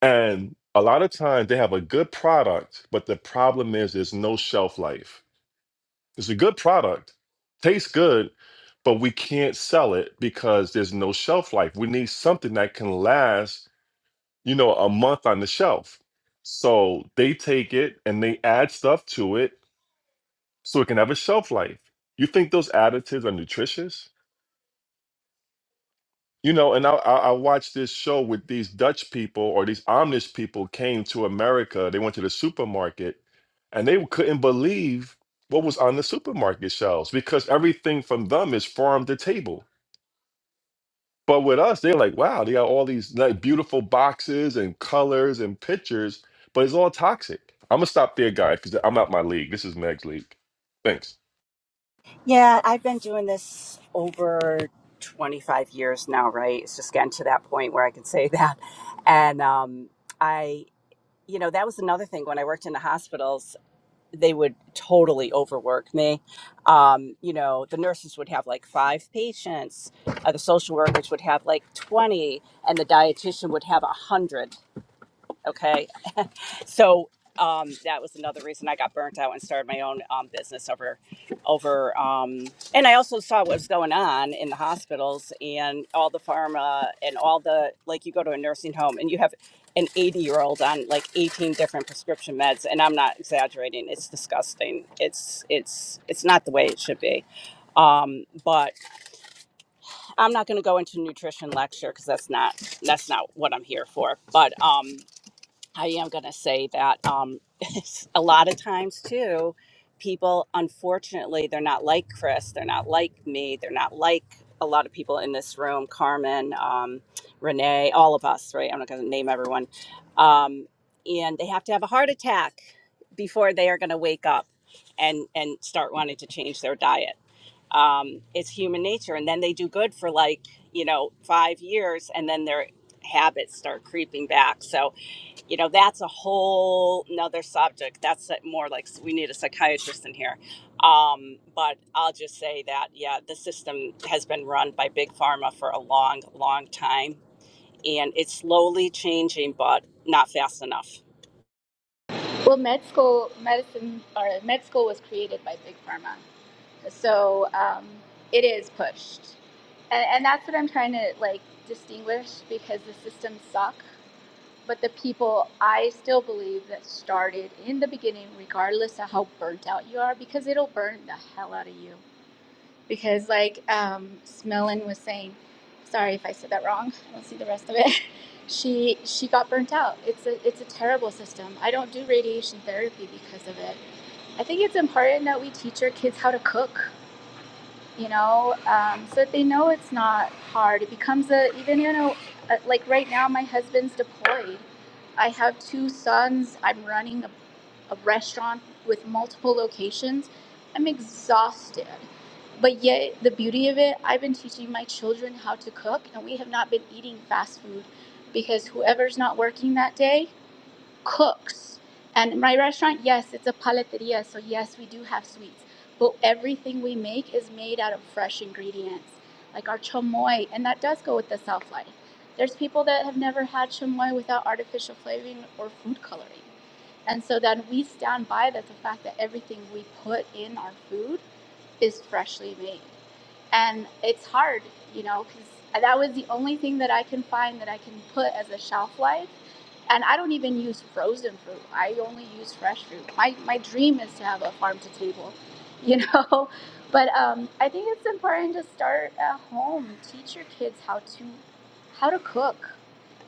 S4: And a lot of times they have a good product, but the problem is there's no shelf life. It's a good product, tastes good, but we can't sell it because there's no shelf life. We need something that can last, you know, a month on the shelf. So they take it and they add stuff to it so it can have a shelf life. You think those additives are nutritious? You know, and I, I I watched this show with these Dutch people or these Amish people came to America. They went to the supermarket and they couldn't believe what was on the supermarket shelves because everything from them is farm to table. But with us, they're like, wow, they got all these like beautiful boxes and colors and pictures, but it's all toxic. I'm gonna stop there, guys, because I'm out my league. This is Meg's league. Thanks.
S7: Yeah, I've been doing this over 25 years now, right? It's just getting to that point where I can say that. And um, I, you know, that was another thing when I worked in the hospitals, they would totally overwork me. Um, you know, the nurses would have like five patients, uh, the social workers would have like 20, and the dietitian would have a 100. Okay. So um, that was another reason I got burnt out and started my own um, business over, over. Um, and I also saw what was going on in the hospitals and all the pharma and all the like. You go to a nursing home and you have an 80 year old on like 18 different prescription meds, and I'm not exaggerating. It's disgusting. It's it's it's not the way it should be. Um, but I'm not going to go into nutrition lecture because that's not that's not what I'm here for. But um, I am going to say that um, a lot of times too, people unfortunately they're not like Chris, they're not like me, they're not like a lot of people in this room, Carmen, um, Renee, all of us, right? I'm not going to name everyone, um, and they have to have a heart attack before they are going to wake up and and start wanting to change their diet. Um, it's human nature, and then they do good for like you know five years, and then their habits start creeping back. So you know that's a whole nother subject that's a- more like we need a psychiatrist in here um, but i'll just say that yeah the system has been run by big pharma for a long long time and it's slowly changing but not fast enough
S11: Well, med school medicine or med school was created by big pharma, so um, it is pushed, and, and that's what I'm trying to like distinguish because the systems suck, but the people I still believe that started in the beginning, regardless of how burnt out you are, because it'll burn the hell out of you because like um Smellen was saying, sorry if I said that wrong. I don't see the rest of it. She she got burnt out. It's a it's a terrible system. I don't do radiation therapy because of it. I think it's important that we teach our kids how to cook you know um, so that they know it's not hard it becomes a even you know uh, like right now my husband's deployed i have two sons i'm running a, a restaurant with multiple locations i'm exhausted but yet the beauty of it i've been teaching my children how to cook and we have not been eating fast food because whoever's not working that day cooks. And my restaurant, yes, it's a paleteria, so yes, we do have sweets, but everything we make is made out of fresh ingredients, like our chamoy, and that does go with the South life. There's people that have never had chamoy without artificial flavoring or food coloring. And so then we stand by that the fact that everything we put in our food is freshly made. And it's hard, you know, because that was the only thing that I can find that I can put as a shelf life and I don't even use frozen fruit. I only use fresh fruit. My my dream is to have a farm to table, you know. But um, I think it's important to start at home. Teach your kids how to how to cook,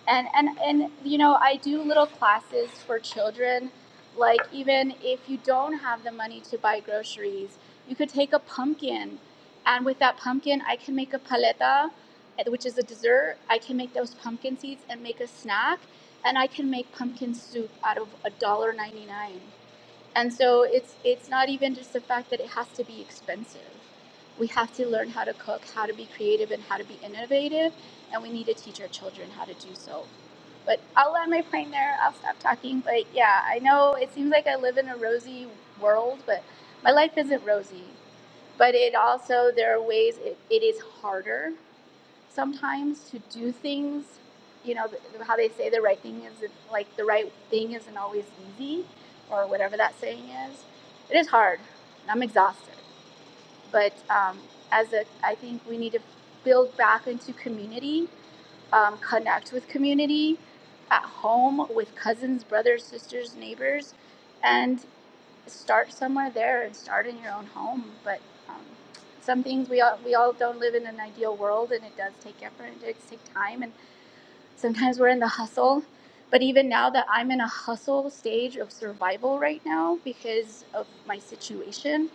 S11: and and and you know I do little classes for children. Like even if you don't have the money to buy groceries, you could take a pumpkin, and with that pumpkin, I can make a paleta, eh, which is a dessert. I can make those pumpkin seeds and make a snack and I can make pumpkin soup out of a dollar ninety nine. And so it's it's not even just the fact that it has to be expensive. We have to learn how to cook, how to be creative, and how to be innovative, and we need to teach our children how to do so. But I'll land my plane there. I'll stop talking. But yeah, I know it seems like I live in a rosy world, but my life isn't rosy. But it also there are ways it, it is harder sometimes to do things. You know, th- how they say the right thing is like the right thing isn't always easy, or whatever that saying is. It is hard. I'm exhausted, but um, as a, I think we need to build back into community, um, connect with community at home with cousins, brothers, sisters, neighbors, and start somewhere there and start in your own home. But um, some things we all we all don't live in an ideal world, and it does take effort and it does take time, and sometimes we're in the hustle. But even now that I'm in a hustle stage of survival right now because of my situation,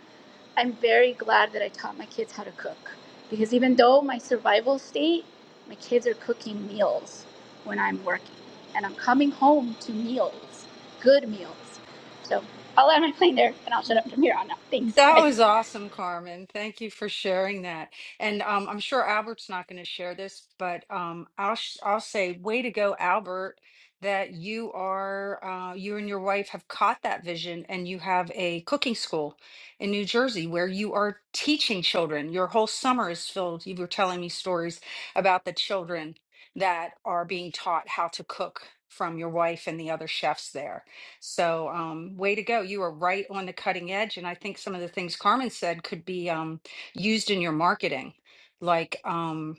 S11: I'm very glad that I taught my kids how to cook because even though my survival state, my kids are cooking meals when I'm working and I'm coming home to meals, good meals. So I'll land my plane there and I'll shut up from
S3: Mm-hmm.
S11: here on out. Thanks,
S3: That
S11: guys.
S3: was awesome, Carmen. Thank you for sharing that. And um, I'm sure Albert's not going to share this, but um, I'll sh- I'll say, way to go, Albert, that you are uh, you and your wife have caught that vision, and you have a cooking school in New Jersey where you are teaching children. Your whole summer is filled. You were telling me stories about the children that are being taught how to cook from your wife and the other chefs there. So, um, way to go. You are right on the cutting edge. And I think some of the things Carmen said could be um, used in your marketing. Like, um,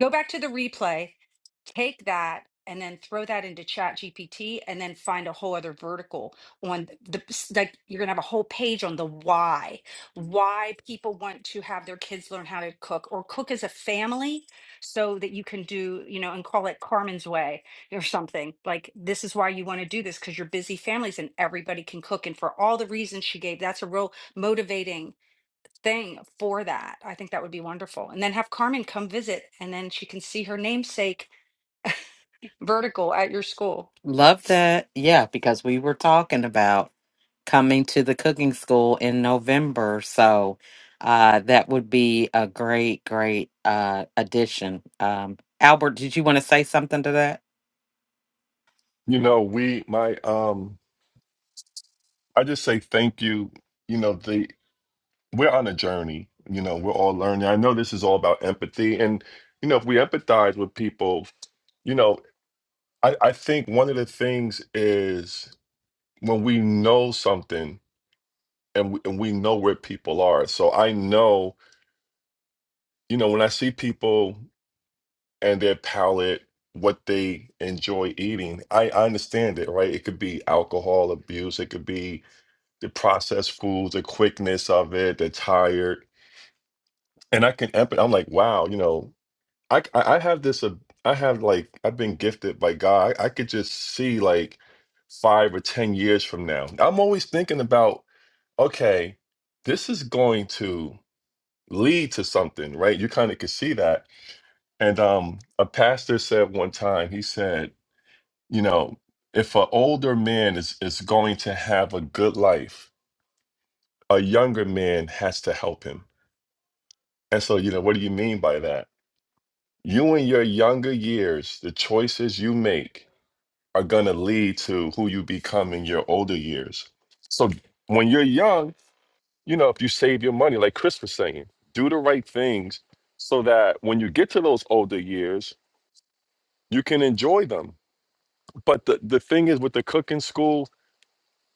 S3: go back to the replay, take that and then throw that into chat GPT and then find a whole other vertical on the like you're gonna have a whole page on the why. Why people want to have their kids learn how to cook or cook as a family so that you can do, you know, and call it Carmen's way or something. Like this is why you want to do this because you're busy families and everybody can cook. And for all the reasons she gave, that's a real motivating thing for that. I think that would be wonderful. And then have Carmen come visit and then she can see her namesake vertical at your school.
S1: Love that. Yeah, because we were talking about coming to the cooking school in November. So uh, that would be a great, great uh, addition. Um, Albert, did you want to say something to that?
S4: You know, we my um I just say thank you. You know, the we're on a journey. You know, we're all learning. I know this is all about empathy. And, you know, if we empathize with people, you know, I, I think one of the things is when we know something and we, and we know where people are. So I know, you know, when I see people and their palate, what they enjoy eating, I, I understand it, right? It could be alcohol abuse, it could be the processed foods, the quickness of it, the tired. And I can empathize. I'm like, wow, you know, I c- I I have this ab- I have like I've been gifted by God. I, I could just see like five or ten years from now. I'm always thinking about okay, this is going to lead to something, right? You kind of could see that. And um, a pastor said one time, he said, you know, if an older man is is going to have a good life, a younger man has to help him. And so, you know, what do you mean by that? You in your younger years, the choices you make are going to lead to who you become in your older years. So when you're young, you know, if you save your money, like Chris was saying, do the right things so that when you get to those older years, you can enjoy them. But the, the thing is with the cooking school,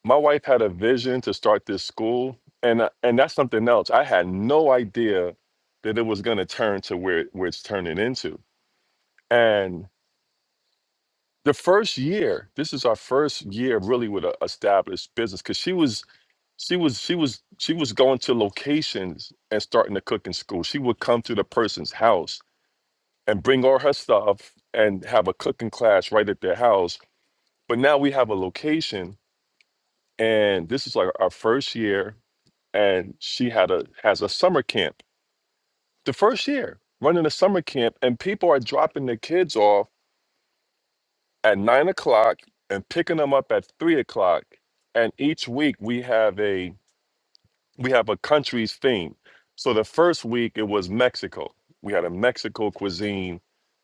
S4: my wife had a vision to start this school. And, uh, and that's something else. I had no idea that it was going to turn to where, where it's turning into. And the first year, this is our first year really with an established business because she was She was she was she was going to locations and starting to cook in school. She would come to the person's house and bring all her stuff and have a cooking class right at their house. But now we have a location and this is like our first year and she had a has a summer camp. The first year running a summer camp and people are dropping their kids off at nine o'clock and picking them up at three o'clock. And each week we have a we have a country's theme. So the first week it was Mexico. We had a Mexico cuisine.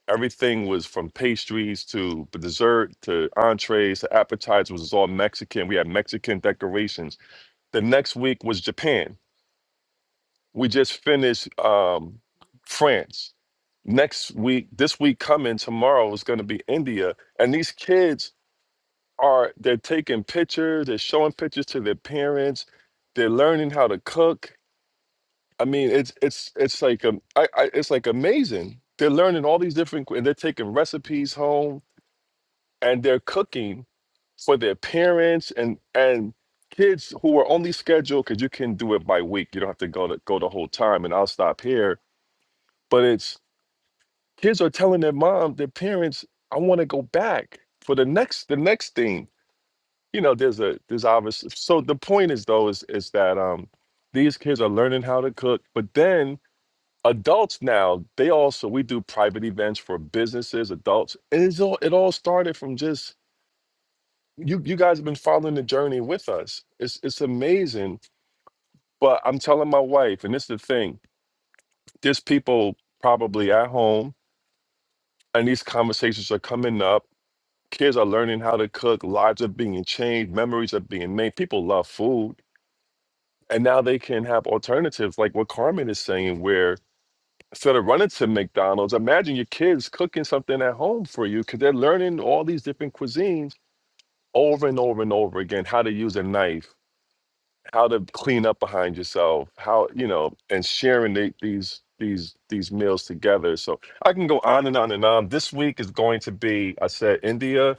S4: Everything was from pastries to dessert to entrees to appetizers was all Mexican. We had Mexican decorations. The next week was Japan. We just finished um, France. Next week, this week coming tomorrow is going to be India, and these kids are they're taking pictures, they're showing pictures to their parents, they're learning how to cook I mean, it's it's it's like um, I, I it's like amazing. They're learning all these different, and they're taking recipes home, and they're cooking for their parents and and kids who are only scheduled because you can do it by week. You don't have to go to go the whole time. And I'll stop here. But it's kids are telling their mom, their parents, I want to go back for the next the next thing. You know, there's a there's obvious. So the point is though is is that um these kids are learning how to cook, but then adults now they also we do private events for businesses adults and it's all it all started from just you you guys have been following the journey with us it's it's amazing but i'm telling my wife and this is the thing there's people probably at home and these conversations are coming up kids are learning how to cook lives are being changed memories are being made people love food and now they can have alternatives like what carmen is saying where instead of running to McDonald's, imagine your kids cooking something at home for you because they're learning all these different cuisines over and over and over again how to use a knife, how to clean up behind yourself, how, you know, and sharing the, these. These, these meals together. So I can go on and on and on. This week is going to be, I said, India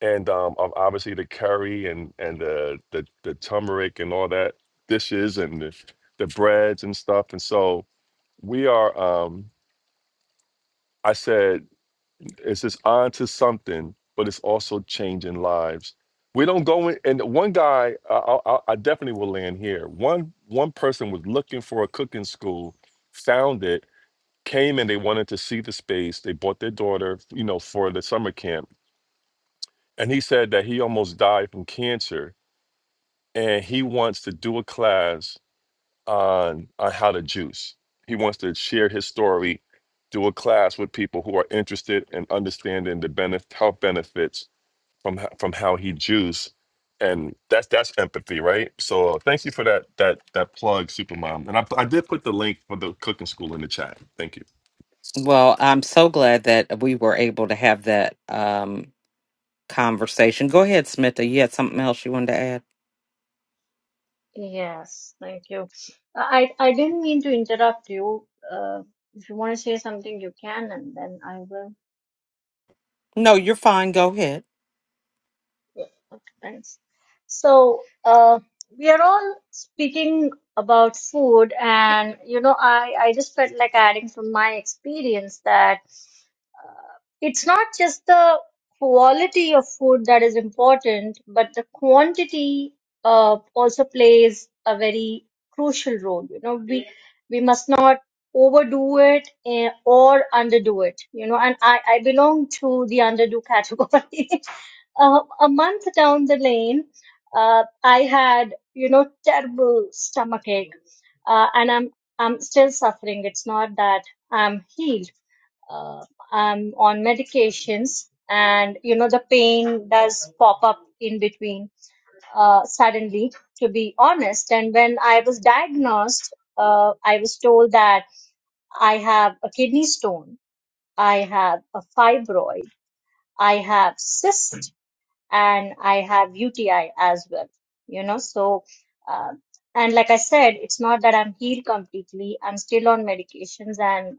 S4: and um, ob- obviously the curry and and the, the the turmeric and all that dishes and the, the breads and stuff. And so we are. Um, I said It's just on to something, but it's also changing lives. We don't go in. And one guy, I, I, I I definitely will land here. One one person was looking for a cooking school, found it, came and they wanted to see the space. They bought their daughter, you know, for the summer camp. And he said that he almost died from cancer, and he wants to do a class on on how to juice. He wants to share his story do a class with people who are interested in understanding the benef- health benefits from h- from how he juiced, and that's that's empathy, right? So uh, thank you for that that that plug, Supermom. And I I did put the link for the cooking school in the chat. Thank you.
S1: Well, I'm so glad that we were able to have that um, conversation. Go ahead, Smitha. You had something else you wanted to add?
S5: Yes, thank you. I I didn't mean to interrupt you. Uh, if you want to say something, you can, and then I will.
S1: No, you're fine. Go ahead.
S5: Yeah, okay, Thanks. So, uh, we are all speaking about food, and you know, I I just felt like adding from my experience that. Uh, It's not just the quality of food that is important, but the quantity uh, also plays a very crucial role. You know, we we must not overdo it eh, or underdo it. You know, and I I belong to the underdo category. uh, a month down the lane, uh, I had you know terrible stomachache, uh, and I'm I'm still suffering. It's not that I'm healed uh, I'm on medications, and you know the pain does pop up in between uh, suddenly. To be honest, and when I was diagnosed, uh, I was told that I have a kidney stone, I have a fibroid, I have cysts and I have UTI as well, you know. So, uh, and like I said, it's not that I'm healed completely. I'm still on medications, and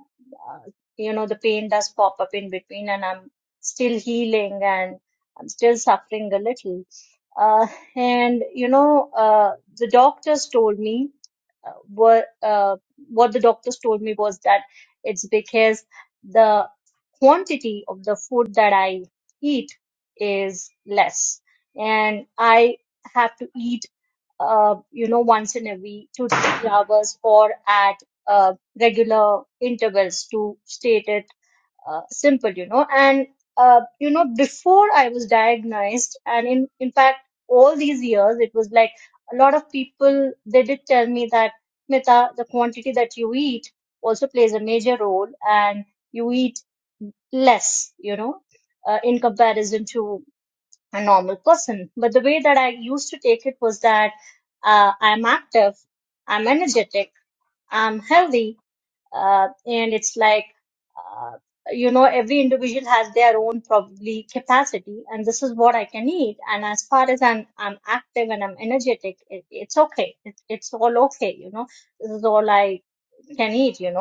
S5: uh, you know, the pain does pop up in between, and I'm still healing, and I'm still suffering a little. Uh, and you know, uh, the doctors told me uh, what uh, what the doctors told me was that it's because the quantity of the food that I eat is less and i have to eat uh, you know once in a week two to three hours or at uh, regular intervals to state it uh, simple you know and uh, you know before i was diagnosed and in in fact all these years it was like a lot of people they did tell me that mita the quantity that you eat also plays a major role and you eat less you know uh, in comparison to a normal person. But the way that I used to take it was that uh, I'm active, I'm energetic, I'm healthy, uh, and it's like, uh, you know, every individual has their own probably capacity, and this is what I can eat. And as far as I'm, I'm active and I'm energetic, it, it's okay. It, it's all okay, you know. This is all I can eat, you know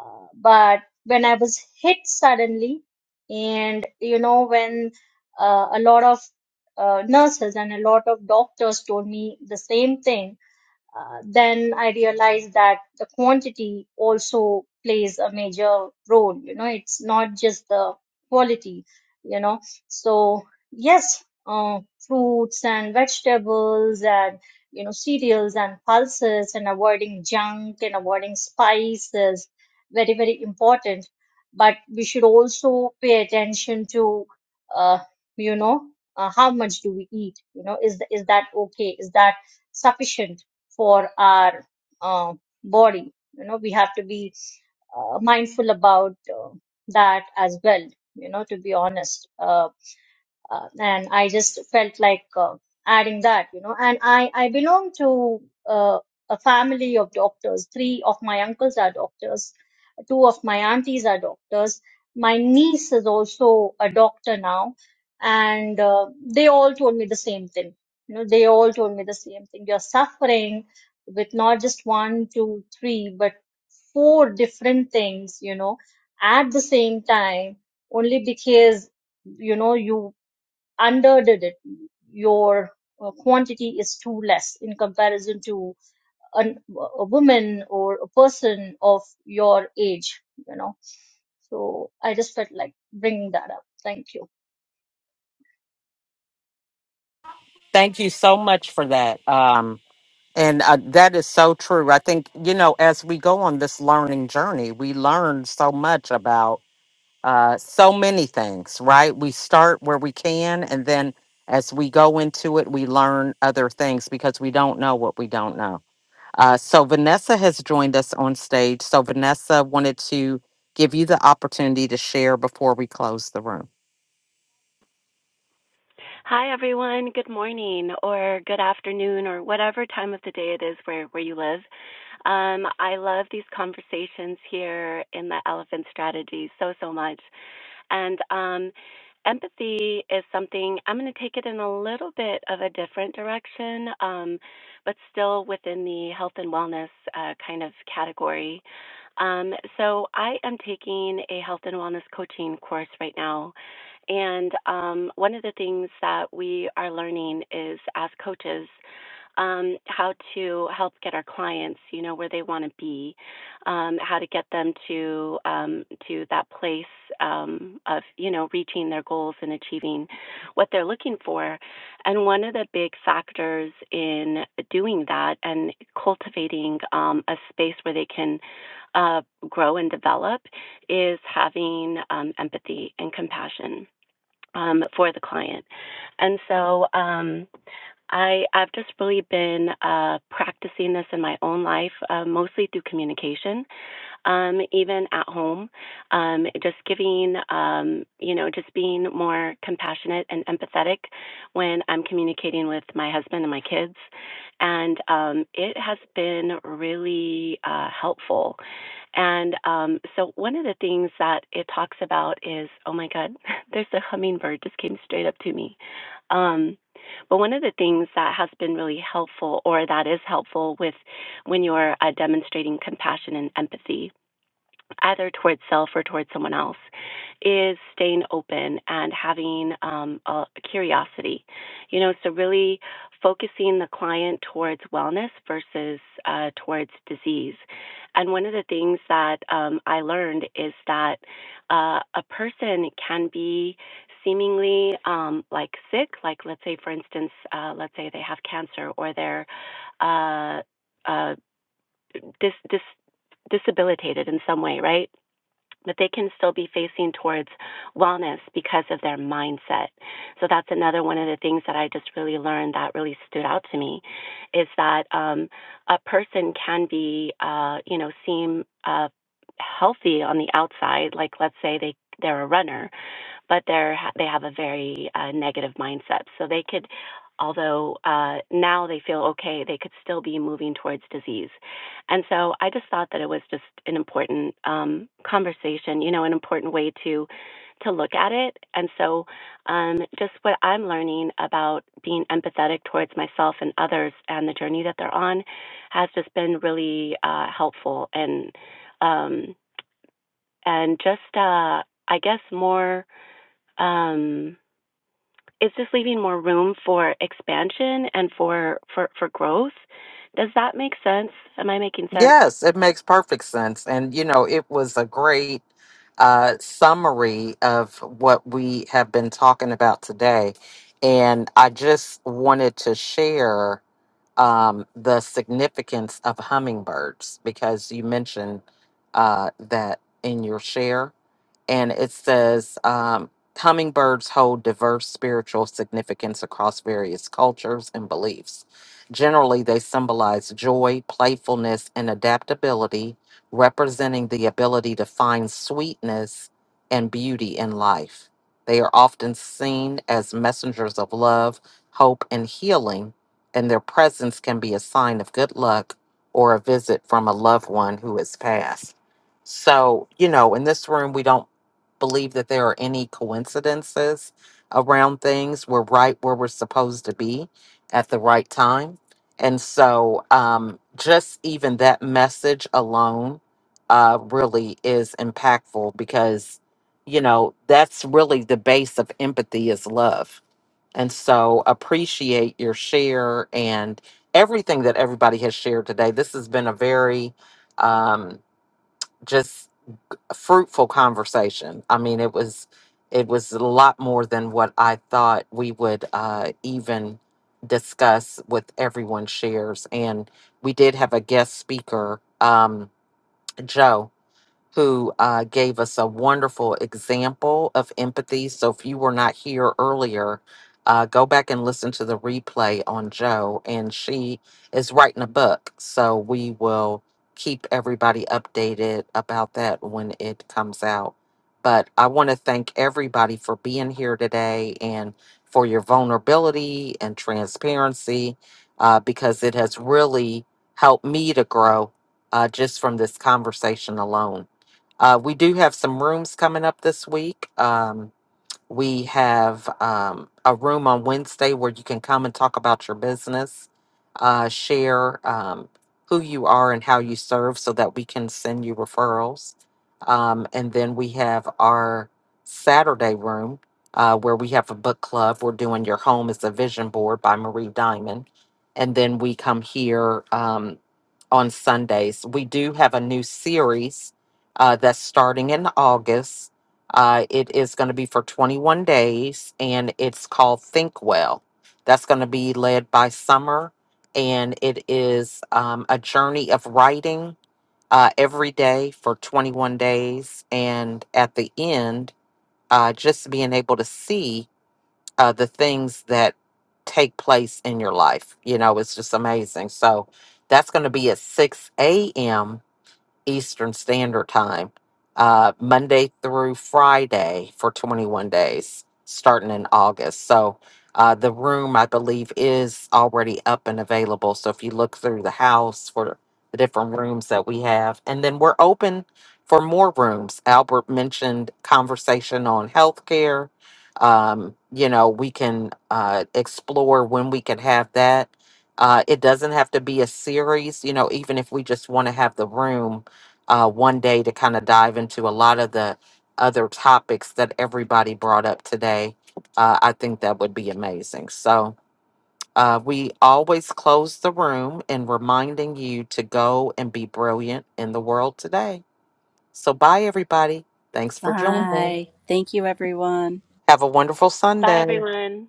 S5: uh, but when I was hit suddenly, and you know, when uh, a lot of uh, nurses and a lot of doctors told me the same thing uh, then I realized that the quantity also plays a major role. You know, it's not just the quality, you know. So, yes, uh, fruits and vegetables and, you know, cereals and pulses and avoiding junk and avoiding spices, very, very important. But we should also pay attention to, uh, you know, uh, how much do we eat? You know, is, is that okay? Is that sufficient? for our uh, body. You know, we have to be uh, mindful about uh, that as well. You know, to be honest. Um, uh, and I just felt like uh, adding that, you know. And I I belong to uh, a family of doctors. Three of my uncles are doctors. Two of my aunties are doctors. My niece is also a doctor now, and uh, they all told me the same thing. You know, they all told me the same thing. You're suffering with not just one, two, three, but four different things, you know, at the same time, only because you know you underdid it, your uh, quantity is too less in comparison to an, a woman or a person of your age, you know. So I just felt like bringing that up. Thank you.
S1: Thank you so much for that. And uh, that is so true. I think, you know, as we go on this learning journey, we learn so much about uh, so many things, right? We start where we can, and then as we go into it, we learn other things because we don't know what we don't know. Uh, so, Vanessa has joined us on stage. So, Vanessa wanted to give you the opportunity to share before we close the room.
S12: Hi, everyone. Good morning or good afternoon or whatever time of the day it is where, where you live. Um, I love these conversations here in the Elephant Strategy so, so much. And um, empathy is something I'm going to take it in a little bit of a different direction, um, but still within the health and wellness uh, kind of category. Um, so I am taking a health and wellness coaching course right now. And um, one of the things that we are learning is as coaches, um, how to help get our clients, you know, where they want to be um, how to get them to um, to that place um, of you know reaching their goals and achieving what they're looking for. And one of the big factors in doing that and cultivating um, a space where they can uh, grow and develop is having um, empathy and compassion um, for the client. And so. Um, I, I've just really been uh, practicing this in my own life, uh, mostly through communication um, even at home, um, just giving, um, you know, just being more compassionate and empathetic when I'm communicating with my husband and my kids. And um, it has been really uh, helpful. And um, so one of the things that it talks about is, oh my God, there's a hummingbird just came straight up to me. Um, but one of the things that has been really helpful, or that is helpful with when you're uh, demonstrating compassion and empathy, either towards self or towards someone else, is staying open and having um, a curiosity. You know, so really focusing the client towards wellness versus uh, towards disease. And one of the things that um, I learned is that uh, a person can be seemingly um, like sick, like let's say, for instance, uh, let's say they have cancer or they're uh, uh, dis- dis- disabilitated in some way, right? that they can still be facing towards wellness because of their mindset. So that's another one of the things that I just really learned that really stood out to me is that um, a person can be, uh, you know, seem uh, healthy on the outside. Like let's say they they're a runner, but they're they have a very uh, negative mindset. So they could, although uh, now they feel okay, they could still be moving towards disease. And so I just thought that it was just an important um, conversation, you know, an important way to to look at it. And so um, just what I'm learning about being empathetic towards myself and others and the journey that they're on has just been really uh, helpful and um, and just uh, I guess more. Um, is this leaving more room for expansion and for for for growth? Does that make sense? Am I making sense?
S1: Yes, it makes perfect sense. And, you know, it was a great uh, summary of what we have been talking about today. And I just wanted to share um, the significance of hummingbirds because you mentioned uh, that in your share and it says um, hummingbirds hold diverse spiritual significance across various cultures and beliefs. Generally, they symbolize joy, playfulness, and adaptability, representing the ability to find sweetness and beauty in life. They are often seen as messengers of love, hope, and healing, and their presence can be a sign of good luck or a visit from a loved one who has passed. So, you know, in this room, we don't believe that there are any coincidences around things. We're right where we're supposed to be at the right time. And so, um, just even that message alone uh, really is impactful because, you know, that's really the base of empathy is love. And so, appreciate your share and everything that everybody has shared today. This has been a very um, just a fruitful conversation. I mean, it was it was a lot more than what I thought we would uh, even discuss with everyone's shares. And we did have a guest speaker, um, Joe who uh, gave us a wonderful example of empathy. So if you were not here earlier, uh, go back and listen to the replay on Joe, and she is writing a book. So we will keep everybody updated about that when it comes out. But I want to thank everybody for being here today and for your vulnerability and transparency uh, because it has really helped me to grow uh, just from this conversation alone. Uh, we do have some rooms coming up this week. Um, we have um, a room on Wednesday where you can come and talk about your business, uh, share um, who you are and how you serve so that we can send you referrals. Um, and then we have our Saturday room uh, where we have a book club. We're doing Your Home is a Vision Board by Marie Diamond. And then we come here. Um, on Sundays. We do have a new series uh, that's starting in August. Uh, it is going to be for 21 days and it's called Think Well. That's going to be led by Summer and it is um, a journey of writing uh, every day for 21 days. And at the end, uh, just being able to see uh, the things that take place in your life. You know, it's just amazing. So that's going to be at 6 a.m. Eastern Standard Time, uh, Monday through Friday for 21 days, starting in August. So uh, the room, I believe, is already up and available. So if you look through the house for the different rooms that we have, and then we're open for more rooms. Albert mentioned conversation on healthcare. Um, you know, we can uh, explore when we can have that. Uh, it doesn't have to be a series, you know, even if we just want to have the room uh, one day to kind of dive into a lot of the other topics that everybody brought up today. Uh, I think that would be amazing. So, uh, we always close the room and reminding you to go and be brilliant in the world today. So, bye, everybody. Thanks for joining.
S7: Thank you, everyone.
S1: Have a wonderful
S12: Bye,
S1: Sunday.
S12: everyone.